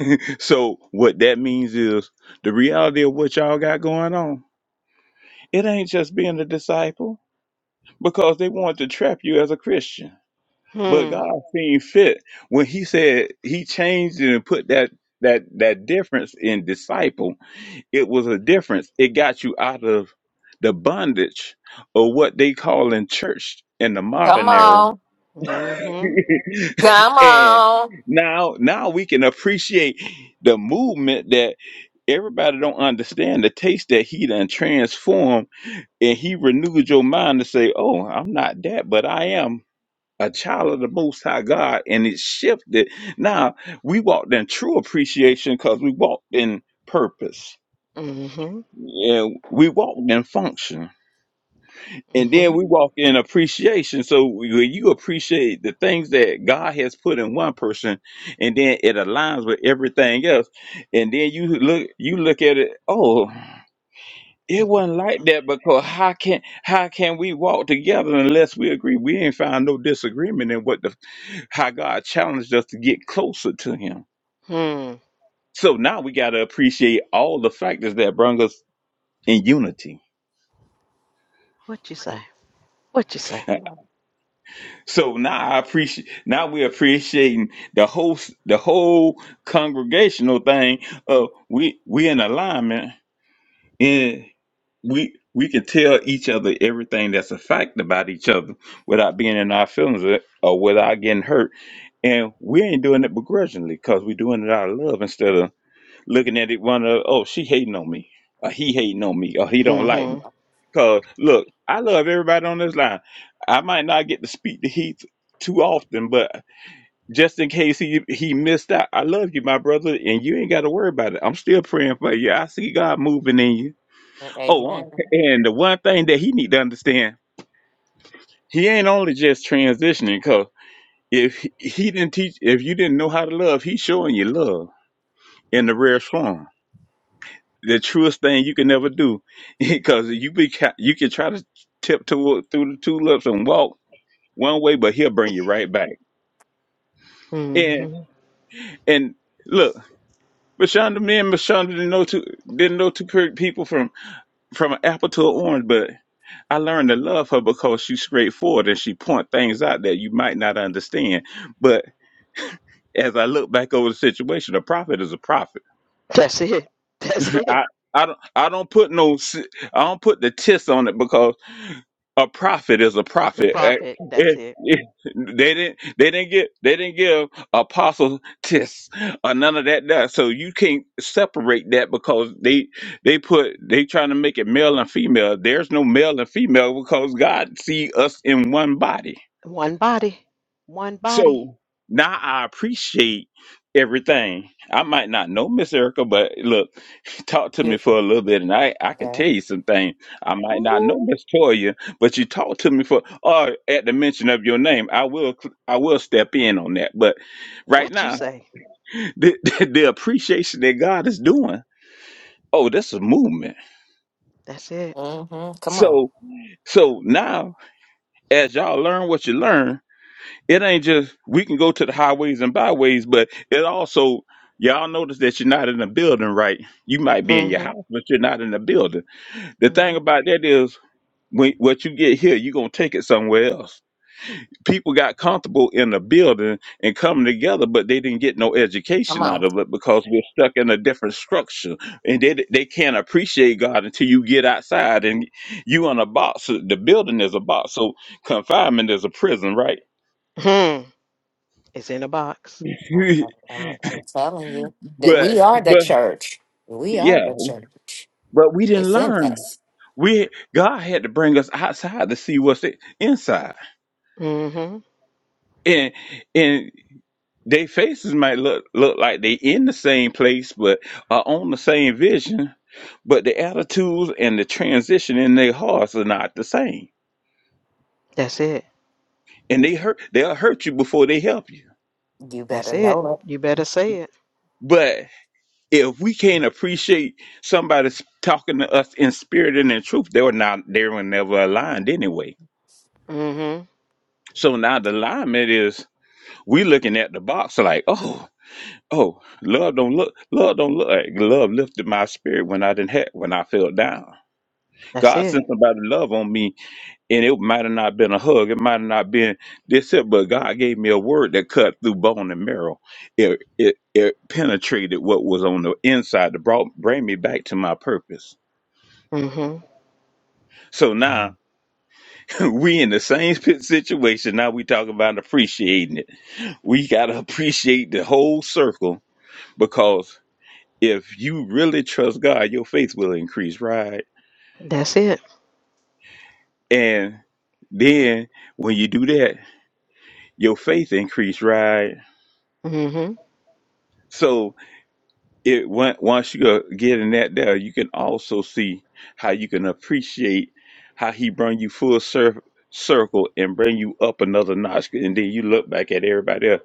Speaker 5: so what that means is the reality of what y'all got going on. It ain't just being a disciple because they want to trap you as a Christian But
Speaker 1: Hmm.
Speaker 5: God seen fit when He said He changed it and put that that that difference in disciple. It was a difference. It got you out of the bondage of what they call in church in the
Speaker 2: Come
Speaker 5: modern era,
Speaker 2: on.
Speaker 1: Mm-hmm.
Speaker 2: Come
Speaker 5: and
Speaker 2: on.
Speaker 5: now now we can appreciate the movement that everybody don't understand the taste that he done transformed and he renewed your mind to say oh i'm not that but i am a child of the Most High God, and it shifted. Now we walked in true appreciation because we walked in purpose.
Speaker 1: Mm-hmm.
Speaker 5: Yeah, we walked in function, and then
Speaker 1: Mm-hmm.
Speaker 5: we walk in appreciation. So when you appreciate the things that God has put in one person, and then it aligns with everything else, and then you look you look at it. Oh, it
Speaker 1: Thank you,
Speaker 5: wasn't like
Speaker 1: Father.
Speaker 5: that because how can how can we walk together unless we agree? We ain't find no disagreement in what the how God challenged us to get closer to Him.
Speaker 1: Hmm.
Speaker 5: So now we got to appreciate all the factors that bring us in unity.
Speaker 1: What you say? What you say?
Speaker 5: So now I appreciate. Now we're appreciating the whole the whole congregational thing. Uh, we we in alignment, and we we can tell each other everything that's a fact about each other without being in our feelings or, or without getting hurt. And we ain't doing it begrudgingly because we're doing it out of love instead of looking at it, one of oh she hating on me, or he hating on me, or he don't
Speaker 2: Hold
Speaker 5: like
Speaker 2: on.
Speaker 5: me.
Speaker 1: hmm
Speaker 5: Cause look, I love everybody on this line. I might not get to speak to Heath too often, but just in case he he missed out, I love you, my brother, and you ain't got to worry about it. I'm still praying for you. I see God moving in you.
Speaker 2: Mm,
Speaker 5: Oh, uh,
Speaker 2: Amen.
Speaker 5: and the one thing that he need to understand, he ain't only just transitioning. Cause if he he didn't teach, if you didn't know how to love, he's showing you love in the rare form the truest thing you can ever do because you be ca- you can try to tiptoe through the tulips and walk one way, but he'll bring you right back. And
Speaker 1: hmm
Speaker 5: and look, Mashonda, me and Mashonda didn't know two didn't know two per- people from from an apple to an orange, but I learned to love her because she's straightforward and she point things out that you might not understand. But as I look back over the situation, a prophet is a prophet.
Speaker 1: That's it. That's it.
Speaker 5: I I don't I don't put no s- I don't put the tis on it because a prophet is a
Speaker 1: The
Speaker 5: prophet. Eh,
Speaker 1: prophet. That's it.
Speaker 5: eh, eh, They didn't they didn't get they didn't give apostle tis or none of that, that. So you can't separate that because they they put they trying to make it male and female. There's no male and female because God see us in one body.
Speaker 1: One body. One body.
Speaker 5: So now I appreciate everything. I might not know Miss Erica, but look, talk to me
Speaker 2: You're
Speaker 5: for a little bit, and I I can tell
Speaker 2: there.
Speaker 5: you some things. I might not
Speaker 1: Ooh,
Speaker 5: know Miss Toya, but you talk to me for. Or at the mention of your name, I will I will step in on that. But right
Speaker 1: what you
Speaker 5: now,
Speaker 1: say?
Speaker 5: the the, the appreciation that God is doing. Oh, this is movement.
Speaker 1: That's it.
Speaker 2: hmm Come on.
Speaker 5: So so now, as y'all learn what you learn. it ain't just we can go to the highways and byways, but it also y'all notice that you're not in the building, right? You might be
Speaker 1: hmm
Speaker 5: in your house, but you're not in the building. The thing
Speaker 1: hmm
Speaker 5: about that is when what you get here, you're gonna take it somewhere else. People got comfortable in the building and coming together, but they didn't get no
Speaker 2: Come
Speaker 5: education out
Speaker 2: on.
Speaker 5: of it because we're stuck in a different structure. And they they can't appreciate God until you get outside and you in a box. The building is a box. So confinement is a prison, right?
Speaker 1: Hmm. It's in a box.
Speaker 2: I'm, I'm, I'm telling you that
Speaker 5: But
Speaker 2: we are the
Speaker 5: but
Speaker 2: church. We are
Speaker 5: yeah,
Speaker 2: the church.
Speaker 5: but we didn't
Speaker 2: It's in
Speaker 5: learn.
Speaker 2: us.
Speaker 5: We God had to bring us outside to see what's i- inside,
Speaker 1: hmm
Speaker 5: and and their faces might look look like they in the same place, but are on the same vision, but the attitudes and the transition in their hearts are not the same,
Speaker 1: That's it.
Speaker 5: and they hurt. They'll hurt you before they help you.
Speaker 2: You better
Speaker 1: That's it.
Speaker 2: know
Speaker 1: You better say it.
Speaker 5: But if we can't appreciate somebody s- talking to us in spirit and in truth, they were not. They were never aligned anyway.
Speaker 1: hmm
Speaker 5: So now the alignment is. we looking at the box like, oh, oh, love don't look, love don't look. Like, love lifted my spirit when I didn't have, when I fell down.
Speaker 1: That's
Speaker 5: God
Speaker 1: it.
Speaker 5: sent somebody to love on me, and it might have not been a hug, it might have not been this, here, but God gave me a word that cut through bone and marrow. It it it penetrated what was on the inside to brought bring me back to my purpose.
Speaker 1: Mm-hmm.
Speaker 5: So
Speaker 4: mm.
Speaker 5: now we in the same pit situation. Now we talking about appreciating it. We gotta appreciate the whole circle because If you really trust God, your faith will increase, right?
Speaker 1: That's it.
Speaker 5: And then when you do that, your faith increase, right?
Speaker 1: hmm
Speaker 5: So it on- once you go- get in that there, you can also see how you can appreciate how He bring you full cir- circle and bring you up another notch, and then you look back at everybody else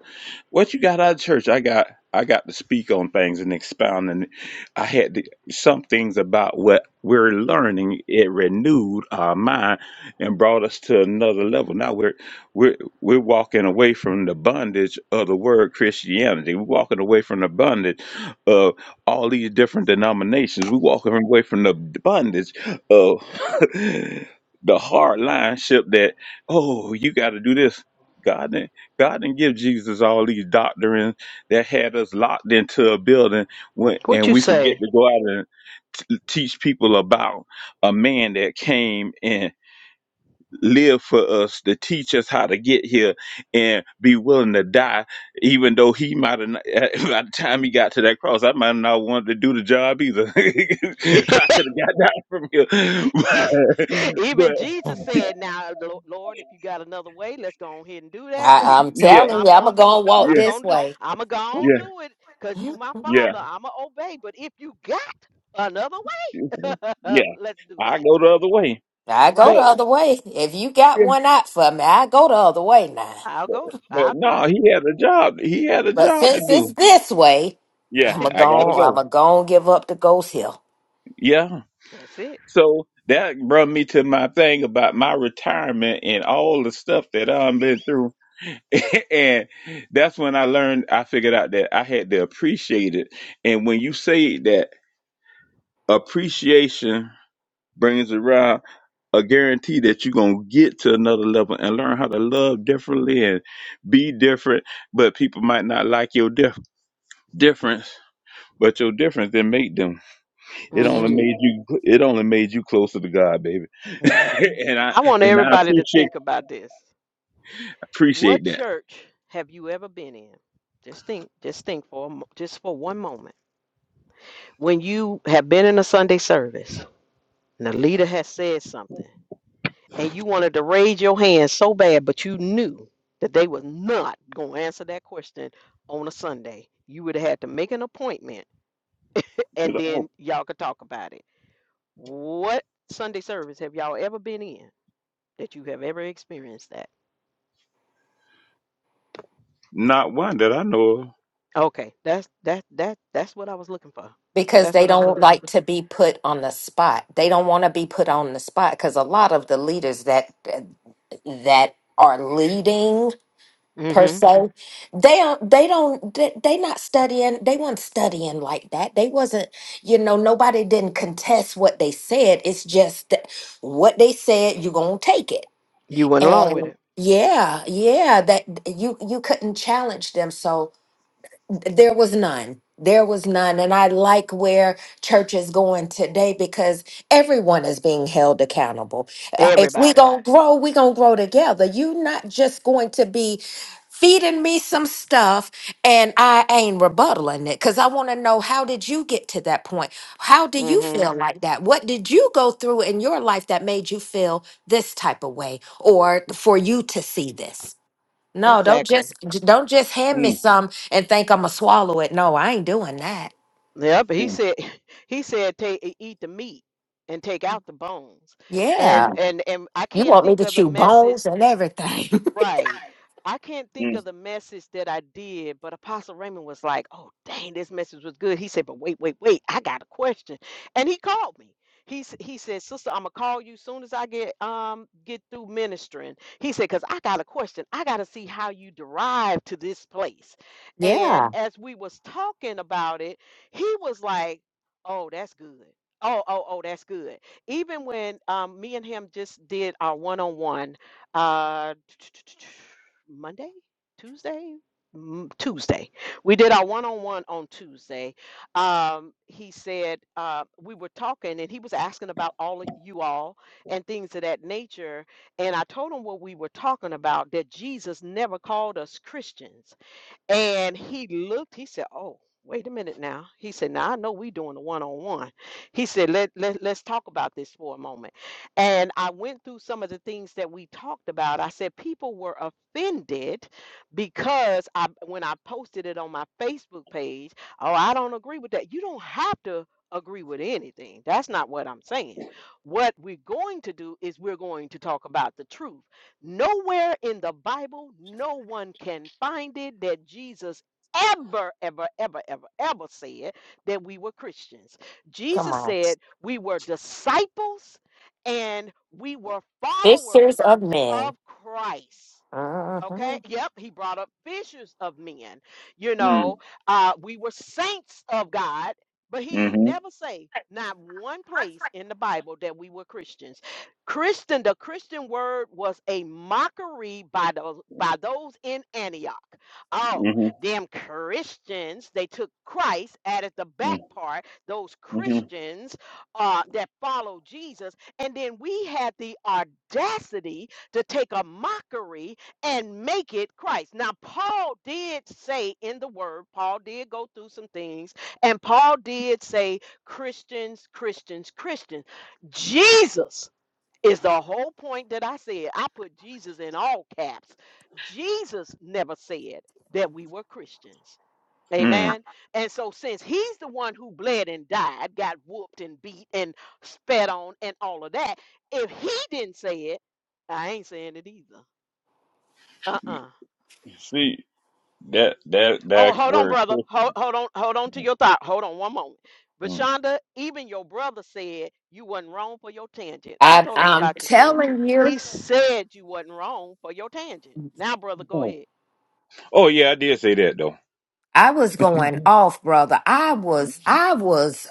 Speaker 5: What you got out of church? I got I got to speak on things and expound, and I had to, some things about what we're learning. It renewed our mind and brought us to another level. Now we're we're we're walking away from the bondage of the word Christianity. We're walking away from the bondage of all these different denominations. We're walking away from the bondage of the hard line ship that oh you got to do this. God God didn't give Jesus all these doctrines that had us locked into a building when,
Speaker 1: What
Speaker 5: and
Speaker 1: you
Speaker 5: we forget
Speaker 1: say?
Speaker 5: to go out and t- teach people about a man that came and lived for us to teach us how to get here and be willing to die, even though he might have, not- by the time he got to that cross, I might not want to do the job either. I could have got down from here. but
Speaker 1: Even
Speaker 5: but,
Speaker 2: it. Mm.
Speaker 1: Jesus said, "Now, Lo- Lord, if you got another way, let's go on ahead and do that. But
Speaker 2: I,
Speaker 1: if
Speaker 2: I'm
Speaker 1: you
Speaker 5: yeah,
Speaker 1: don't,
Speaker 2: telling
Speaker 1: I'm
Speaker 2: you, I'm
Speaker 1: gonna
Speaker 2: going to
Speaker 1: do.
Speaker 2: go and walk
Speaker 5: yeah,
Speaker 1: I'm
Speaker 2: this
Speaker 1: gonna do.
Speaker 2: way.
Speaker 1: I'm gonna go on
Speaker 5: yeah,
Speaker 1: do it, cause you my
Speaker 5: yeah,
Speaker 1: Father. I'ma obey. But if you got another way,
Speaker 5: yeah.
Speaker 1: let's do
Speaker 5: I
Speaker 1: that.
Speaker 5: go the other way.
Speaker 2: I
Speaker 5: But
Speaker 2: go the
Speaker 1: Right?
Speaker 2: other way. If you got
Speaker 5: yeah,
Speaker 2: one out for me, I go the other way now.
Speaker 1: I'll
Speaker 5: but,
Speaker 1: go.
Speaker 5: but
Speaker 1: I'll do
Speaker 5: no,
Speaker 1: it.
Speaker 5: he had a job. He had a
Speaker 2: But
Speaker 5: job to
Speaker 2: since it's
Speaker 5: do.
Speaker 2: this way,
Speaker 5: Yeah,
Speaker 2: I'm going to
Speaker 5: I gotta
Speaker 2: go
Speaker 5: go.
Speaker 2: I'm going to give up the ghost hill.
Speaker 5: Yeah.
Speaker 1: That's it.
Speaker 5: So that brought me to my thing about my retirement and all the stuff that I've been through. and that's when I learned, I figured out that I had to appreciate it. And when you say that appreciation brings around a guarantee that you're going to get to another level and learn how to love differently and be different, but people might not like your difference difference, but your difference didn't make them. It
Speaker 2: Be
Speaker 5: only
Speaker 1: Mm-mm.
Speaker 2: you.
Speaker 5: made you. It only made you closer to God, baby.
Speaker 2: Mm-hmm.
Speaker 5: and I
Speaker 1: I want
Speaker 5: and I
Speaker 1: everybody to
Speaker 5: appreciate
Speaker 1: think about this. What
Speaker 5: appreciate that.
Speaker 1: church have you ever been in? Just think, just think for a, mo- just for one moment. When you have been in a Sunday service and the leader has said something and you wanted to raise your hand so bad, but you knew that they was not going to answer that question on a Sunday. You would have had to make an appointment
Speaker 5: To
Speaker 1: and
Speaker 5: the oh,
Speaker 1: then y'all could talk about it. What Sunday service have y'all ever been in that you have ever experienced that?
Speaker 5: not one that I know of.
Speaker 1: Okay, that's that that that's what I was looking for.
Speaker 2: because
Speaker 1: That's
Speaker 2: they
Speaker 1: what I was
Speaker 2: don't
Speaker 1: looking for.
Speaker 2: like to be put on the spot. They don't want to be put on the spot because a lot of the leaders that that are leading per
Speaker 1: hmm
Speaker 2: se, they don't they don't they, they not studying. They weren't studying like that. They wasn't you know nobody didn't contest what they said. It's just that what they said you gonna take it
Speaker 1: You went along with
Speaker 2: and.
Speaker 1: it.
Speaker 2: Yeah, yeah, that you you couldn't challenge them. So there was none. There was none. And I like where church is going today because everyone is being held accountable. Uh, If we
Speaker 1: Everybody.
Speaker 2: going to grow, we going to grow together. You're not just going to be feeding me some stuff and I ain't rebuttaling it because I want to know how did you get to that point? How do you
Speaker 1: hmm
Speaker 2: feel like that? What did you go through in your life that made you feel this type of way or for you to see this? No, don't
Speaker 1: Exactly.
Speaker 2: just j- don't just hand me
Speaker 5: Mm,
Speaker 2: some and think I'm gonna swallow it. No, I ain't doing that.
Speaker 1: Yep. He
Speaker 5: mm,
Speaker 1: said he said take eat the meat and take out the bones.
Speaker 2: Yeah,
Speaker 1: And
Speaker 5: mhm,
Speaker 1: and and I
Speaker 2: you
Speaker 1: can't
Speaker 2: want me
Speaker 1: think
Speaker 2: to
Speaker 1: of the
Speaker 2: chew bones
Speaker 1: message
Speaker 2: and everything?
Speaker 1: Right. I can't think
Speaker 5: mm,
Speaker 1: of the message that I did, but Apostle Raymond was like, "Oh, dang, this message was good." He said, "But wait, wait, wait, I got a question," and he called me. He s- he said, "Sister, I'm gonna call you soon as I get um get through ministering." He said, "Cause I got a question. I got to see how you derived to this place." And
Speaker 2: yeah,
Speaker 1: as we was talking about it, he was like, "Oh, that's good." Oh, oh, oh, that's good. Even when um, me and him just did our one on one uh, Monday, Tuesday, M- Tuesday. We did our one-on-one on one on Tuesday. Um, he said uh, we were talking, and he was asking about all of you all and things of that nature. And I told him what we were talking about—that Jesus never called us Christians. And he looked, he said, Oh, wait a minute now. He said, Now I know we doing a one-on-one. He said, let, let let's talk about this for a moment. And I went through some of the things that we talked about. I said people were offended because I when I posted it on my Facebook page, oh, I don't agree with that. You don't have to agree with anything. That's not what I'm saying. What we're going to do is we're going to talk about the truth. Nowhere in the Bible, no one can find it that Jesus ever, ever, ever, ever, ever said that we were Christians.
Speaker 2: come
Speaker 1: Jesus
Speaker 2: on,
Speaker 1: said we were disciples and we were
Speaker 2: fixers
Speaker 1: followers
Speaker 2: of
Speaker 1: of
Speaker 2: men.
Speaker 1: Christ. Okay.
Speaker 2: Mhm.
Speaker 1: Yep. He brought up fishers of men. You
Speaker 5: mm,
Speaker 1: know, uh, we were saints of God, but he ain't
Speaker 5: mhm,
Speaker 1: never say not one place in the Bible that we were Christians. Christian, the Christian word was a mockery by those by those in Antioch. Oh,
Speaker 5: mhm,
Speaker 1: them Christians, they took Christ added the back
Speaker 5: mm,
Speaker 1: part, those
Speaker 5: mhm,
Speaker 1: Christians uh, that followed Jesus, and then we had the audacity to take a mockery and make it Christ. Now, Paul did say in the word, Paul did go through some things, and Paul did say, Christians, Christians, Christians. Jesus is the whole point that I said. I put Jesus in all caps. Jesus never said that we were Christians.
Speaker 5: mm.
Speaker 1: Amen. And so, since he's the one who bled and died, got whooped and beat and spat on and all of that, if he didn't say it, I ain't saying it either. Uh uh
Speaker 5: See that that
Speaker 1: Oh,
Speaker 5: that
Speaker 1: hold on,
Speaker 5: word.
Speaker 1: brother. Hold, hold on, hold on to
Speaker 5: Christian,
Speaker 1: your thought. Hold on one moment. But
Speaker 5: mm.
Speaker 1: even your brother said you wasn't wrong for your tangent. I
Speaker 2: I,
Speaker 1: told him
Speaker 2: I'm
Speaker 1: about your tangent.
Speaker 2: telling you,
Speaker 1: He said you wasn't wrong for your tangent. Now, brother, go
Speaker 5: Oh,
Speaker 1: ahead.
Speaker 5: oh yeah, I did say that though.
Speaker 2: I was going off, brother. I was, I was.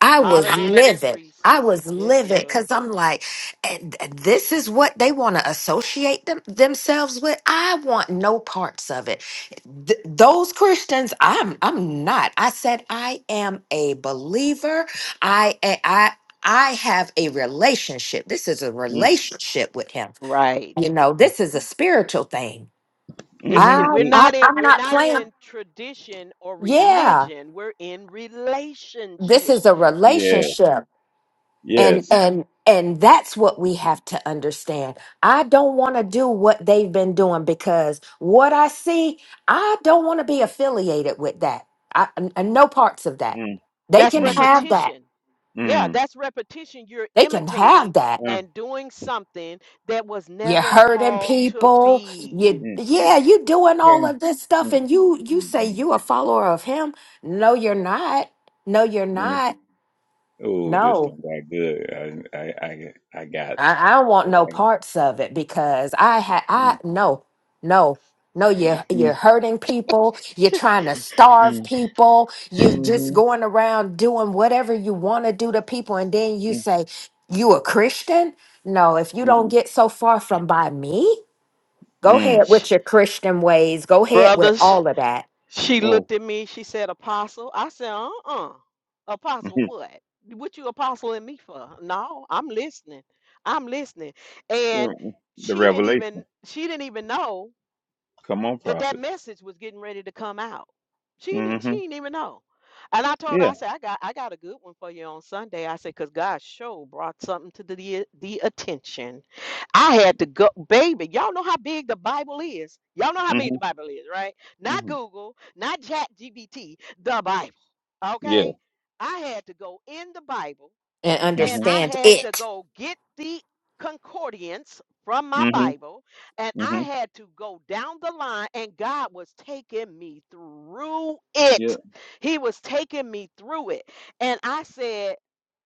Speaker 2: I was
Speaker 1: Holler than fish
Speaker 2: livid.
Speaker 1: grease.
Speaker 2: I was
Speaker 1: Yes, you
Speaker 2: livid
Speaker 1: were.
Speaker 2: because I'm like, and this is what they want to associate them, themselves with. I want no parts of it. Th- those Christians, I'm I'm not. I said I am a believer. I a- I I have a relationship. This is a
Speaker 5: Mm,
Speaker 2: relationship with Him.
Speaker 1: Right.
Speaker 2: You know, this is a spiritual thing.
Speaker 1: This it,
Speaker 5: mhm,
Speaker 2: I
Speaker 1: we're
Speaker 5: mm.
Speaker 2: I'm,
Speaker 1: not in
Speaker 2: I'm
Speaker 1: we're
Speaker 2: not
Speaker 1: not
Speaker 2: playing.
Speaker 1: in tradition or
Speaker 2: Yeah,
Speaker 1: religion. We're in
Speaker 2: this
Speaker 1: relationship.
Speaker 2: is a
Speaker 5: Yeah.
Speaker 2: relationship. and
Speaker 5: Yes.
Speaker 2: and and that's what we have to understand i don't want to do what they've been doing because what i see i don't want to be affiliated with that i and and no parts of that
Speaker 5: Mm,
Speaker 2: they
Speaker 1: That's
Speaker 2: can
Speaker 5: mm,
Speaker 2: have that
Speaker 1: repetition. Yeah,
Speaker 5: mm.
Speaker 1: that's repetition. You're
Speaker 2: they can have
Speaker 1: imitating
Speaker 2: that
Speaker 1: and doing something that was
Speaker 2: you're
Speaker 1: never
Speaker 2: hurting
Speaker 1: called to
Speaker 2: people
Speaker 1: be.
Speaker 2: you
Speaker 5: Mm,
Speaker 2: yeah you doing all
Speaker 5: mm,
Speaker 2: of this stuff
Speaker 5: mm,
Speaker 2: and you you
Speaker 5: mm,
Speaker 2: say
Speaker 5: mm,
Speaker 2: you a follower of him no you're not no you're
Speaker 5: mm.
Speaker 2: not
Speaker 5: Oh, this
Speaker 2: No.
Speaker 5: thing got good. I, I, I, I got to.
Speaker 2: I, I don't want
Speaker 5: Oh,
Speaker 2: no
Speaker 5: I got.
Speaker 2: parts of it because I had I
Speaker 5: Mm,
Speaker 2: no no no you're you're
Speaker 5: mm,
Speaker 2: hurting people you're trying to starve
Speaker 5: mm,
Speaker 2: people you're just
Speaker 5: hmm
Speaker 2: going around doing whatever you want to do to people and then you
Speaker 5: mm,
Speaker 2: say you a Christian no if you don't
Speaker 5: mm,
Speaker 2: get so far from by me go
Speaker 5: mm.
Speaker 2: ahead
Speaker 1: Sh-
Speaker 2: with your Christian ways go ahead with
Speaker 1: Brothers,
Speaker 2: all of that
Speaker 1: she
Speaker 5: Oh,
Speaker 1: looked at me. She said, Apostle. I said, Uh uh Apostle, what? What you apostling me for? No, I'm listening. I'm listening. And
Speaker 5: mm, the
Speaker 1: she didn't
Speaker 5: revelation.
Speaker 1: even she didn't even know
Speaker 5: Come on,
Speaker 1: that that
Speaker 5: prophet.
Speaker 1: message was getting ready to come out. She did
Speaker 5: Mm-hmm.
Speaker 1: she didn't even know. And I told her,
Speaker 5: Yeah.
Speaker 1: I said, I got I got a good one for you on Sunday. I said, because God show brought something to the the attention. I had to go, baby. Y'all know how big the Bible is. Y'all know how big
Speaker 5: Mm-hmm.
Speaker 1: the Bible is, right? Not
Speaker 5: Mm-hmm.
Speaker 1: Google, not Chat GPT. the Bible.
Speaker 5: Yeah.
Speaker 1: Okay. I had to go in the Bible
Speaker 2: and
Speaker 1: and
Speaker 5: Mm-hmm.
Speaker 1: I
Speaker 2: understand
Speaker 1: had to
Speaker 2: it
Speaker 1: go get the concordance from my
Speaker 5: Mm-hmm.
Speaker 1: Bible, and I
Speaker 5: Mm-hmm.
Speaker 1: had to go down the line, and God was taking me through
Speaker 5: Yeah.
Speaker 1: it. He was taking me through it, and I said,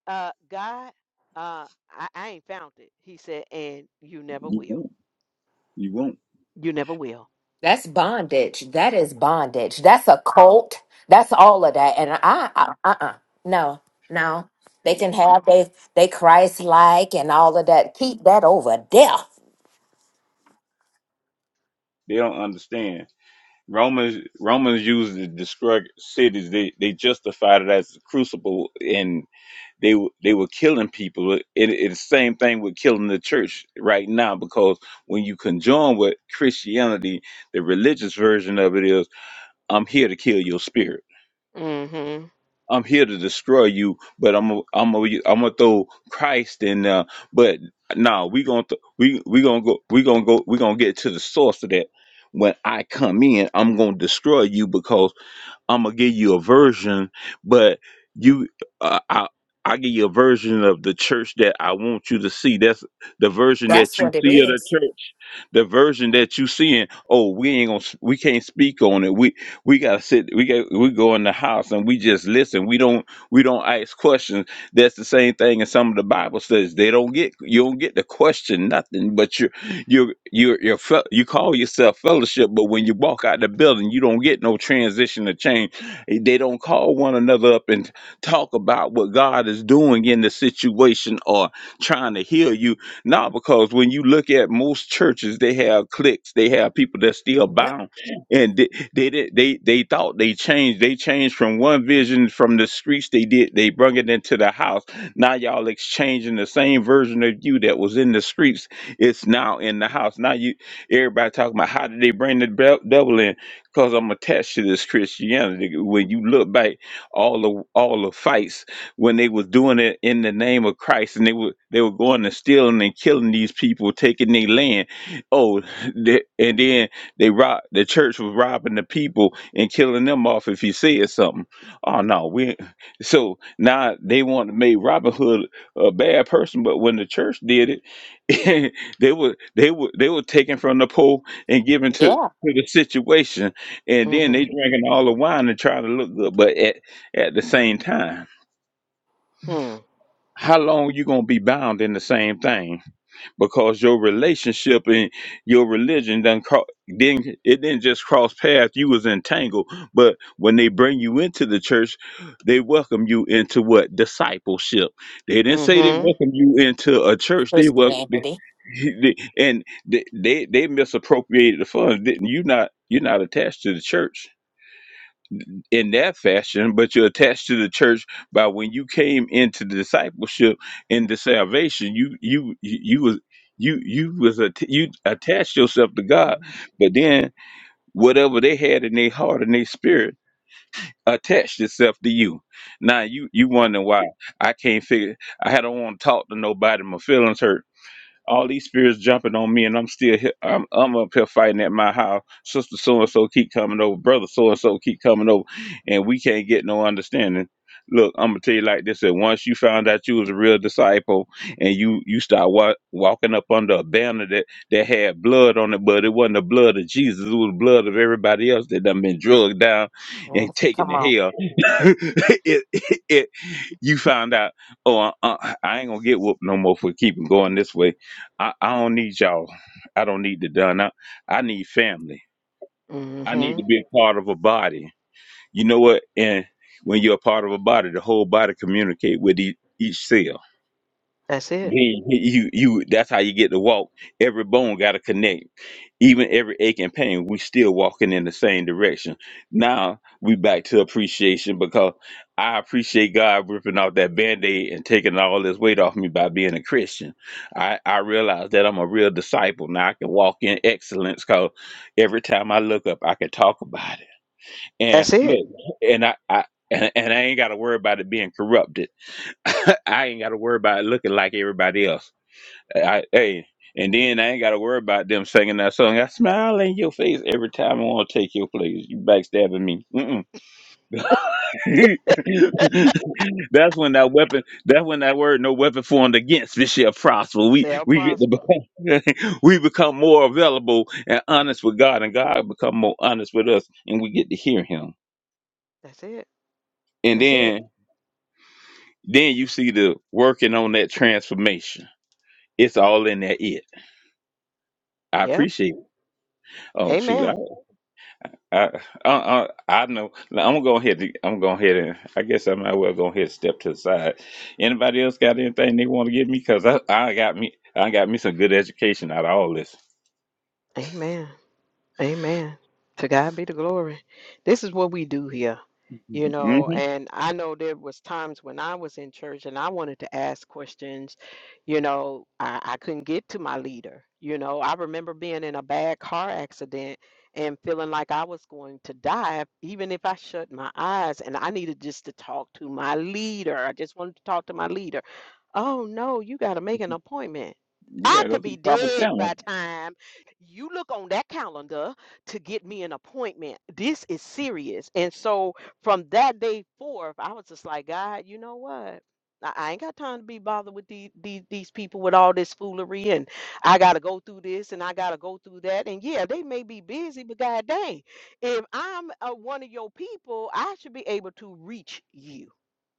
Speaker 1: uh, "God, uh, I, I ain't found it." He said, "And you never
Speaker 5: You
Speaker 1: will.
Speaker 5: won't. You won't.
Speaker 1: You never will."
Speaker 2: That's bondage. That is bondage. That's a cult. That's all of that. And I, I uh-uh. No, no. They can have they they Christ like and all of that. Keep that over there.
Speaker 5: They don't understand. Romans Romans used to describe cities. They they justified it as a crucible, and. They w- they were killing people. It, it's the same thing with killing the church right now because when you conjoin with Christianity, the religious version of it is, I'm here to kill your spirit.
Speaker 1: Mm-hmm.
Speaker 5: I'm here to destroy you, but I'm i I'm i am i am i am am going to throw Christ in there. But no, we gonna th- we we gonna go we gonna go we gonna get to the source of that. When I come in, I'm gonna destroy you because I'm gonna give you a version, but you, uh, I, I give you a version of the church that I want you to see. That's the version
Speaker 2: That's
Speaker 5: that you
Speaker 2: what it
Speaker 5: see of the
Speaker 2: is.
Speaker 5: church the version that you seeing, oh, we ain't gonna, we can't speak on it. We we gotta sit, we got we go in the house and we just listen. We don't we don't ask questions. That's the same thing in some of the Bible studies. They don't get you don't get to question nothing, but you you you you you call yourself fellowship, but when you walk out the building, you don't get no transition or change. They don't call one another up and talk about what God is doing in the situation or trying to heal you no, because when you look at most churches, they have cliques. They have people that still
Speaker 2: Yep.
Speaker 5: bound, and they they did- they, they thought they changed. They changed from one vision from the streets. They did. They brought it into the house. Now y'all exchanging the same version of you that was in the streets. It's now in the house. Now you everybody talking about how did they bring the dev- devil in? Because I'm attached to this Christianity. When you look back, all the all the fights when they was doing it in the name of Christ and they were they were going and stealing and killing these people, taking their land. Oh, they, and then they rob the church was robbing the people and killing them off if he said something. Oh no, we so now they want to make Robin Hood a bad person, but when the church did it, they were they were they were taken from the poor and given to
Speaker 2: Yeah.
Speaker 5: to the situation, and then they
Speaker 1: Mm-hmm.
Speaker 5: drinking all the wine and trying to look good, but at at the same time
Speaker 1: Hmm.
Speaker 5: how long you gonna be bound in the same thing because your relationship and your religion done cro- didn't it didn't just cross paths you was entangled but when they bring you into the church they welcome you into what discipleship they
Speaker 1: Mm-hmm.
Speaker 5: didn't say they
Speaker 1: mm
Speaker 5: welcome you into a church they welcome
Speaker 2: Christianity.
Speaker 5: and they they, they misappropriated the funds Didn't you not you're not attached to the church in that fashion, but you're attached to the church by when you came into discipleship into salvation, you you you you was you you was att- you attached yourself to God, but then whatever they had in their heart and their spirit attached itself to you. Now you you wonder why I can't figure. I don't want to talk to nobody. My feelings hurt all these spirits jumping on me, and I'm still here. I'm, I'm up here fighting at my house. Sister so and so keep coming over. Brother so and so keep coming over, and we can't get no understanding. Look, I'm gonna tell you like this: that once you found out you was a real disciple, and you you start wa- walking up under a banner that that had blood on it, but it wasn't the blood of Jesus; it was the blood of everybody else that done been drugged down
Speaker 2: Mm,
Speaker 5: and taken
Speaker 2: Come
Speaker 5: to
Speaker 2: on.
Speaker 5: hell. it, it, it, you found out, oh, I, I I ain't gonna get whooped no more for keeping going this way I, I don't need y'all. I don't need the done. I, I need family. I need
Speaker 1: Mm-hmm.
Speaker 5: to be a part of a body. You know what? And when you're a part of a body, the whole body communicate with each, each cell.
Speaker 1: That's it.
Speaker 5: Then you you that's how you get to walk. Every bone got to connect even every ache and pain, we still walking in the same direction. Now we back to appreciation because I appreciate God ripping off that band-aid and taking all this weight off me by being a Christian. I, I realize that I'm a real disciple. Now I can walk in excellence because every time I look up, I can talk about it. And
Speaker 1: That's it.
Speaker 5: look, and I, I and, and I ain't got to worry about it being corrupted. I ain't got to worry about it looking like everybody else. I, hey, and then I ain't got to worry about them singing that song. I smile in your face every time I want to take your place. You backstabbing me. Mm-mm. that's when that weapon. That's when that word "no weapon formed against" this shall prosper. We
Speaker 1: Sell
Speaker 5: we get
Speaker 1: prosper.
Speaker 5: the we become more available and honest with God, and God become more honest with us, and we get to hear Him.
Speaker 1: That's it.
Speaker 5: And
Speaker 1: That's it.
Speaker 5: then then you see the working on that transformation. It's all in that it. I
Speaker 1: Yep.
Speaker 5: appreciate. It. Oh
Speaker 1: Amen.
Speaker 5: shoot! I, I, I I know. Now, I'm gonna go ahead. and- I'm gonna go ahead and I guess I might well go ahead and step to the side. Anybody else got anything they want to give me? Cause I, I got me. I got me some good education out of all this.
Speaker 1: Amen. Amen. To God be the glory. This is what we do here, you
Speaker 5: hmm
Speaker 1: know, and I know there was times when I was in church and I wanted to ask questions, you know, I, I couldn't get to my leader. You know, I remember being in a bad car accident and feeling like I was going to die, even if I shut my eyes and I needed just to talk to my leader. I just wanted to talk to my leader. Oh no, you got to make an appointment.
Speaker 5: You
Speaker 1: I
Speaker 5: gotta go
Speaker 1: could
Speaker 5: through
Speaker 1: be
Speaker 5: the proper
Speaker 1: dead by
Speaker 5: channel.
Speaker 1: time you look on that calendar to get me an appointment. This is serious. And so from that day forth, I was just like, God, you know what? I I ain't got time to be bothered with these, these these people with all this foolery, and I gotta go through this, and I gotta go through that, and yeah, they may be busy, but god dang, if I'm uh one of your people, I should be able to reach you.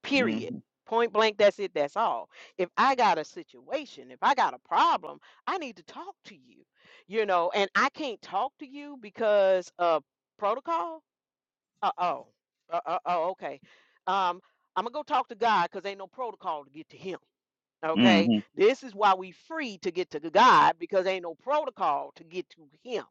Speaker 1: Period.
Speaker 5: hmm
Speaker 1: Point blank. That's it. That's all if I got a situation, if I got a problem, I need to talk to you, you know, and I can't talk to you because of protocol. Uh oh. Uh oh. oh, Okay. Um, I'm gonna go talk to God because ain't no protocol to get to Him. Okay.
Speaker 5: hmm
Speaker 1: This is why we free to get to God because ain't no protocol to get to Him.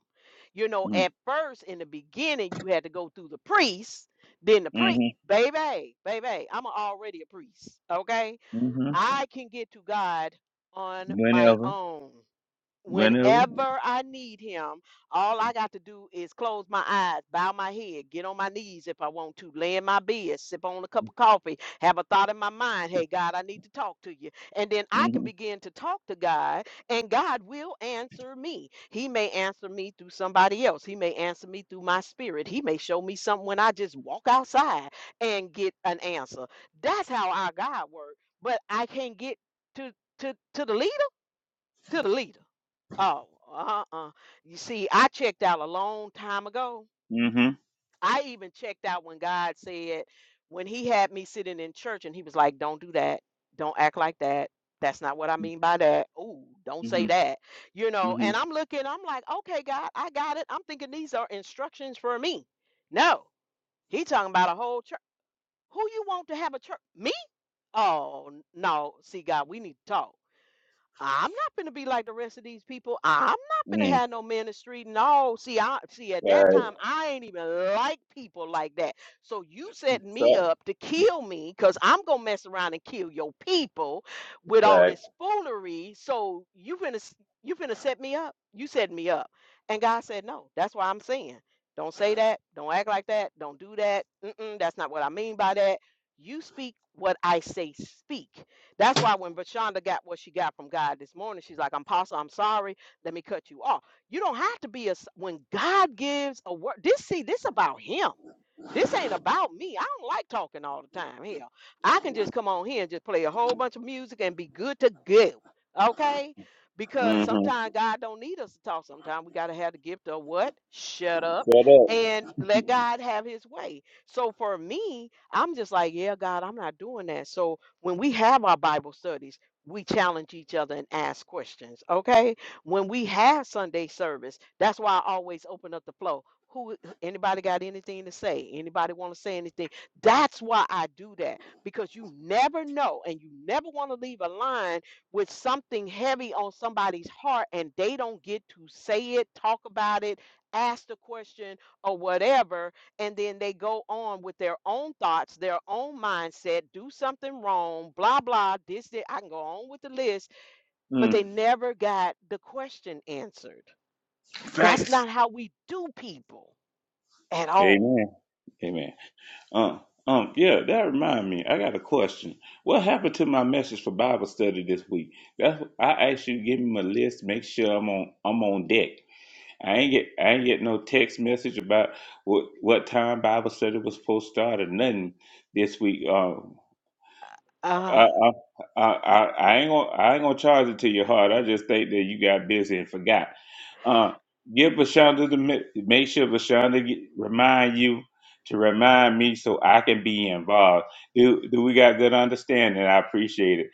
Speaker 1: You know,
Speaker 5: hmm
Speaker 1: at first in the beginning, you had to go through the priest, then the priest.
Speaker 5: hmm
Speaker 1: Baby, baby, I'm already a priest. Okay
Speaker 5: hmm
Speaker 1: I can get to God on my
Speaker 5: Whenever.
Speaker 1: own
Speaker 5: Whenever.
Speaker 1: whenever I need him, all I got to do is close my eyes, bow my head, get on my knees if I want to, lay in my bed, sip on a cup of coffee, have a thought in my mind, hey, God, I need to talk to you. And then I can
Speaker 5: hmm
Speaker 1: begin to talk to God, and God will answer me. He may answer me through somebody else, He may answer me through my spirit, He may show me something when I just walk outside and get an answer. That's how our God works. But I can't get to, to, to the leader, to the leader. Oh, uh-uh. You see, I checked out a long time ago.
Speaker 5: hmm hmm
Speaker 1: I even checked out when God said, when he had me sitting in church and he was like, don't do that. Don't act like that. That's not what I mean by that. Ooh, don't say
Speaker 5: hmm
Speaker 1: that. You know, and I'm looking, I'm like, okay, God, I got it. I'm thinking these are instructions for me. No, he talking about a whole church. Who you want to have a church? Me? Oh, n- no. See, God, we need to talk. I'm not gonna be like the rest of these people. I'm not gonna
Speaker 5: Mm.
Speaker 1: have no ministry. No, see, I see at that
Speaker 5: Facts
Speaker 1: time I ain't even like people like that. So you setting me
Speaker 5: up.
Speaker 1: up to kill me because I'm gonna mess around and kill your people with all
Speaker 5: Facts.
Speaker 1: this foolery. So you finna s- you finna set me up. You set me up. And God said no. That's why I'm saying. Don't say that. Don't act like that. Don't do that. Mm-mm, that's not what I mean by that. You speak what I say speak. That's why when Vashonda got what she got from God this morning, she's like, "I'm Apostle, I'm sorry. Let me cut you off." You don't have to be a. when God gives a word. This see, this about Him. This ain't about me. I don't like talking all the time. Hell, I can just come on here and just play a whole bunch of music and be good to go. Okay? Because
Speaker 5: hmm
Speaker 1: sometimes God don't need us to talk. Sometimes we gotta have the gift of what? Shut up
Speaker 5: Shut up.
Speaker 1: and let God have his way. So for me, I'm just like, yeah, God, I'm not doing that. So when we have our Bible studies, we challenge each other and ask questions. Okay? When we have Sunday service, that's why I always open up the floor. Who anybody got anything to say? Anybody want to say anything? That's why I do that because you never know, and you never want to leave a line with something heavy on somebody's heart, and they don't get to say it, talk about it, ask the question, or whatever, and then they go on with their own thoughts, their own mindset, do something wrong, blah blah. This, that. I can go on with the list, but
Speaker 5: Mm.
Speaker 1: they never got the question answered. That's
Speaker 5: Facts.
Speaker 1: not how we do people at all.
Speaker 5: Amen. Amen. Uh, um, yeah, that remind me. I got a question. What happened to my message for Bible study this week? That's I asked you to give me a list, make sure I'm on I'm on deck. I ain't get I ain't get no text message about what what time Bible study was supposed to start or nothing this week. Uh, I,
Speaker 1: Uh,
Speaker 5: I, I, I I ain't gonna, I ain't gonna charge it to your heart. I just think that you got busy and forgot. Uh, give Vashonda the mi- make sure Vashonda get, remind you to remind me so I can be involved. Do, do we got good understanding? I appreciate it.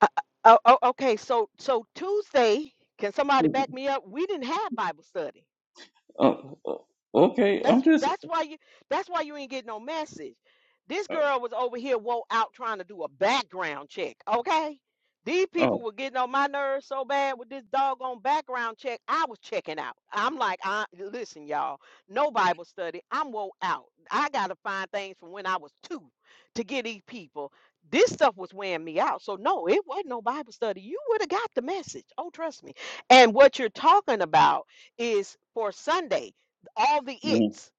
Speaker 1: uh, uh, oh, oh, okay, so so Tuesday, can somebody back me up? We didn't have Bible study.
Speaker 5: Oh, oh, okay, I'm
Speaker 1: That's
Speaker 5: just.
Speaker 1: that's why you that's why you ain't get no message. This
Speaker 5: Uh,
Speaker 1: girl was over here woke out trying to do a background check, okay? These people
Speaker 5: oh,
Speaker 1: were getting on my nerves so bad with this doggone background check. I was checking out. I'm like, I listen, y'all. No Bible study. I'm woke out. I gotta find things from when I was two to get these people. This stuff was wearing me out. So no, it wasn't no Bible study. You would have got the message. Oh, trust me. And what you're talking about is for Sunday all the
Speaker 5: mm,
Speaker 1: its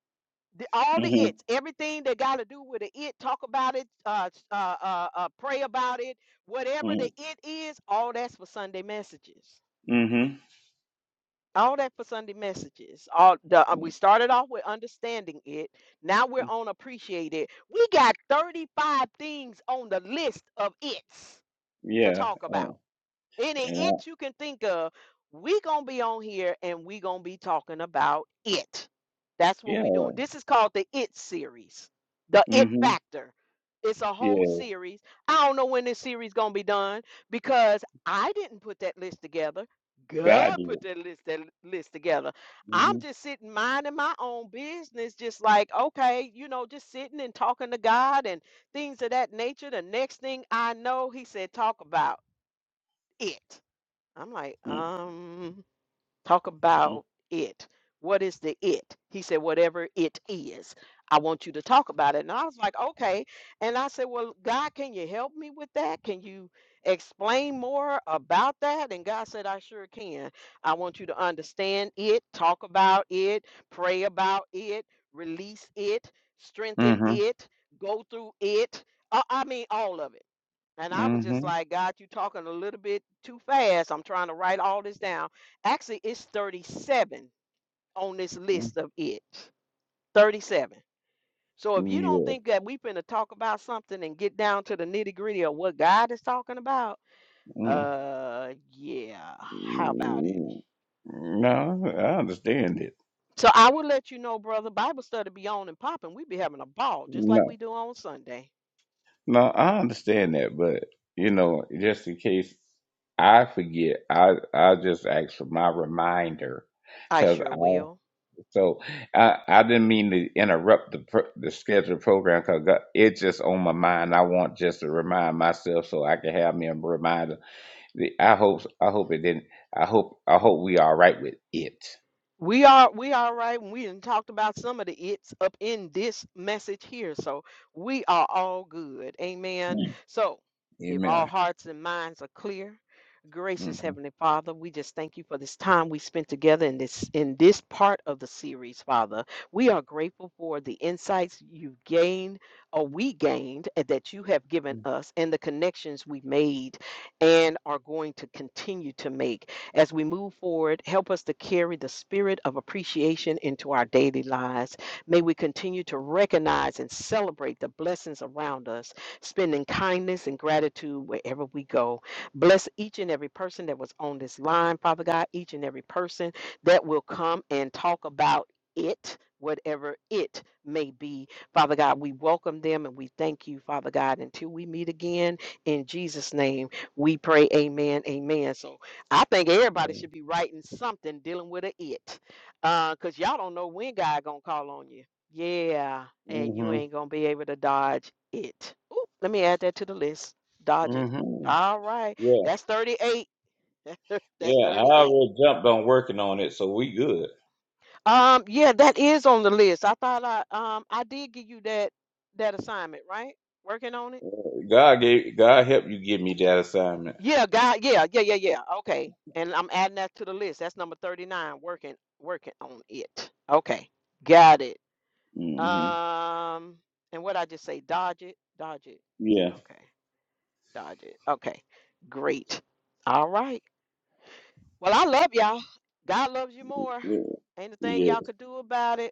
Speaker 1: the, all the
Speaker 5: mhm,
Speaker 1: its everything they got to do with the it talk about it uh, uh uh uh pray about it whatever the
Speaker 5: mm,
Speaker 1: it is all that's for sunday messages
Speaker 5: mhm,
Speaker 1: all that for sunday messages all the uh, we
Speaker 5: mm,
Speaker 1: started off with understanding it now we're on appreciate it we got 35 things on the list of its to
Speaker 5: yeah,
Speaker 1: talk about any
Speaker 5: and I,
Speaker 1: it you can think of, we gonna be on here and we gonna be talking about it. That's what
Speaker 5: yeah,
Speaker 1: we're doing. This is called the It series, the It
Speaker 5: mm mhm,
Speaker 1: Factor. It's a whole
Speaker 5: yeah.
Speaker 1: series. I don't know when this series gonna be done because I didn't put that list together.
Speaker 5: God
Speaker 1: God
Speaker 5: did.
Speaker 1: put that list that list together. I'm
Speaker 5: mm
Speaker 1: just sitting minding my own business, just like okay, you know, just sitting and talking to God and things of that nature. The next thing I know, He said, "Talk about it." I'm like,
Speaker 5: Mhm,
Speaker 1: um, talk
Speaker 5: mm,
Speaker 1: about it. What is the it? He said, whatever it is, I want you to talk about it. And I was like, okay. And I said, well, God, can you help me with that? Can you explain more about that? And God said, I sure can. I want you to understand it, talk about it, pray about it, release it, strengthen
Speaker 5: hmm
Speaker 1: it, go through it. Uh, I mean, all of it. And I was
Speaker 5: mm,
Speaker 1: just
Speaker 5: mhm,
Speaker 1: like, God, you talking a little bit too fast. I'm trying to write all this down. Actually, it's 37 on this
Speaker 5: mhm.
Speaker 1: list of it. 37. So if you don't
Speaker 5: Yeah.
Speaker 1: think that we finna talk about something and get down to the nitty gritty of what God is talking about,
Speaker 5: Mm.
Speaker 1: uh, yeah, how about it?
Speaker 5: Mm. No, I understand it.
Speaker 1: So I will let you know, brother. Bible study be on and popping. We be having a ball just like
Speaker 5: No,
Speaker 1: we do on Sunday.
Speaker 5: no, I understand that, but you know, just in case I forget, I I just ask for my reminder
Speaker 1: I
Speaker 5: because
Speaker 1: sure
Speaker 5: I
Speaker 1: will.
Speaker 5: so I I didn't mean to interrupt the pro- the scheduled program because it's just on my mind. I want just to remind myself so I can have me a reminder. The- I hope I hope it didn't. I hope I hope we all right with it.
Speaker 1: We are we all right. and We did talked about some of the it's up in this message here. So we are all good. Amen.
Speaker 5: Mm.
Speaker 1: So if all
Speaker 5: Amen.
Speaker 1: hearts and minds are clear,
Speaker 5: Mm-hmm.
Speaker 1: gracious Heavenly Father, we just thank you for this time we spent together in this in this part of the series, Father. We are grateful for the insights you've gained or we gained and that you have given us and the connections we made and are going to continue to make. As we move forward, help us to carry the spirit of appreciation into our daily lives. May we continue to recognize and celebrate the blessings around us, spending kindness and gratitude wherever we go. Bless each and every person that was on this line, Father God, each and every person that will come and talk about it. Whatever it may be, Father God, we welcome them and we thank you, Father God. Until we meet again, in Jesus' name, we pray, Amen, Amen. So I think everybody should
Speaker 5: Mm-hmm.
Speaker 1: be writing something dealing with a it, uh, cause y'all don't know when God gonna call on you. Yeah, and you ain't gonna be able to dodge it. Ooh, let me add that to the list. Dodge it.
Speaker 5: Mm-hmm.
Speaker 1: All right,
Speaker 5: Yeah.
Speaker 1: that's thirty-eight. that's
Speaker 5: Yeah. I
Speaker 1: thirty-eight.
Speaker 5: already jumped on working on it, so we good.
Speaker 1: Um, yeah, that is on the list. I thought I um I did give you that that assignment, right? Working on it.
Speaker 5: Uh, God gave God help you give me that assignment.
Speaker 1: Yeah, God. Yeah, yeah, yeah, yeah. Okay. And I'm adding that to the list. That's number 39, working working on it. Okay. Got it.
Speaker 5: hmm
Speaker 1: Um, and what I just say, dodge it, dodge it.
Speaker 5: Yeah.
Speaker 1: Okay. Dodge it. Okay. Great. All right. Well, I love y'all. God loves you more.
Speaker 5: Yeah.
Speaker 1: Ain't a thing
Speaker 5: Yeah.
Speaker 1: y'all could do about it.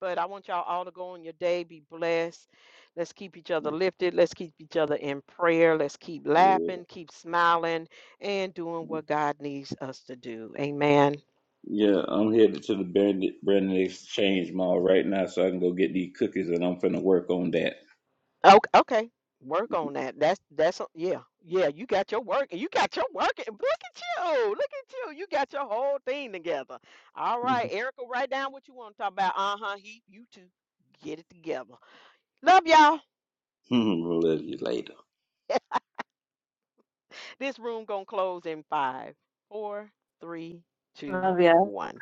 Speaker 1: But I want y'all all to go on your day, be blessed. Let's keep each other lifted. Let's keep each other in prayer. Let's keep
Speaker 5: Yeah.
Speaker 1: laughing, keep smiling, and doing what God needs us to do. Amen.
Speaker 5: Yeah, I'm headed to the Brandon, Brandon Exchange Mall right now, so I can go get these cookies, and I'm finna work on that.
Speaker 1: Okay, okay. Work on that. That's that's yeah, yeah. You got your work. You got your work. Look at you. Look at you. You got your whole thing together. All right, Erica, write down what you want to talk about. Uh huh. He, you two, get it together. Love y'all.
Speaker 5: Love you later.
Speaker 1: This room gonna close in five, four, three, two,
Speaker 3: Oh, yeah.
Speaker 1: one.